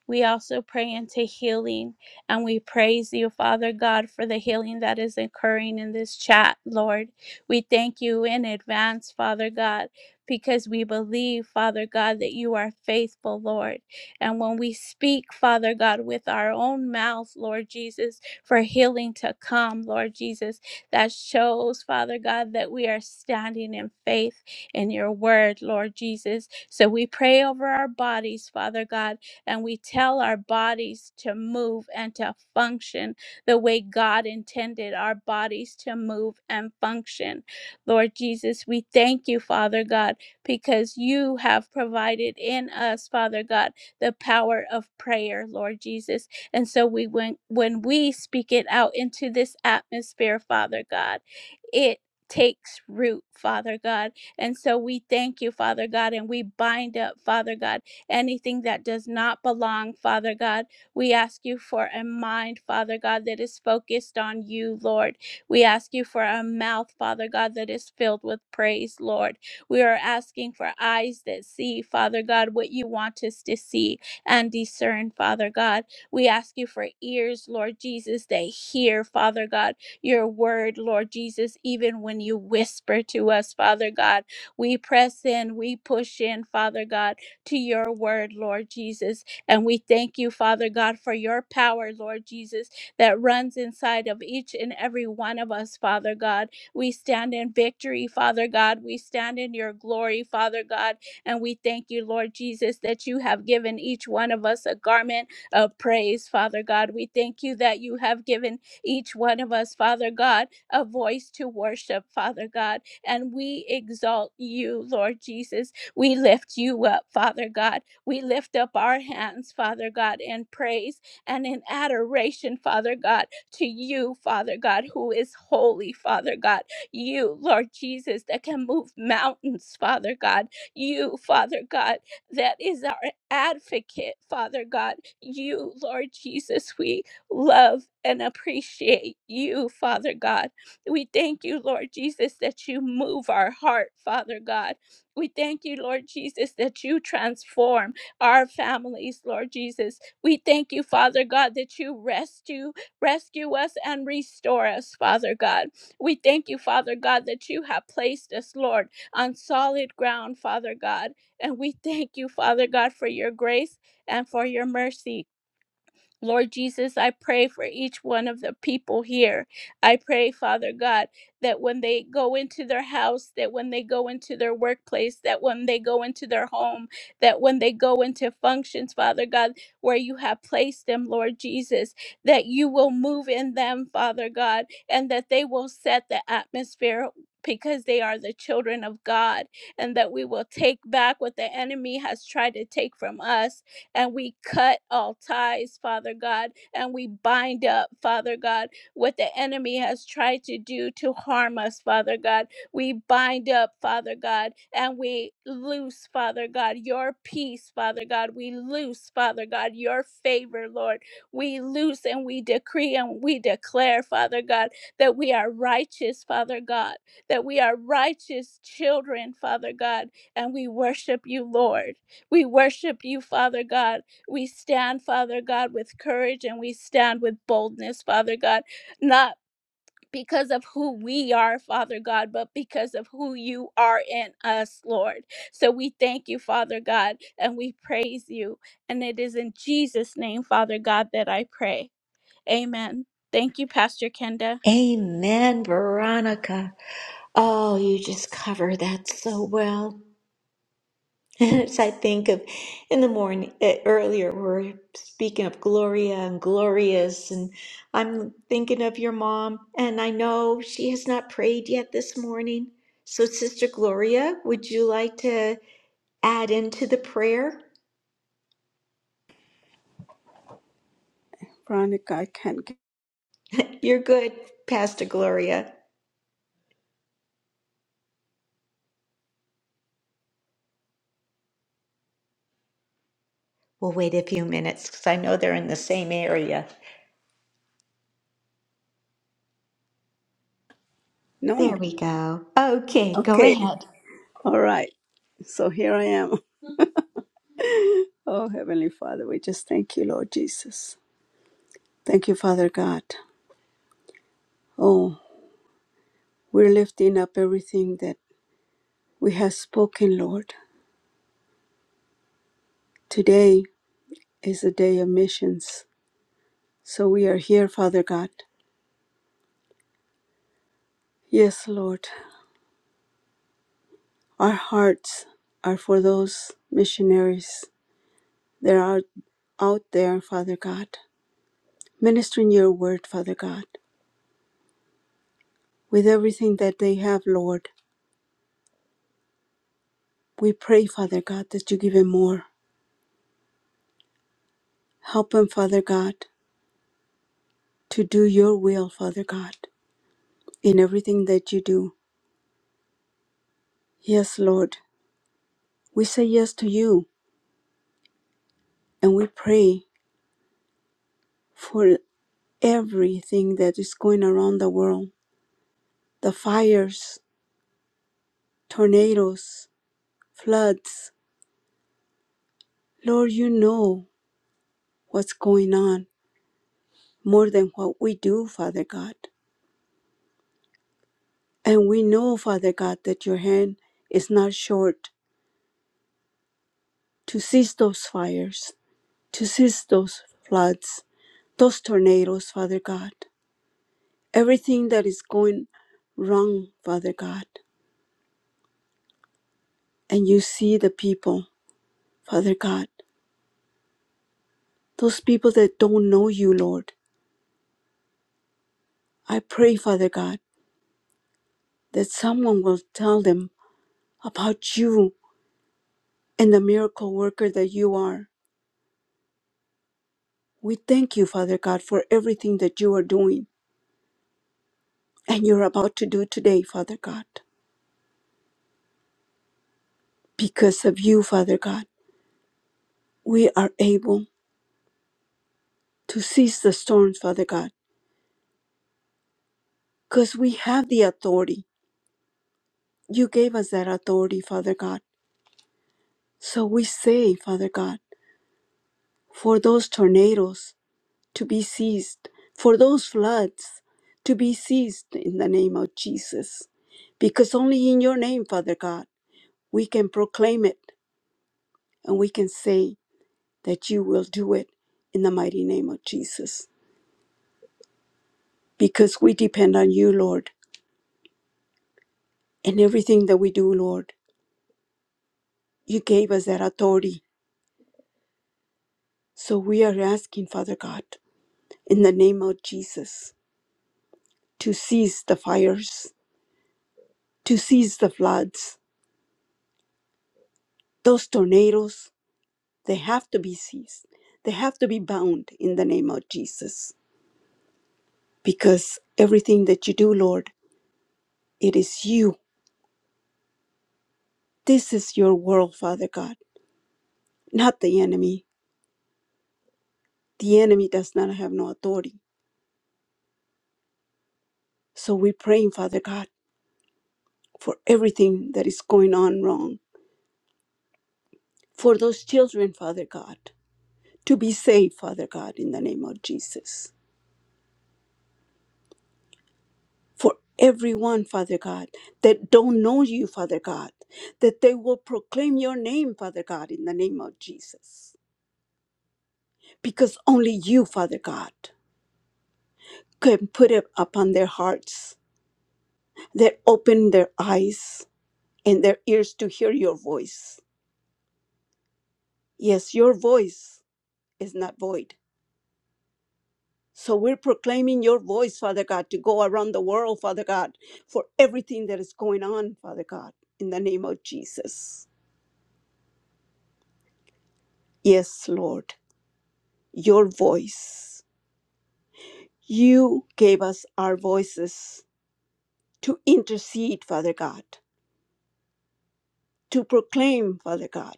Speaker 4: We also pray into healing and we praise you, Father God, for the healing that is occurring in this chat, Lord. We thank you in advance, Father God, because we believe, Father God, that you are faithful, Lord. And when we speak, Father God, with our own mouth, Lord Jesus, for healing to come, Lord Jesus, that shows, Father God, that we are standing in faith in your word, Lord Jesus. So we pray over our bodies, Father God and we tell our bodies to move and to function the way God intended our bodies to move and function. Lord Jesus, we thank you, Father God, because you have provided in us, Father God, the power of prayer, Lord Jesus. And so we when when we speak it out into this atmosphere, Father God, it takes root, Father God. And so we thank you, Father God, and we bind up, Father God, anything that does not belong, Father God. We ask you for a mind, Father God, that is focused on you, Lord. We ask you for a mouth, Father God, that is filled with praise, Lord. We are asking for eyes that see, Father God, what you want us to see and discern, Father God. We ask you for ears, Lord Jesus, that hear, Father God, your word, Lord Jesus, even when you whisper to us, Father God. We press in, we push in, Father God to your word, Lord Jesus. And we thank you, Father God, for your power, Lord Jesus, that runs inside of each and every one of us, Father God. We stand in victory, Father God. We stand in your glory, Father God. And we thank you, Lord Jesus, that you have given each one of us a garment of praise, Father God. We thank you that you have given each one of us, Father God, a voice to worship, Father God. And we exalt you, Lord Jesus. We lift you up, Father God. We lift up our hands, Father God, in praise and in adoration, Father God, to you, Father God, who is holy, Father God. You, Lord Jesus, that can move mountains, Father God. You, Father God, that is our advocate, Father God. You, Lord Jesus, we love and appreciate you, Father God. We thank you, Lord Jesus, that you move our heart, Father God. We thank you, Lord Jesus, that you transform our families, Lord Jesus. We thank you, Father God, that you rescue, rescue us and restore us, Father God. We thank you, Father God, that you have placed us, Lord, on solid ground, Father God. And we thank you, Father God, for your grace and for your mercy. Lord Jesus, I pray for each one of the people here. I pray, Father God, that when they go into their house, that when they go into their workplace, that when they go into their home, that when they go into functions, Father God, where you have placed them, Lord Jesus, that you will move in them, Father God, and that they will set the atmosphere. Because they are the children of God, and that we will take back what the enemy has tried to take from us and we cut all ties, Father God, and we bind up, Father God, what the enemy has tried to do to harm us, Father God. We bind up, Father God, and we loose, Father God, your peace, Father God. We loose, Father God, your favor, Lord. We loose and we decree and we declare, Father God, that we are righteous, Father God, that we are righteous children, Father God, and we worship you, Lord. We worship you, Father God. We stand, Father God, with courage and we stand with boldness, Father God, not because of who we are, Father God, but because of who you are in us, Lord. So we thank you, Father God, and we praise you. And it is in Jesus' name, Father God, that I pray. Amen. Thank you, Pastor Kenda.
Speaker 1: Amen, Veronica. Oh, you just cover that so well. [laughs] As I think of in the morning uh, earlier, we we're speaking of Gloria and glorious, and I'm thinking of your mom, and I know she has not prayed yet this morning. So, Sister Gloria, would you like to add into the prayer?
Speaker 4: Veronica, I can't get.
Speaker 1: You're good, Pastor Gloria. We'll wait a few minutes because I know they're in the same area.
Speaker 4: No.
Speaker 1: There we go. Okay, go
Speaker 4: Okay.
Speaker 1: ahead.
Speaker 4: All right. So here I am. Oh, Heavenly Father, we just thank you, Lord Jesus. Thank you, Father God. Oh, we're lifting up everything that we have spoken, Lord. Today is a day of missions. So we are here, Father God. Yes, Lord. Our hearts are for those missionaries that are out there, Father God, ministering your word, Father God, with everything that they have, Lord. We pray, Father God, that you give them more. Help them, Father God, to do your will, Father God, in everything that you do. Yes, Lord, we say yes to you and we pray for everything that is going around the world the fires, tornadoes, floods. Lord, you know what's going on more than what we do, Father God. And we know, Father God, that your hand is not short to cease those fires, to cease those floods, those tornadoes, Father God. Everything that is going wrong, Father God. and you see the people, Father God, those people that don't know you, Lord. I pray, Father God, that someone will tell them about you and the miracle worker that you are. We thank you, Father God, for everything that you are doing and you're about to do today, Father God. Because of you, Father God, we are able to cease the storms, Father God, because we have the authority. You gave us that authority, Father God. So we say, Father God, for those tornadoes to be ceased, for those floods to be ceased in the name of Jesus. Because only in your name, Father God, we can proclaim it and we can say that you will do it in the mighty name of Jesus. Because we depend on you, Lord, and everything that we do, Lord. You gave us that authority. So we are asking, Father God, in the name of Jesus, to cease the fires, to cease the floods, those tornadoes, They have to be seized. They have to be bound in the name of Jesus. Because everything that you do, Lord, it is you. This is your world, Father God, not the enemy. The enemy does not have no authority. So we're praying, Father God, for everything that is going on wrong. For those children, Father God, to be saved, Father God, in the name of Jesus for everyone, Father God, that don't know you, Father God, that they will proclaim your name, Father God, in the name of Jesus. Because only you, Father God, can put it upon their hearts, that open their eyes and their ears to hear your voice. Yes, your voice is not void. So we're proclaiming your voice, Father God, to go around the world, Father God, for everything that is going on, Father God, in the name of Jesus. Yes, Lord. your voice. You gave us our voices to intercede, Father God, to proclaim, Father God,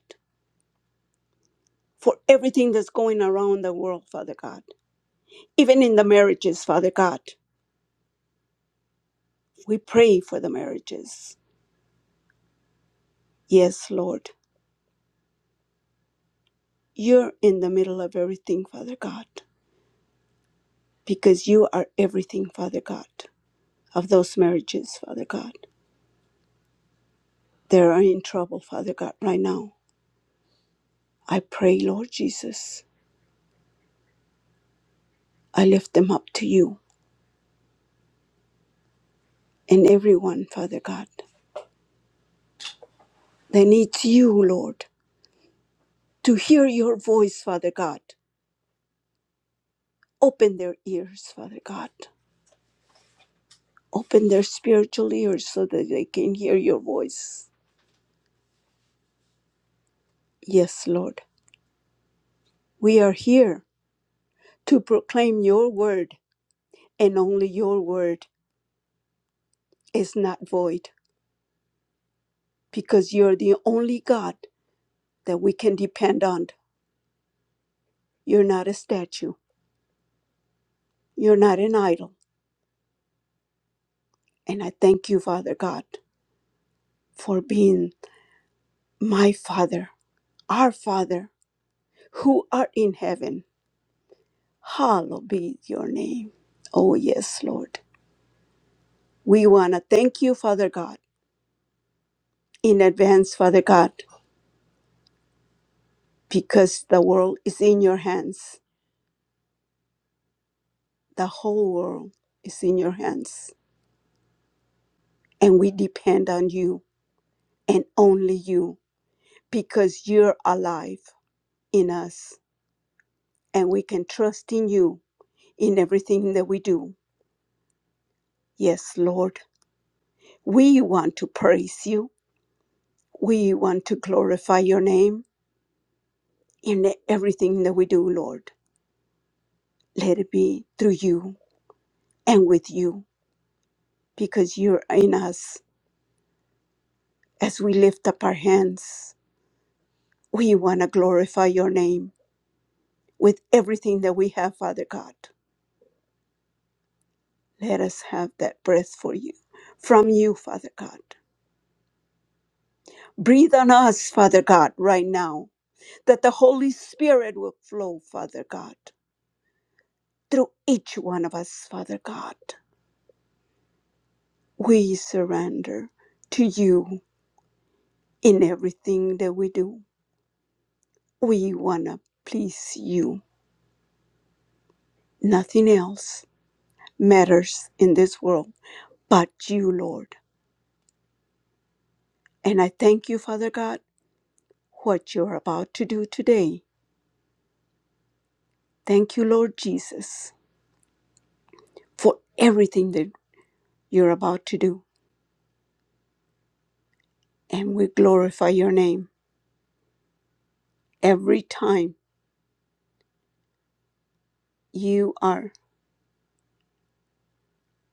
Speaker 4: for everything that's going around the world, Father God, even in the marriages, Father God. We pray for the marriages. Yes, Lord, you're in the middle of everything, Father God, because you are everything, Father God, of those marriages, Father God. They are in trouble, Father God, right now. I pray, Lord Jesus, I lift them up to you. and everyone, Father God. They need you, Lord, to hear your voice, Father God. Open their ears, Father God. Open their spiritual ears so that they can hear your voice. Yes, Lord. We are here to proclaim your word, and only your word is not void because you're the only God that we can depend on. You're not a statue, you're not an idol. And I thank you, Father God, for being my Father Our Father, who art in heaven, hallowed be your name. Oh, yes, Lord. We want to thank you, Father God, in advance, Father God, because the world is in your hands. The whole world is in your hands. And we depend on you and only you because you're alive in us and we can trust in you in everything that we do. Yes, Lord. We want to praise you. We want to glorify your name. in everything that we do, Lord. Let it be through you and with you, because you're in us. As we lift up our hands, we want to glorify your name with everything that we have, Father God. Let us have that breath for you, from you, Father God. Breathe on us, Father God, right now, that the Holy Spirit will flow, Father God, through each one of us, Father God. We surrender to you in everything that we do. We want to please you. Nothing else matters in this world but you, Lord. And I thank you, Father God, what you're about to do today. Thank you, Lord Jesus, for everything that you're about to do. And we glorify your name every time you are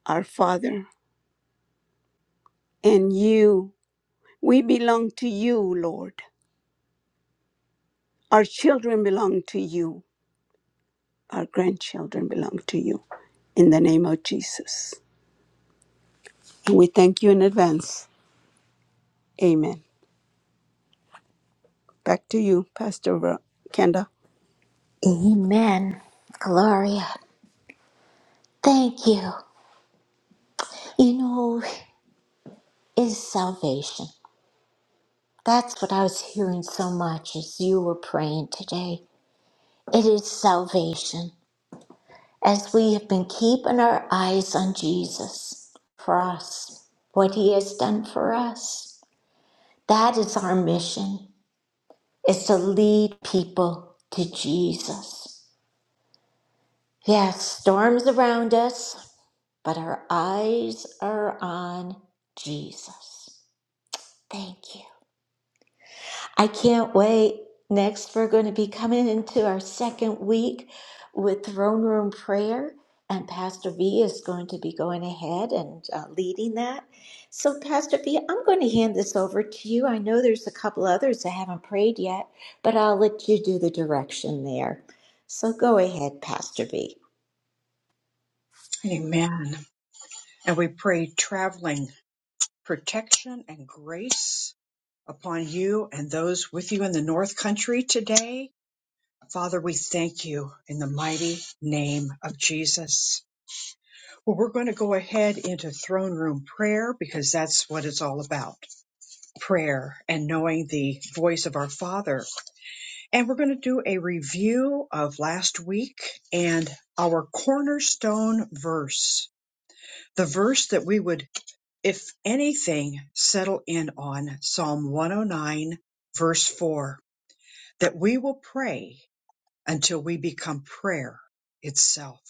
Speaker 4: our Father. And you, we belong to you, Lord. Our children belong to you. Our grandchildren belong to you. In the name of Jesus. And we thank you in advance. Amen. Back to you, Pastor Ro- Kenda.
Speaker 1: Amen. Gloria. Thank you. You know, is salvation. That's what I was hearing so much as you were praying today. It is salvation. As we have been keeping our eyes on Jesus for us, what he has done for us, that is our mission. is to lead people to Jesus. Yes, storms around us, but our eyes are on Jesus. Thank you. I can't wait. Next, we're going to be coming into our second week with throne room prayer, and Pastor V is going to be going ahead and uh, leading that. So, Pastor V, I'm going to hand this over to you. I know there's a couple others that haven't prayed yet, but I'll let you do the direction there. So, go ahead, Pastor V.
Speaker 3: Amen. And we pray traveling protection and grace upon you and those with you in the North Country today. Father, we thank you in the mighty name of Jesus. Well, we're going to go ahead into throne room prayer because that's what it's all about prayer and knowing the voice of our Father And we're going to do a review of last week and our cornerstone verse, the verse that we would, if anything, settle in on Psalm 109, verse 4, that we will pray until we become prayer itself,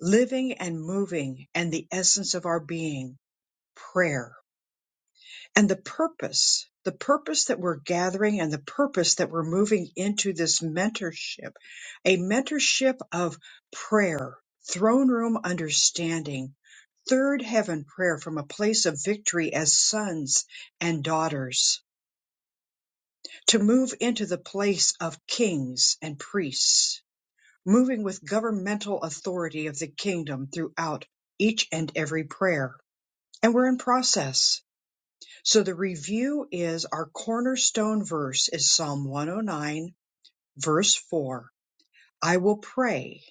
Speaker 3: living and moving and the essence of our being, prayer and the purpose the purpose that we're gathering and the purpose that we're moving into this mentorship a mentorship of prayer throne room understanding third heaven prayer from a place of victory as sons and daughters to move into the place of kings and priests moving with governmental authority of the kingdom throughout each and every prayer and we're in process So the review is our cornerstone verse is Psalm 109, verse 4. I will pray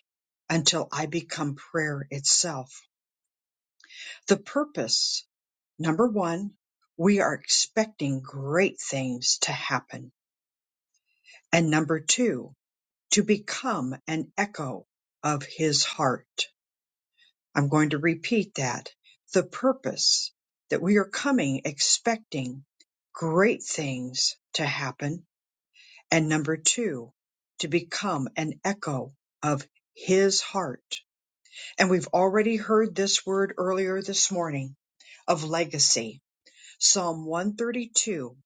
Speaker 3: until I become prayer itself. The purpose, number one, we are expecting great things to happen. And number two, to become an echo of his heart. I'm going to repeat that. The purpose that we are coming expecting great things to happen and number two, to become an echo of his heart. And we've already heard this word earlier this morning of legacy. Psalm 132,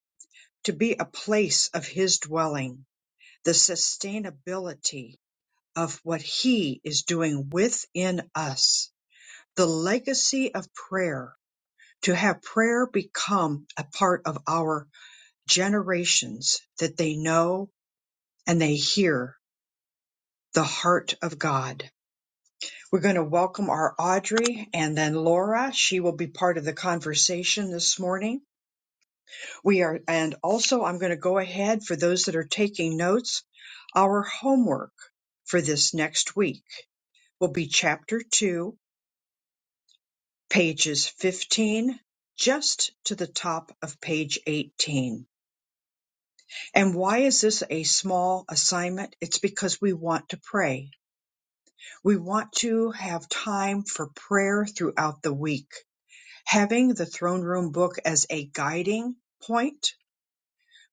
Speaker 3: to be a place of his dwelling, the sustainability of what he is doing within us, the legacy of prayer, to have prayer become a part of our generations that they know and they hear the heart of God. We're going to welcome our Audrey and then Laura. She will be part of the conversation this morning. We are, and also I'm going to go ahead for those that are taking notes. Our homework for this next week will be chapter two, pages 15, just to the top of page 18. And why is this a small assignment? It's because we want to pray. We want to have time for prayer throughout the week having the throne room book as a guiding point,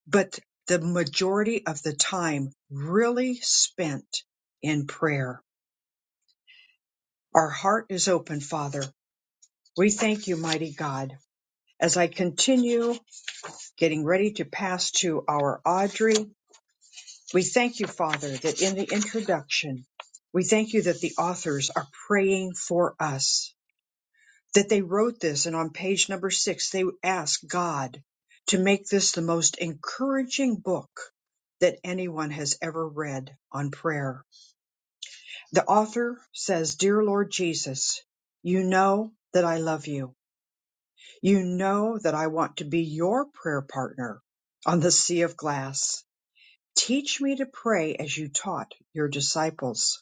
Speaker 3: but the majority of the time really spent in prayer. Our heart is open, Father. We thank you, mighty God. As I continue getting ready to pass to our Audrey, we thank you, Father, that in the introduction, we thank you that the authors are praying for us that they wrote this and on page number six they asked god to make this the most encouraging book that anyone has ever read on prayer the author says dear lord jesus you know that i love you you know that i want to be your prayer partner on the sea of glass teach me to pray as you taught your disciples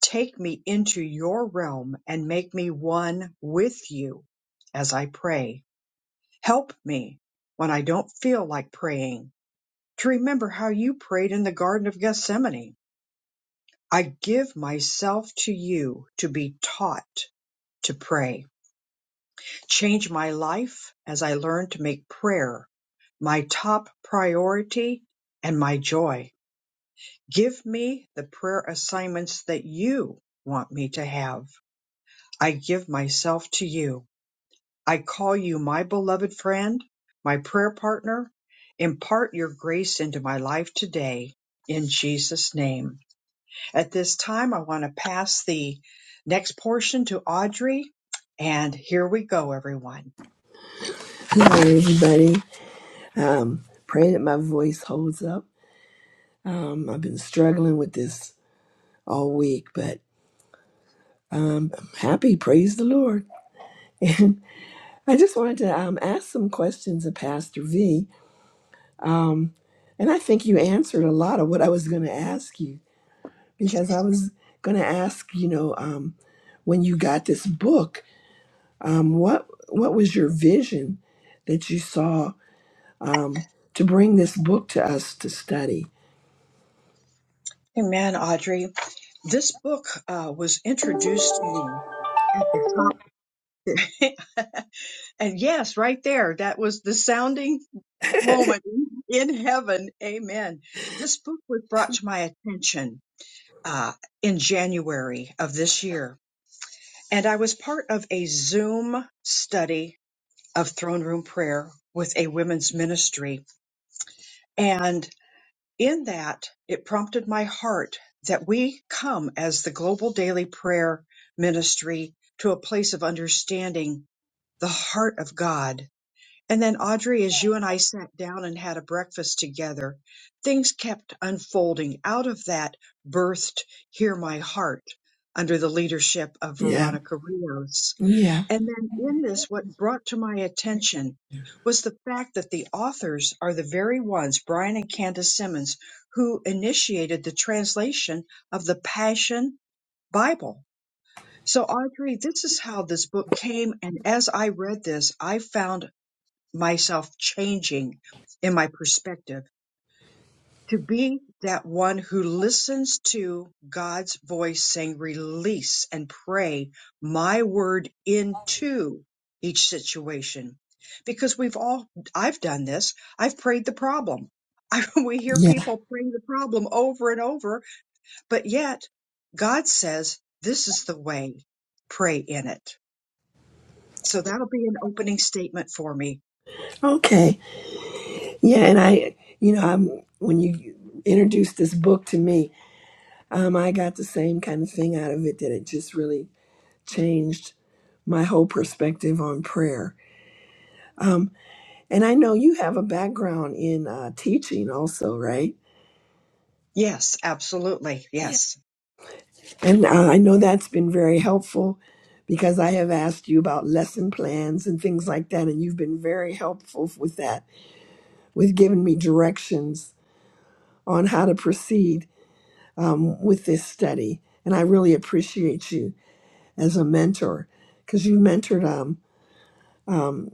Speaker 3: take me into your realm and make me one with you as i pray Help me, when I don't feel like praying, to remember how you prayed in the Garden of Gethsemane. I give myself to you to be taught to pray. Change my life as I learn to make prayer my top priority and my joy. Give me the prayer assignments that you want me to have. I give myself to you. I call you my beloved friend, my prayer partner. Impart your grace into my life today in Jesus' name. At this time, I want to pass the next portion to Audrey. And here we go, everyone.
Speaker 8: Hello, everybody. Pray that my voice holds up. I've been struggling with this all week, but I'm happy. Praise the Lord. [laughs] And I just wanted to um, ask some questions of Pastor V. And I think you answered a lot of what I was going to ask you because I was going to ask, you know, um, when you got this book, um, what what was your vision that you saw to bring this book to us to study?
Speaker 3: Amen, Audrey. This book uh, was introduced to me at the top. [laughs] and yes, right there, that was the sounding moment in heaven. Amen. This book was brought to my attention uh, in January of this year. And I was part of a Zoom study of throne room prayer with a women's ministry. And in that, it prompted my heart that we come as the global daily prayer ministry to a place of understanding the heart of God And then, Audrey, as you and I sat down and had a breakfast together, things kept unfolding out of that birthed Hear My Heart under the leadership of
Speaker 8: Yeah.
Speaker 3: Veronica Rios.
Speaker 8: Yeah.
Speaker 3: And then, in this, what brought to my attention was the fact that the authors are the very ones, Brian and Candace Simmons, who initiated the translation of the Passion Bible. So, Audrey, this is how this book came. And as I read this, I found myself changing in my perspective to be that one who listens to God's voice saying, release and pray my word into each situation. Because we've all, I've done this. I've prayed the problem. [laughs] I, we hear
Speaker 8: Yeah.
Speaker 3: people praying the problem over and over, but yet God says, this is the way. Pray in it. So that'll be an opening statement for me.
Speaker 8: Okay. Yeah, and I, you know, I'm when you introduced this book to me, um, I got the same kind of thing out of it that it just really changed my whole perspective on prayer. And I know you have a background in uh, teaching also, right?
Speaker 3: Yes, absolutely.
Speaker 8: Yeah.
Speaker 3: Yes.
Speaker 8: And uh, I know that's been very helpful because I have asked you about lesson plans and things like that, and you've been very helpful with that, with giving me directions on how to proceed um, with this study. And I really appreciate you as a mentor because you mentored um,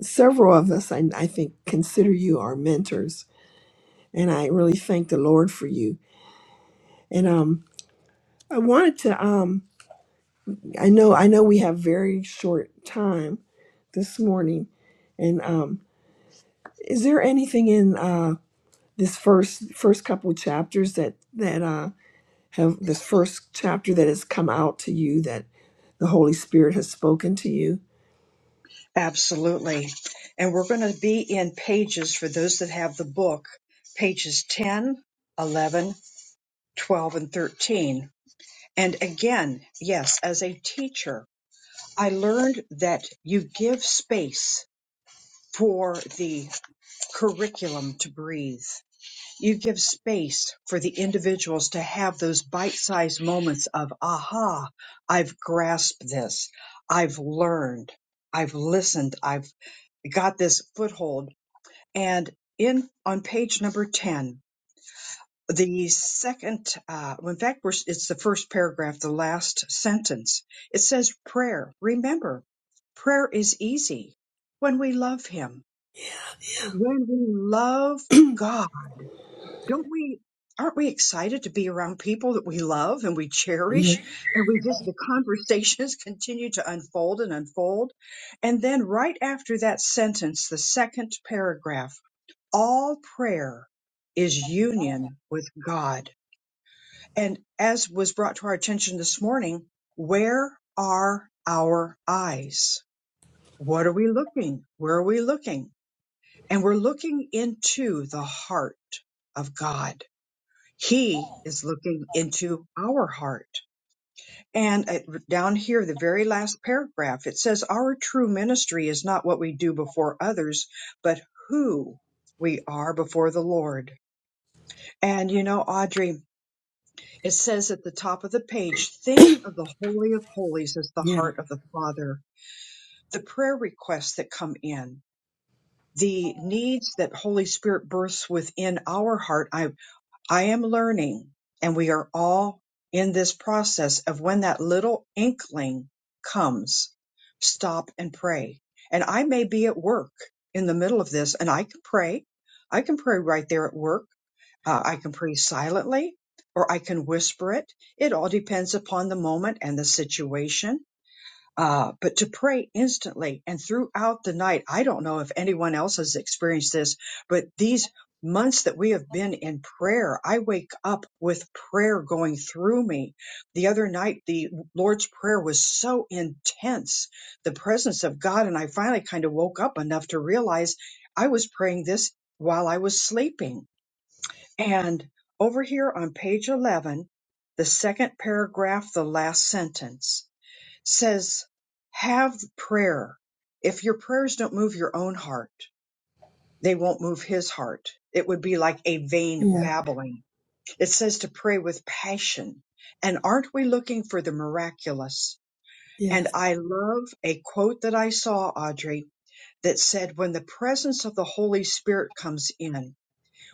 Speaker 8: several of us. I, I think consider you our mentors. And I really thank the Lord for you. And um, I wanted to, um, I know, I know we have very short time this morning. And um, is there anything in uh, this first first couple chapters that that uh, have this first chapter that has come out to you that the Holy Spirit has spoken to you?
Speaker 3: Absolutely. And we're going to be in pages for those that have the book, pages 10, 11, 12, and 13. And again, yes, as a teacher, I learned that you give space for the curriculum to breathe. You give space for the individuals to have those bite sized moments of, aha, I've grasped this. I've learned. I've listened. I've got this foothold And in on page number 10, the second, uh, well, in fact, we're, it's the first paragraph, the last sentence. It says, Prayer. Remember, prayer is easy when we love Him.
Speaker 8: Yeah,
Speaker 3: When we love God, don't we? Aren't we excited to be around people that we love and we
Speaker 8: yeah,
Speaker 3: cherish? And we just, the conversations [laughs] continue to unfold and unfold. And then right after that sentence, the second paragraph, all prayer is union with God. And as was brought to our attention this morning, where are our eyes? What are we looking? Where are we looking? And we're looking into the heart of God. He is looking into our heart. And uh, down here, the very last paragraph, it says, Our true ministry is not what we do before others, but who we are before the Lord. And you know, Audrey, it says at the top of the page, think of the Holy of Holies as the heart of the Father, the prayer requests that come in, the needs that Holy Spirit births within our heart. I. I am learning, and we are all in this process of when that little inkling comes, stop and pray. And I may be at work in the middle of this, and I can pray. I can pray right there at work. Uh, I can pray silently, or I can whisper it. It all depends upon the moment and the situation uh, but to pray instantly and throughout the night. I don't know if anyone else has experienced this, but these months that we have been in prayer, I wake up with prayer going through me. The other night, the Lord's Prayer was so intense, the presence of God, and I finally kind of woke up enough to realize I was praying this while I was sleeping. And over here on page 11, the second paragraph, the last sentence says, have prayer. If your prayers don't move your own heart, they won't move his heart. It would be like a vain
Speaker 8: Yeah.
Speaker 3: babbling. It says to pray with passion. And aren't we looking for the miraculous? And
Speaker 8: yes,
Speaker 3: I love a quote that I saw, Audrey, that said, when the presence of the Holy Spirit comes in,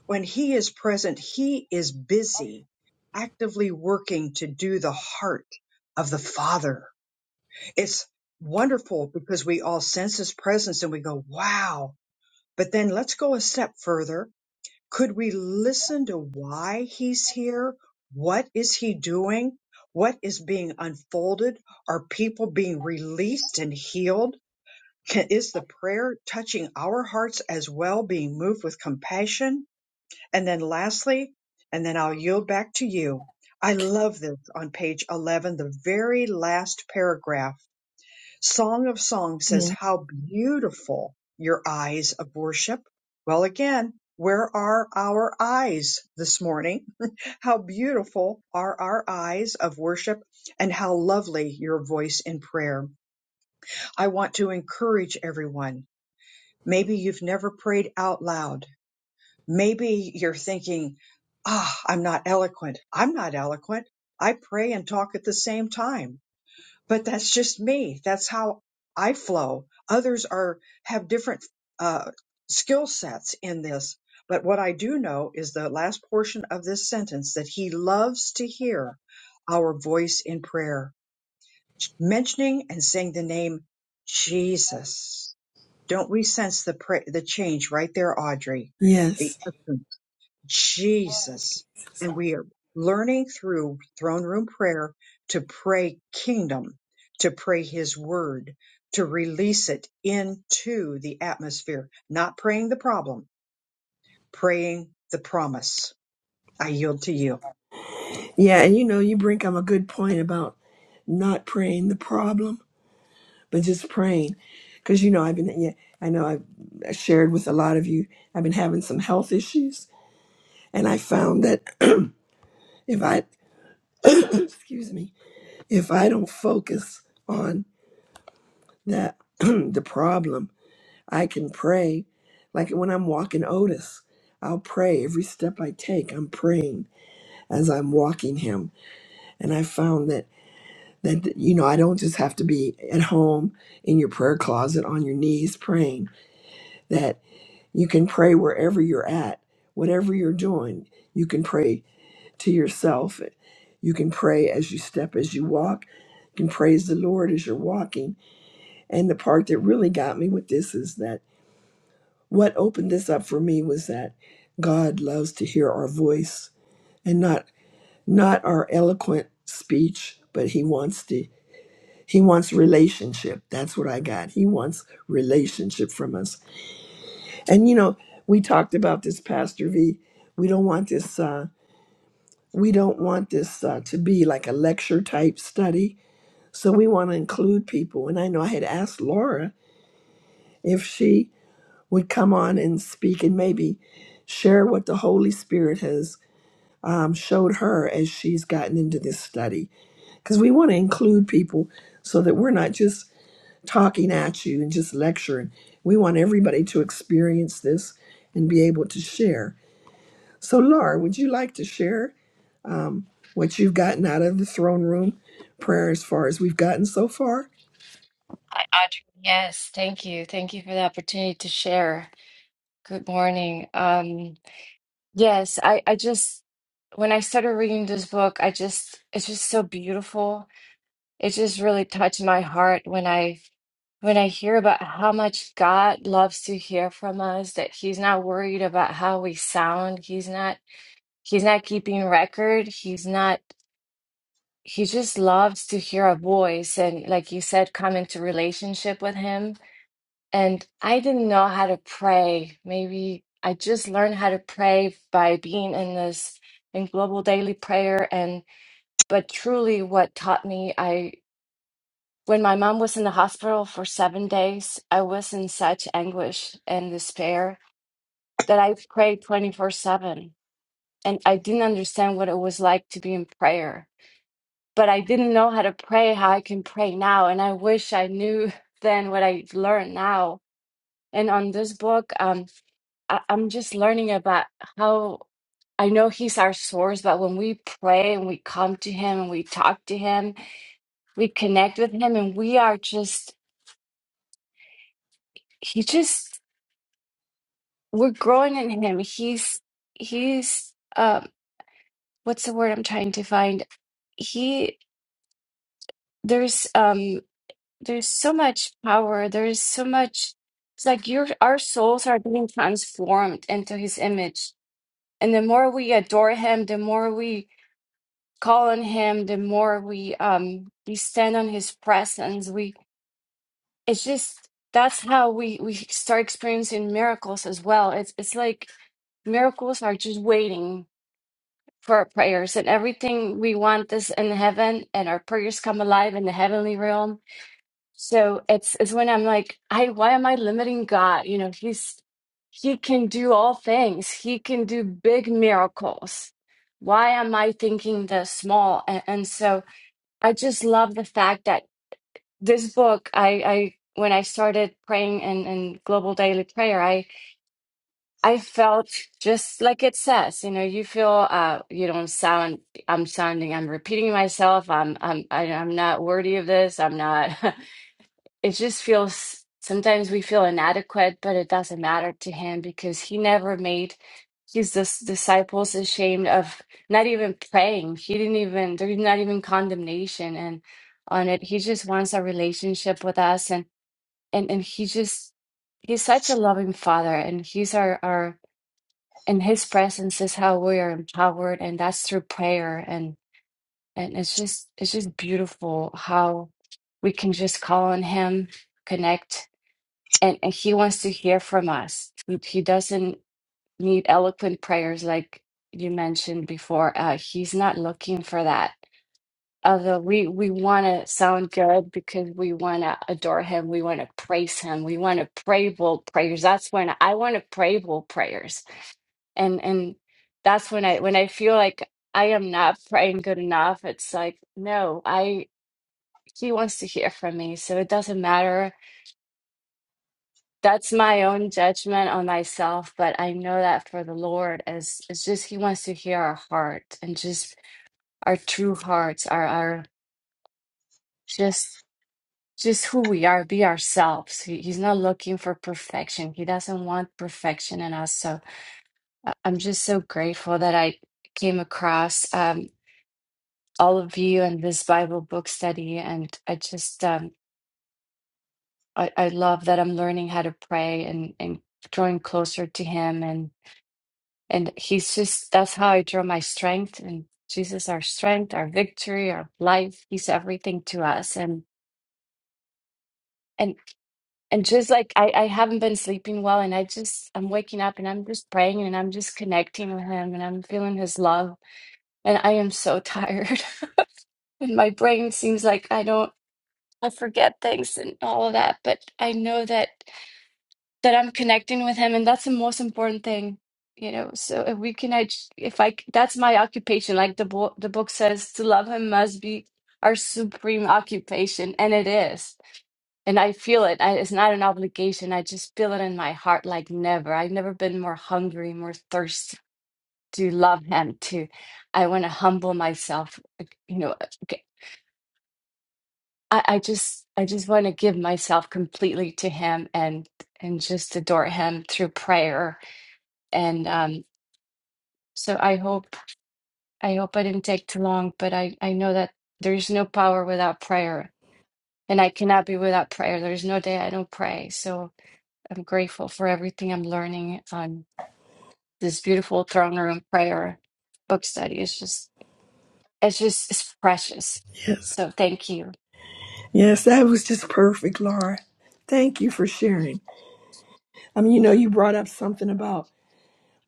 Speaker 3: when he is present, he is busy, actively working to do the heart of the Father it's wonderful because we all sense his presence and we go, wow. But then let's go a step further. Could we listen to why he's here? What is he doing? What is being unfolded? Are people being released and healed? Can, is the prayer touching our hearts as well, being moved with compassion? And then lastly, and then I'll yield back to you. I love this on page 11, the very last paragraph Song of Songs says,
Speaker 8: yeah,
Speaker 3: How beautiful your eyes of worship. Well, again, where are our eyes this morning? How beautiful are our eyes of worship and how lovely your voice in prayer. I want to encourage everyone. Maybe you've never prayed out loud. Maybe you're thinking, ah, I'm not eloquent. I'm not eloquent. I pray and talk at the same time but that's just me that's how i flow others are have different uh, skill sets in this but what i do know is the last portion of this sentence that he loves to hear our voice in prayer mentioning and saying the name jesus don't we sense the pra- the change right there audrey the
Speaker 8: yes,
Speaker 3: Jesus. And we are learning through throne room prayer to pray kingdom, to pray his word, to release it into the atmosphere, not praying the problem, praying the promise. I yield to you.
Speaker 8: yeah. And you know, you bring up a good point about not praying the problem, but just praying, because you know, I've been, yeah, I know I've I shared with a lot of you. I've been having some health issues, and I found that [clears throat] if I, [coughs] [clears throat] excuse me, if I don't focus on that [clears throat] the problem, I can pray. Like when I'm walking Otis, I'll pray every step I take. I'm praying as I'm walking him and i found that that you know i don't just have to be at home in your prayer closet on your knees praying that you can pray wherever you're at whatever you're doing you can pray to yourself you can pray as you step as you walk you can praise the lord as you're walking and the part that really got me with this is that what opened this up for me was that god loves to hear our voice and not not our eloquent speech but he wants to He wants relationship. That's what I got. He wants relationship from us. And you know, we talked about this, Pastor V. We don't want this. Uh, we don't want this uh, to be like a lecture type study. So we want to include people. And I know I had asked Laura if she would come on and speak and maybe share what the Holy Spirit has um, showed her as she's gotten into this study, because we want to include people so that we're not just talking at you and just lecturing. We want everybody to experience this and be able to share. So, Laura, would you like to share what you've gotten out of the throne room prayer as far as we've gotten so far?
Speaker 10: Hi, Audrey. Yes, thank you. Thank you for the opportunity to share. Good morning. Yes, I, I just, when I started reading this book, I just, it's just so beautiful. It just really touched my heart when I, when I hear about how much God loves to hear from us, that He's not worried about how we sound. He's not, He's not keeping record. He's not, He just loves to hear our voice. And like you said, come into relationship with Him. And I didn't know how to pray. Maybe I just learned how to pray by being in this in global daily prayer. And but truly, what taught me, I when my mom was in the hospital for seven days, I was in such anguish and despair that I prayed 24 7. And I didn't understand what it was like to be in prayer, but I didn't know how to pray, how I can pray now. And I wish I knew [laughs] then what I learned now. And on this book, um. I, I'm just learning about how I know He's our source, but when we pray and we come to Him and we talk to Him, we connect with Him, and we are just He just we're growing in Him. He's He's um what's the word I'm trying to find? He there's um there's so much power. There's so much. It's like your our souls are being transformed into His image, and the more we adore Him, the more we call on him the more we um we stand on his presence we it's just that's how we we start experiencing miracles as well it's it's like miracles are just waiting for our prayers and everything we want is in heaven and our prayers come alive in the heavenly realm so it's it's when i'm like i why am i limiting god you know he's he can do all things he can do big miracles why am i thinking the small and, and so I just love the fact that this book, I, I when I started praying in, in global daily prayer, I I felt just like it says, you know, you feel uh you don't sound I'm sounding I'm repeating myself. I'm I'm I, I'm not worthy of this. I'm not. [laughs] it just feels sometimes we feel inadequate, but it doesn't matter to him because he never made his dis- disciples ashamed of not even praying. He didn't even, there's not even condemnation and on it. He just wants a relationship with us and and and he just he's such a loving father and he's our our and his presence is how we are empowered and that's through prayer and and it's just it's just beautiful how we can just call on him connect and, and he wants to hear from us. He he doesn't need eloquent prayers like you mentioned before. Uh, he's not looking for that. Although we, we want to sound good because we want to adore him, we want to praise him, we want to pray bold prayers. That's when I want to pray bold prayers, and and that's when I when I feel like I am not praying good enough. It's like no, I he wants to hear from me, so it doesn't matter that's my own judgment on myself, but I know that for the Lord is it's just He wants to hear our heart and just our true hearts, our our just just who we are, be ourselves. He, he's not looking for perfection. He doesn't want perfection in us. So I- I'm just so grateful that I came across um, all of you and this Bible book study, and I just um, I, I love that I'm learning how to pray and and drawing closer to Him And he's just, that's how I draw my strength. And Jesus, our strength, our victory, our life, he's everything to us. And, and, and just like I, I haven't been sleeping well and I just, I'm waking up and I'm just praying and I'm just connecting with him and I'm feeling his love. And I am so tired. [laughs] and my brain seems like I don't, I forget things and all of that. But I know that. that I'm connecting with him, and that's the most important thing, you know. So if we connect, if I that's my occupation, like the book the book says, to love him must be our supreme occupation, and it is. And I feel it. I, it's not an obligation. I just feel it in my heart like never. I've never been more hungry, more thirsty to love him. To I want to humble myself, like, you know. okay, I, I just I just want to give myself completely to him and and just adore him through prayer and um, so I hope I hope I didn't take too long, but I I know that there is no power without prayer, and I cannot be without prayer. There is no day I don't pray. So I'm grateful for everything I'm learning on this beautiful throne room prayer book study. It's just it's just it's precious.
Speaker 8: Yes.
Speaker 10: So thank you.
Speaker 8: Yes, that was just perfect, Laura. Thank you for sharing. I mean, you know, you brought up something about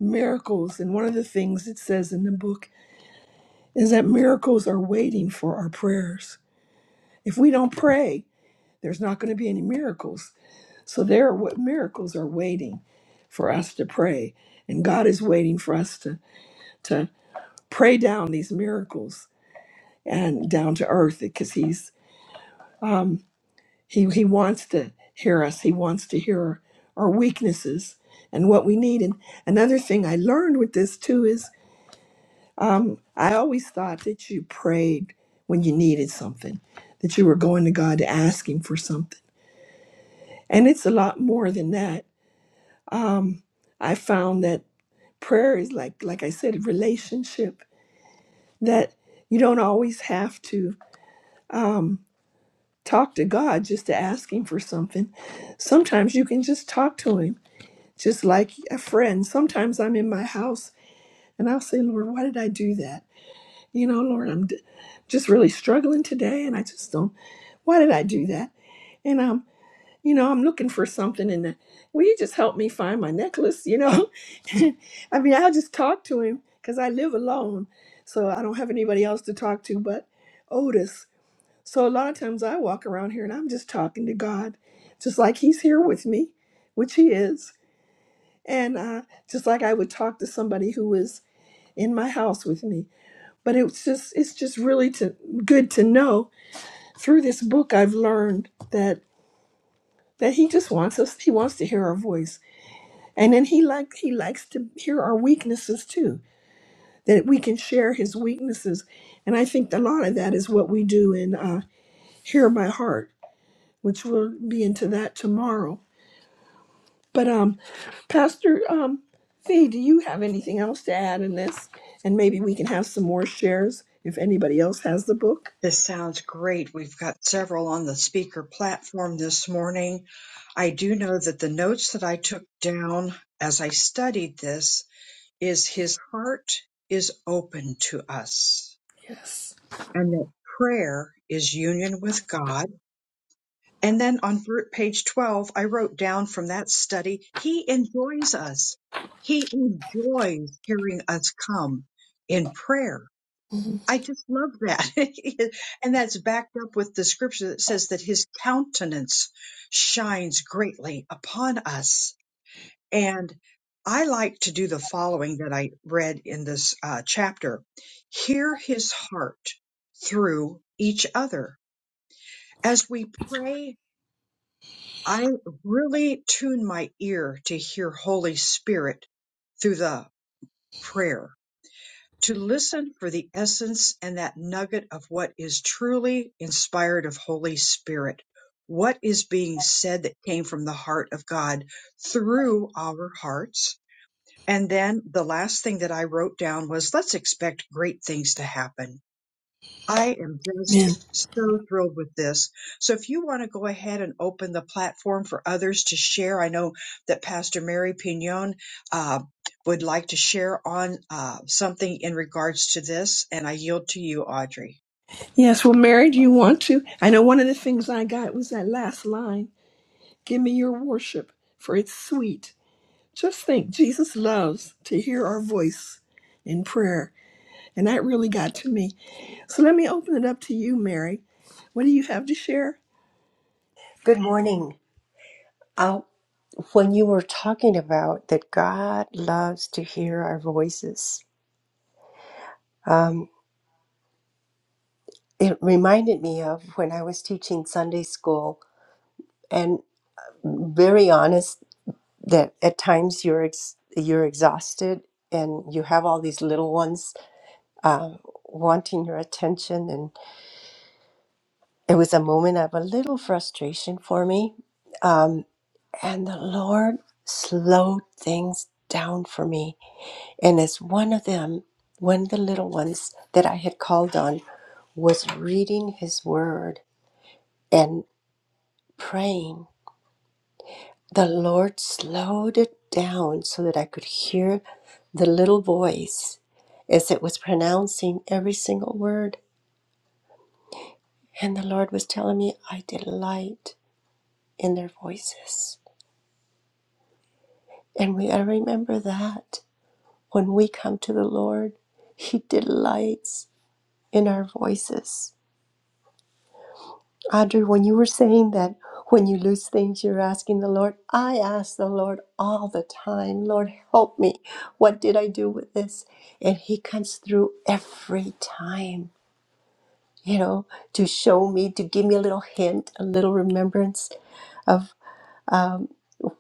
Speaker 8: miracles, and one of the things it says in the book is that miracles are waiting for our prayers. If we don't pray, there's not going to be any miracles. So there are what miracles are waiting for us to pray. And God is waiting for us to, to pray down these miracles and down to earth because He's um He He wants to hear us. He wants to hear our, our weaknesses and what we need. And another thing I learned with this too is um I always thought that you prayed when you needed something, that you were going to God to ask Him for something. And it's a lot more than that. Um, I found that prayer is like like i said a relationship that you don't always have to um talk to god just to ask him for something sometimes you can just talk to him just like a friend sometimes i'm in my house and i'll say lord why did i do that you know lord i'm d- just really struggling today and i just don't why did i do that And um, you know, I'm looking for something and uh, will you just help me find my necklace, you know? [laughs] I mean, I'll just talk to him because I live alone. So I don't have anybody else to talk to but Otis. So a lot of times I walk around here and I'm just talking to God, just like he's here with me, which he is. And uh, just like I would talk to somebody who is in my house with me. But it's just it's just really to, good to know through this book I've learned that that he just wants us he wants to hear our voice And then he like he likes to hear our weaknesses too, that we can share his weaknesses. And I think a lot of that is what we do in uh, "Hear My Heart," which we'll be into that tomorrow. But um, Pastor um, Fee, do you have anything else to add in this? And maybe we can have some more shares if anybody else has the book.
Speaker 3: This sounds great. We've got several on the speaker platform this morning. I do know that the notes that I took down as I studied this is his heart is open to us
Speaker 8: Yes.
Speaker 3: and that prayer is union with God. And then on ver- page 12, I wrote down from that study, He enjoys us. He enjoys hearing us come in prayer.
Speaker 8: Amen.
Speaker 3: I just love that. [laughs] and that's backed up with the scripture that says that His countenance shines greatly upon us. And I like to do the following that I read in this uh, chapter. Hear his heart through each other as we pray, I really tune my ear to hear Holy Spirit through the prayer, to listen for the essence and that nugget of what is truly inspired of Holy Spirit. What is being said that came from the heart of God through our hearts? And then the last thing that I wrote down was let's expect great things to happen I am just so thrilled with this. So if you want to go ahead and open the platform for others to share, I know that Pastor Mary Pignon uh, would like to share on uh, something in regards to this, and I yield to you, Audrey.
Speaker 8: Yes. Well, Mary, do you want to? I know one of the things I got was that last line: "Give me your worship, for it's sweet." Just think, Jesus loves to hear our voice in prayer. And that really got to me. So let me open it up to you, Mary. What do you have to share?
Speaker 11: Good morning. Uh, when you were talking about that God loves to hear our voices, um, it reminded me of when I was teaching Sunday school, and very honest that at times you're ex- you're exhausted and you have all these little ones uh, wanting your attention, and it was a moment of a little frustration for me, um, and the Lord slowed things down for me And as one of them, one of the little ones that I had called on was reading his word and praying, the Lord slowed it down so that I could hear the little voice as it was pronouncing every single word. And the Lord was telling me, I delight in their voices. And we gotta remember that when we come to the Lord, He delights in our voices Audrey, when you were saying that when you lose things, you're asking the Lord, I ask the Lord all the time, Lord, help me. What did I do with this? And He comes through every time, you know, to show me, to give me a little hint, a little remembrance of um,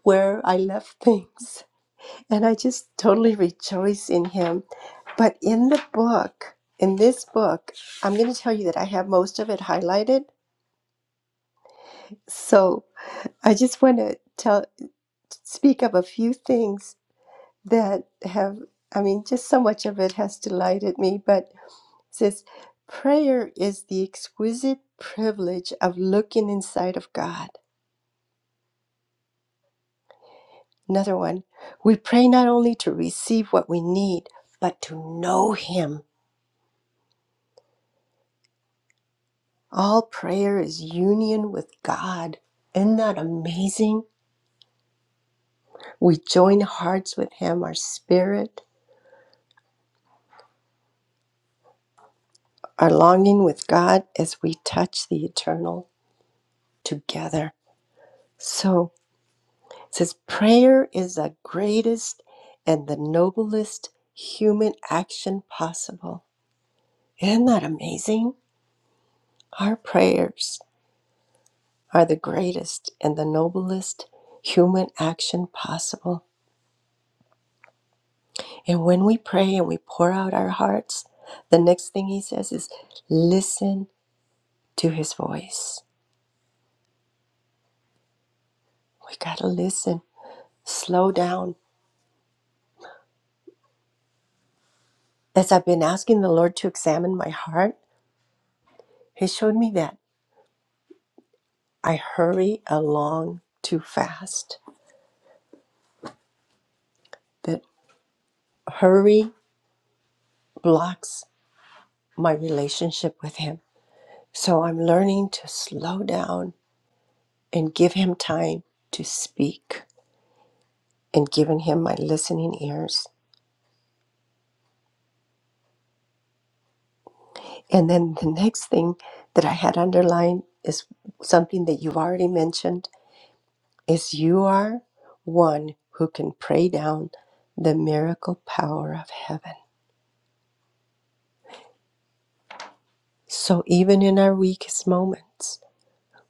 Speaker 11: where I left [laughs] things. And I just totally rejoice in Him. But in the book, in this book, I'm going to tell you that I have most of it highlighted. So, I just want to tell, speak of a few things that have, I mean, just so much of it has delighted me. But it says, prayer is the exquisite privilege of looking inside of God. Another one, we pray not only to receive what we need, but to know Him. All prayer is union with God. Isn't that amazing? We join hearts with Him, our spirit, our longing with God as we touch the eternal. together. So it says prayer is the greatest and the noblest human action possible. Isn't that amazing? Our prayers are the greatest and the noblest human action possible. And when we pray and we pour out our hearts, the next thing he says is listen to his voice. We got to listen, slow down. As I've been asking the Lord to examine my heart, he showed me that I hurry along too fast. That hurry blocks my relationship with Him. So I'm learning to slow down and give Him time to speak and giving Him my listening ears. And then the next thing that I had underlined is something that you've already mentioned is you are one who can pray down the miracle power of heaven. So even in our weakest moments,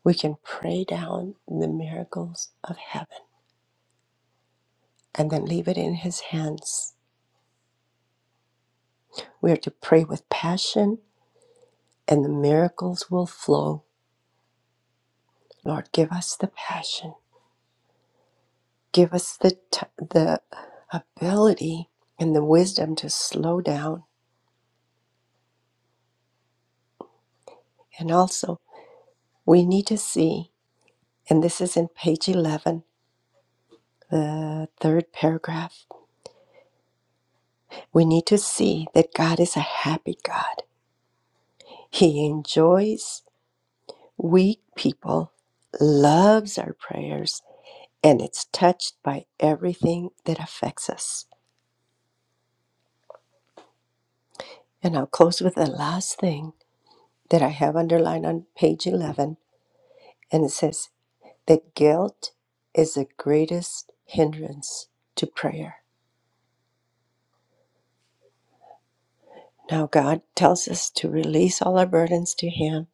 Speaker 11: We can pray down the miracles of heaven and then leave it in His hands. We are to pray with passion, and the miracles will flow. Lord, give us the passion, give us the t- the ability and the wisdom to slow down, and also we need to see. And this is in page eleven, the third paragraph. We need to see that God is a happy God. He enjoys Weak people loves our prayers and it's touched by everything that affects us. And I'll close with the last thing that I have underlined on page 11 and it says that guilt is the greatest hindrance to prayer. Now God tells us to release all our burdens to him,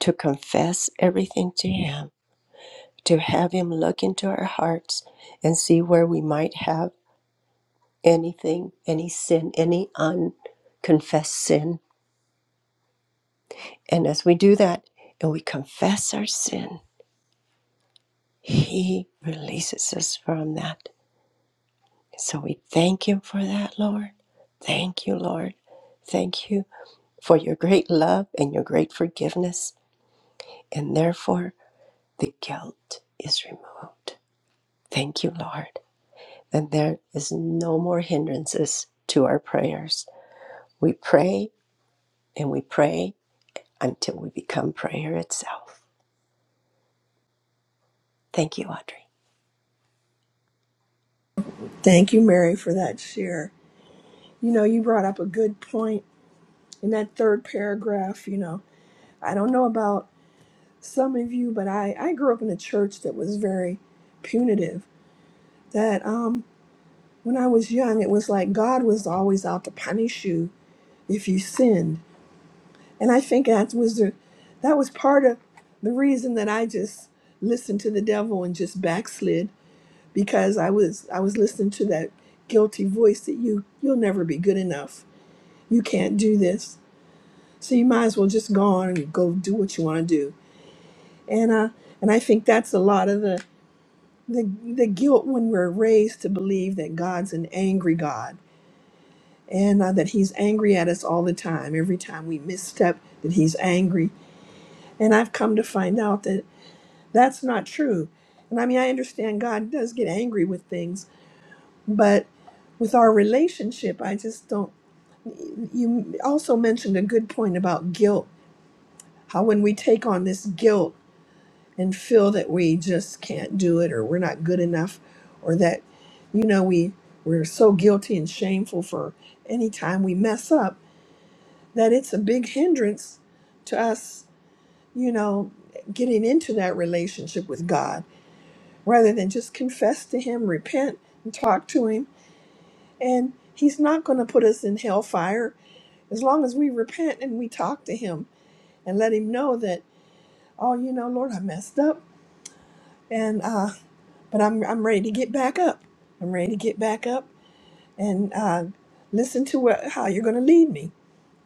Speaker 11: to confess everything to him, to have him look into our hearts and see where we might have anything, any sin, any unconfessed sin. And as we do that and we confess our sin, He releases us from that. So we thank Him for that, Lord. Thank you, Lord. Thank you for your great love and your great forgiveness. And therefore, the guilt is removed. Thank you, Lord. And there is no more hindrances to our prayers. We pray and we pray until we become prayer itself. Thank you, Audrey.
Speaker 8: Thank you, Mary, for that share. You know, you brought up a good point in that third paragraph. You know, I don't know about some of you, but I, I grew up in a church that was very punitive. That um, when I was young, it was like God was always out to punish you if you sinned And I think that was the, that was part of the reason that I just listened to the devil and just backslid because I was I was listening to that guilty voice that you you'll never be good enough. You can't do this. So you might as well just go on and go do what you want to do. And uh and I think that's a lot of the the, the guilt when we're raised to believe that God's an angry God and uh, that he's angry at us all the time every time we misstep that he's angry and I've come to find out that That's not true. And I mean, I understand God does get angry with things, but with our relationship, I just don't. You also mentioned a good point about guilt, how when we take on this guilt and feel that we just can't do it or we're not good enough or that, you know, we, we're so guilty and shameful for any time we mess up that it's a big hindrance to us, you know, getting into that relationship with God rather than just confess to him, repent, and talk to him. And he's not going to put us in hellfire as long as we repent and we talk to him and let him know that, oh, you know, Lord, I messed up, and uh, but I'm I'm ready to get back up. I'm ready to get back up and uh, listen to what, how you're going to lead me,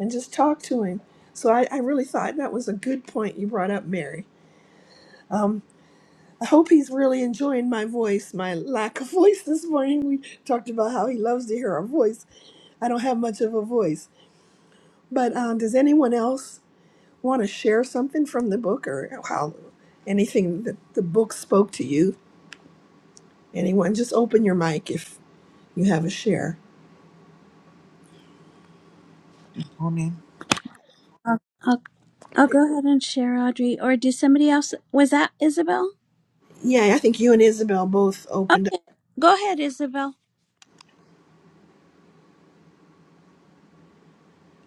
Speaker 8: and just talk to him. So I, I really thought that was a good point you brought up, Mary. Um, I hope he's really enjoying my voice, my lack of [laughs] voice this morning. We talked about how he loves to hear our voice. I don't have much of a voice. But um, does anyone else want to share something from the book or how anything that the book spoke to you? Anyone, just open your mic if you have a share.
Speaker 12: Morning.
Speaker 4: I'll, I'll, I'll go ahead and share, Audrey. Or did somebody else? Was that Isabel?
Speaker 8: Yeah, I think you and Isabel both
Speaker 4: Oh,
Speaker 8: opened up.
Speaker 4: go ahead, Isabel.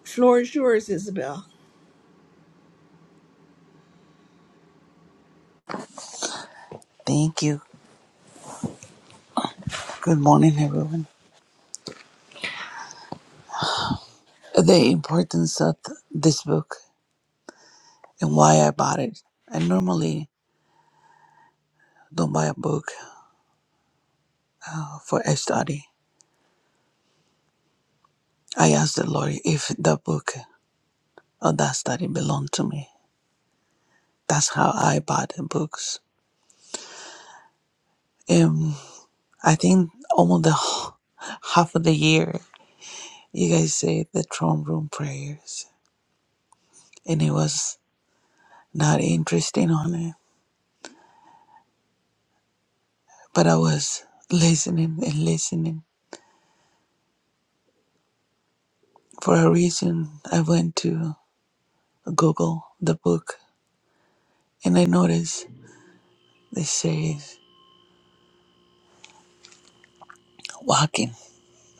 Speaker 8: Floor is yours, Isabel.
Speaker 12: Thank you. Good morning, everyone. The importance of th- this book and why I bought it. I normally don't buy a book for a study. I asked the Lord if the book or that study belonged to me. That's how I bought the books. And I think almost the [laughs] wh- half of the year, you guys said the throne room prayers, and it was not interesting on it, but I was listening and listening for a reason, I went to Google the book and I noticed they say walking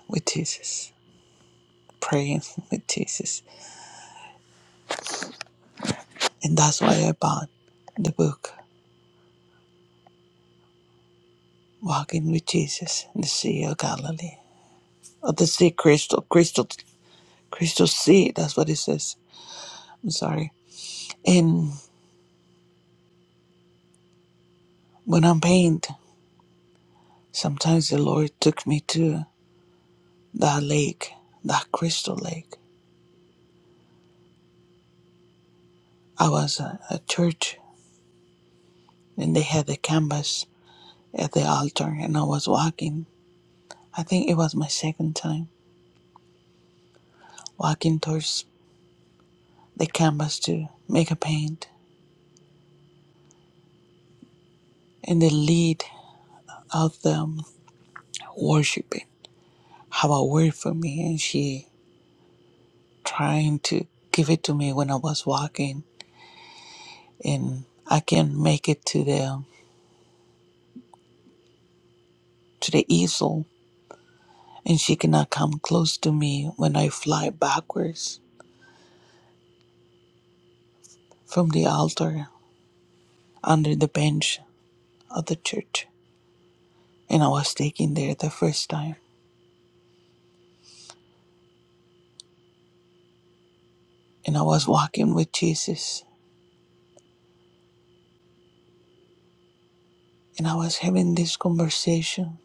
Speaker 12: with Jesus, praying with Jesus. And that's why I bought the book, Walking with Jesus in the Sea of Galilee. Or the sea crystal, crystal, crystal sea, that's what it says. I'm sorry. And when I'm pained, sometimes the Lord took me to that lake, that crystal lake. I was at a church and they had a canvas at the altar and I was walking. I think it was my second time walking towards the canvas to make a paint. And the lead of them worshiping have a word for me and she trying to give it to me when I was walking and I can make it to the to the easel and she cannot come close to me when I fly backwards from the altar under the bench of the church. And I was taken there the first time and I was walking with Jesus and I was having this conversation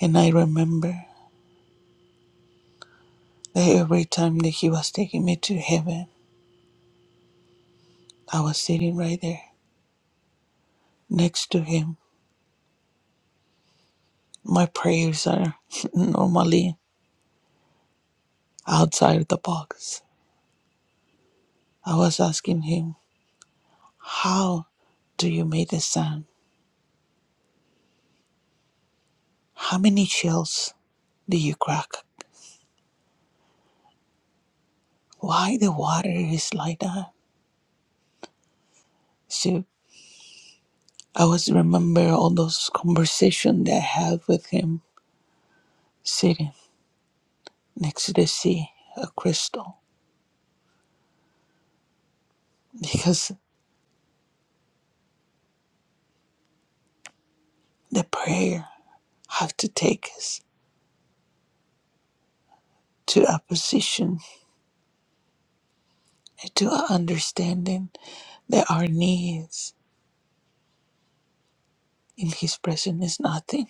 Speaker 12: and I remember that every time that he was taking me to heaven, I was sitting right there next to him. My prayers are [laughs] normally outside the box. I was asking him, How do you make the sand? How many shells do you crack? Why the water is like that? So I was remember all those conversations that I had with him sitting. next to the sea, a crystal, because the prayer have to take us to a position, to a understanding that our needs in His presence is nothing,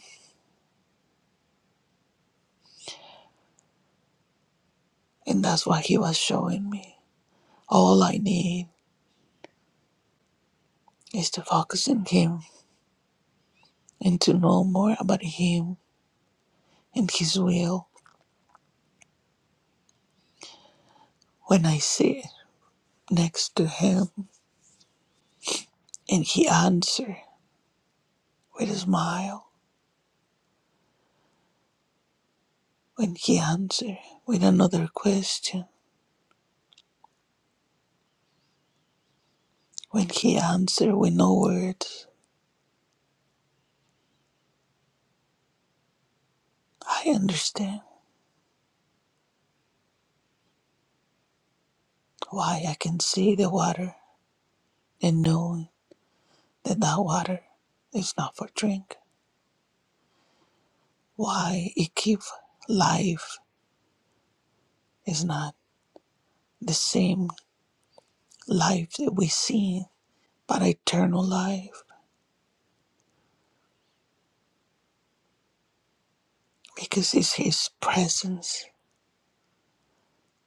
Speaker 12: and that's what He was showing me. All I need is to focus on Him and to know more about Him and His will. When I sit next to Him, and He answer with a smile, when He answer with another question When he answered with no words, I understand why I can see the water and know that that water is not for drink. Why it gives life is not the same life that we see, but eternal life, because it's His presence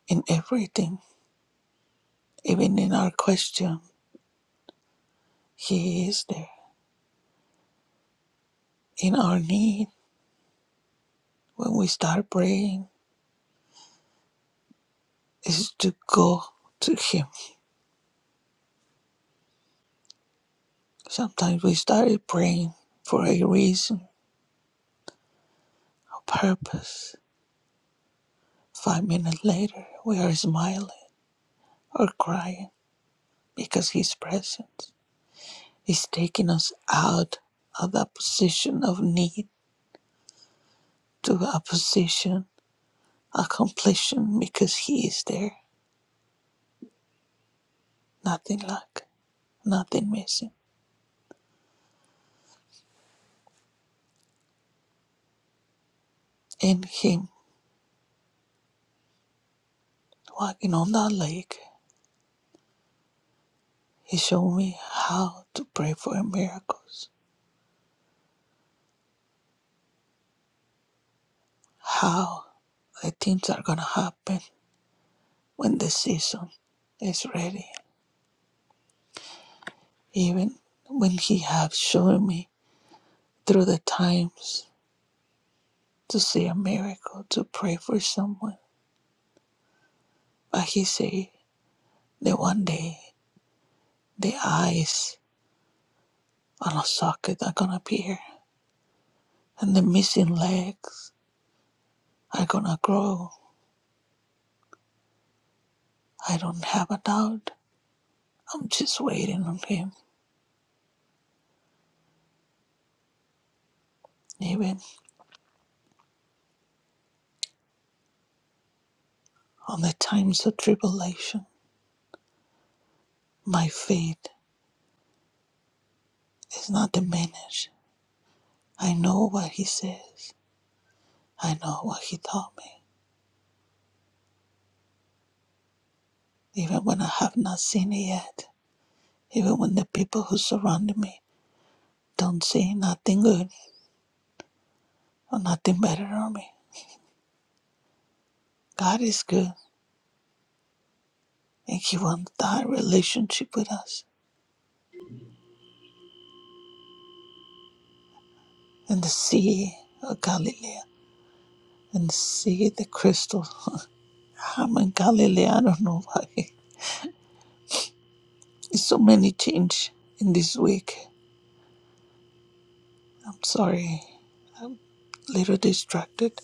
Speaker 12: in everything, even in our question. He is there in our need when we start praying. Is to go to Him Sometimes we started praying for a reason, a purpose. Five minutes later, we are smiling or crying because His presence is taking us out of that position of need to a position of completion because He is there. Nothing lack, nothing missing. In Him walking on that lake, He showed me how to pray for miracles, how the things are going to happen when the season is ready. Even when He has shown me through the times to see a miracle, to pray for someone. But He said that one day the eyes on a socket are gonna appear and the missing legs are gonna grow. I don't have a doubt. I'm just waiting on Him. Even on the times of tribulation, my faith is not diminished. I know what He says. I know what He taught me. even when I have not seen it yet, even when the people who surround me don't see nothing good or nothing better on me. God is good, and He wants that relationship with us. And the Sea of Galilee, and the Sea, the crystal. I'm in Galilee, I don't know why. [laughs] There's so many change in this week. I'm sorry, little distracted.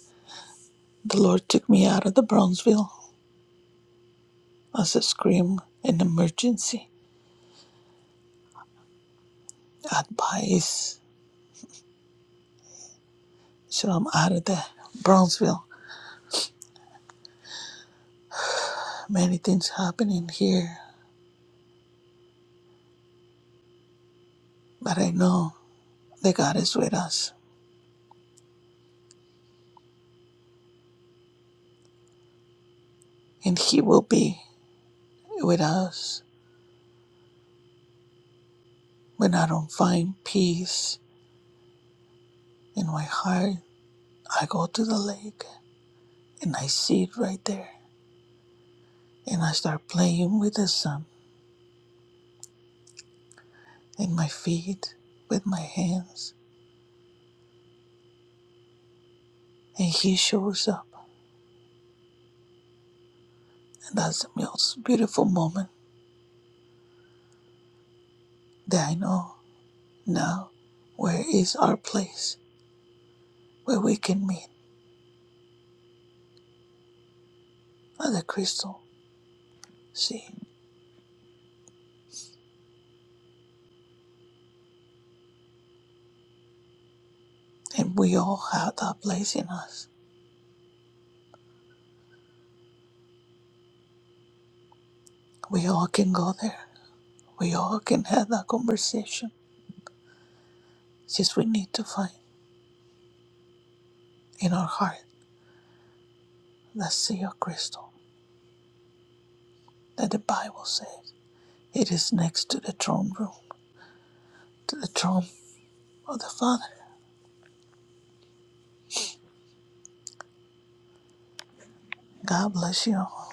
Speaker 12: The Lord took me out of the Brownsville as a scream, an emergency advice So I'm out of the Brownsville. Many things happening here, but I know that God is with us and He will be with us. When I don't find peace in my heart, I go to the lake and I see it right there. And I start playing with the sun in my feet, with my hands, and He shows up. And that's the most beautiful moment that I know now where is our place where we can meet at the crystal See, and we all have that place in us. We all can go there. We all can have that conversation. It's just we need to find in our heart that sea of crystal that the Bible says it is next to the throne room, to the throne of the Father. God bless you. all.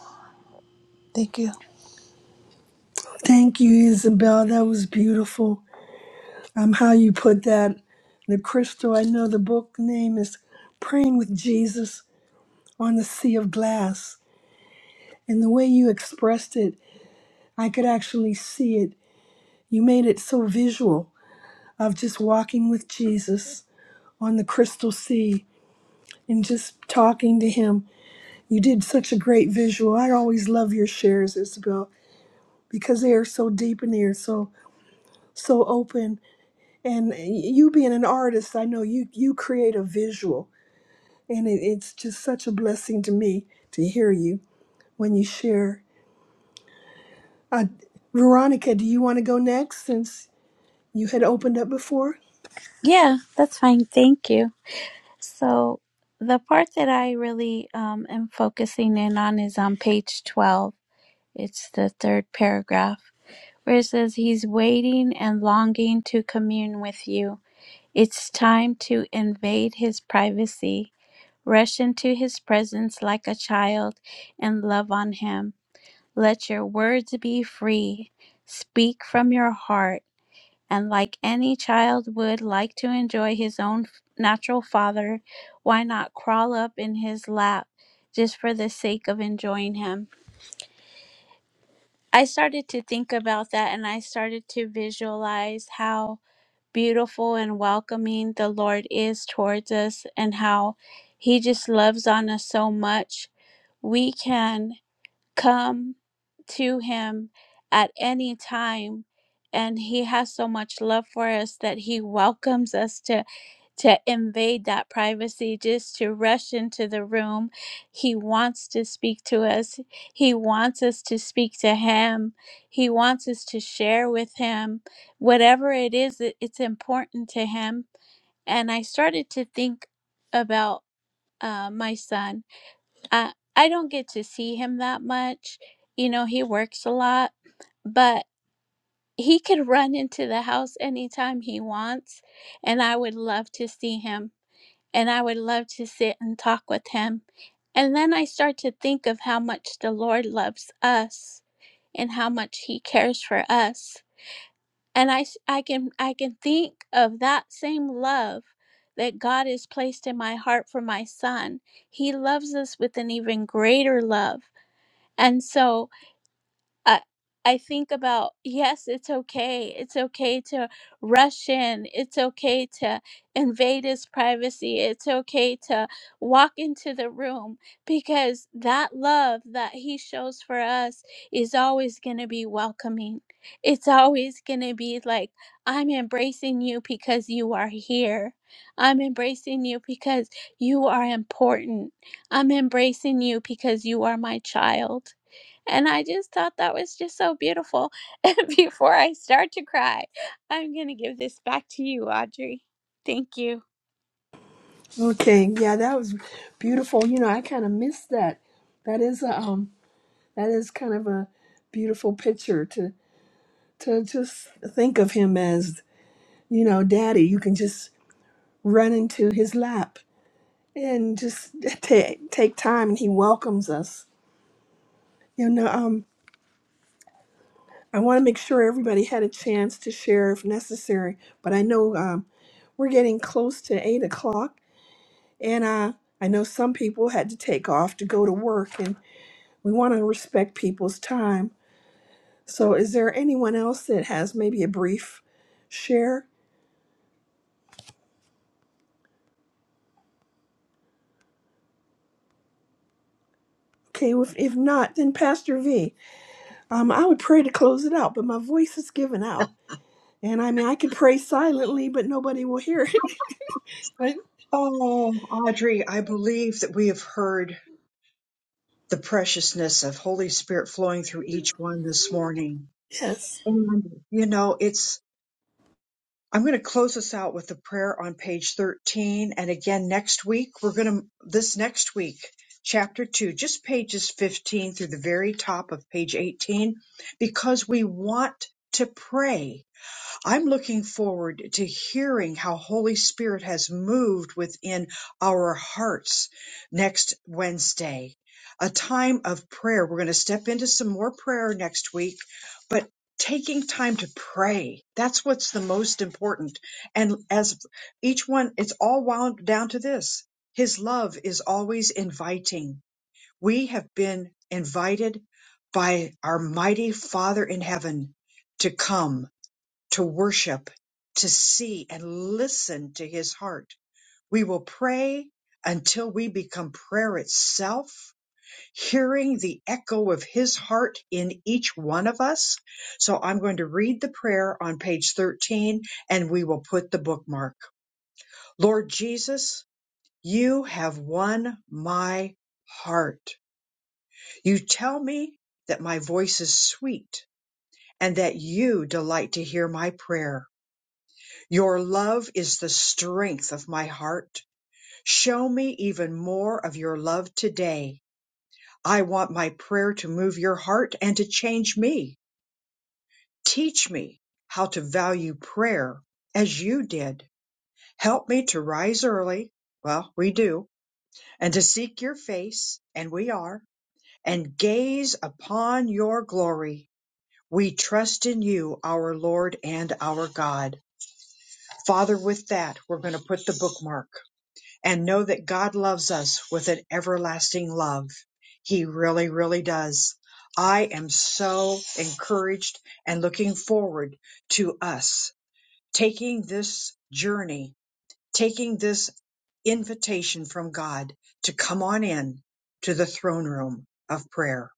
Speaker 12: Thank you.
Speaker 8: Thank you, Isabel. That was beautiful. Um, how you put that, the crystal. I know the book name is Praying with Jesus. on the sea of glass. And the way you expressed it, I could actually see it. You made it so visual of just walking with Jesus on the crystal sea and just talking to him. You did such a great visual. I always love your shares, Isabel, because they are so deep and they are so so open. And you being an artist, I know you you create a visual, and it, it's just such a blessing to me to hear you when you share. Uh, Veronica, do you want to go next since you had opened up before?
Speaker 4: Yeah, that's fine. Thank you. So, the part that I really um, am focusing in on is on page 12. It's the third paragraph where it says, He's waiting and longing to commune with you. It's time to invade his privacy. Rush into his presence like a child and love on him. Let your words be free. Speak from your heart. And like any child would like to enjoy his own f- natural father, why not crawl up in his lap just for the sake of enjoying him? I started to think about that and I started to visualize how beautiful and welcoming the Lord is towards us and how He just loves on us so much. We can come to Him at any time, and He has so much love for us that He welcomes us to to invade that privacy, just to rush into the room. He wants to speak to us. He wants us to speak to Him. He wants us to share with Him whatever it is that it's important to Him. And I started to think about uh, my son. I, I don't get to see him that much. You know, he works a lot, but he could run into the house anytime he wants. And I would love to see him and I would love to sit and talk with him. And then I start to think of how much the Lord loves us and how much he cares for us. And I, s- I can I can think of that same love that God has placed in my heart for my son. He loves us with an even greater love. And so I I think about yes, it's okay. It's okay to rush in. It's okay to invade his privacy. It's okay to walk into the room because that love that he shows for us is always going to be welcoming. It's always going to be like I'm embracing you because you are here. I'm embracing you because you are important. I'm embracing you because you are my child. And I just thought that was just so beautiful. [laughs] And before I start to cry, I'm going to give this back to you, Audrey. Thank you.
Speaker 8: Okay, yeah, that was beautiful. You know, I kind of missed that. That is a um, that is kind of a beautiful picture to to just think of him as you know, daddy. You can just run into his lap and just [laughs] take take time, and he welcomes us. You know, um, I want to make sure everybody had a chance to share if necessary, but I know um, we're getting close to eight o'clock. And uh, I know some people had to take off to go to work, and we want to respect people's time. So, is there anyone else that has maybe a brief share? Okay, if, if not, then Pastor V. Um, I would pray to close it out, but my voice is giving out. And I mean, I could pray silently, but nobody will hear it. [laughs] But
Speaker 3: Oh, Audrey, I believe that we have heard the preciousness of Holy Spirit flowing through each one this morning.
Speaker 8: Yes.
Speaker 3: And, you know, it's. I'm going to close us out with a prayer on page 13. And again, next week, we're going to, this next week, chapter 2, just pages 15 through the very top of page 18, because we want to pray I'm looking forward to hearing how Holy Spirit has moved within our hearts next Wednesday. A time of prayer. We're going to step into some more prayer next week, but taking time to pray. That's what's the most important. And as each one, it's all wound down to this. His love is always inviting. We have been invited by our mighty Father in heaven to come to worship, to see and listen to his heart. We will pray until we become prayer itself, hearing the echo of his heart in each one of us. So I'm going to read the prayer on page 13 and we will put the bookmark. Lord Jesus, you have won my heart. You tell me that my voice is sweet and that you delight to hear my prayer. Your love is the strength of my heart. Show me even more of your love today. I want my prayer to move your heart and to change me. Teach me how to value prayer as you did. Help me to rise early. Well, we do. And to seek your face, and we are, and gaze upon your glory. We trust in you, our Lord and our God. Father, with that, we're going to put the bookmark and know that God loves us with an everlasting love. He really, really does. I am so encouraged and looking forward to us taking this journey, taking this invitation from God to come on in to the throne room of prayer.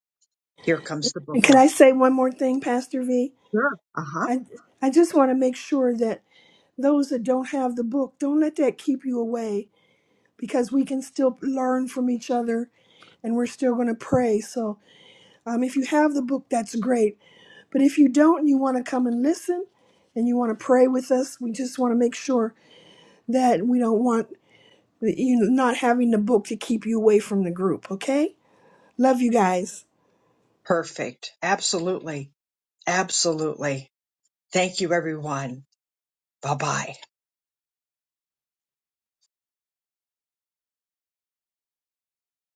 Speaker 3: Here comes the
Speaker 8: And can
Speaker 3: bookmark.
Speaker 8: I say one more thing, Pastor V?
Speaker 3: Sure. Uh huh.
Speaker 8: I I just want to make sure that those that don't have the book, don't let that keep you away because we can still learn from each other and we're still going to pray. So, um, if you have the book, that's great. But if you don't, and you want to come and listen and you want to pray with us, we just want to make sure that we don't want you not having the book to keep you away from the group, okay? Love you guys.
Speaker 3: Perfect. Absolutely. Absolutely. Thank you, everyone. Bye bye.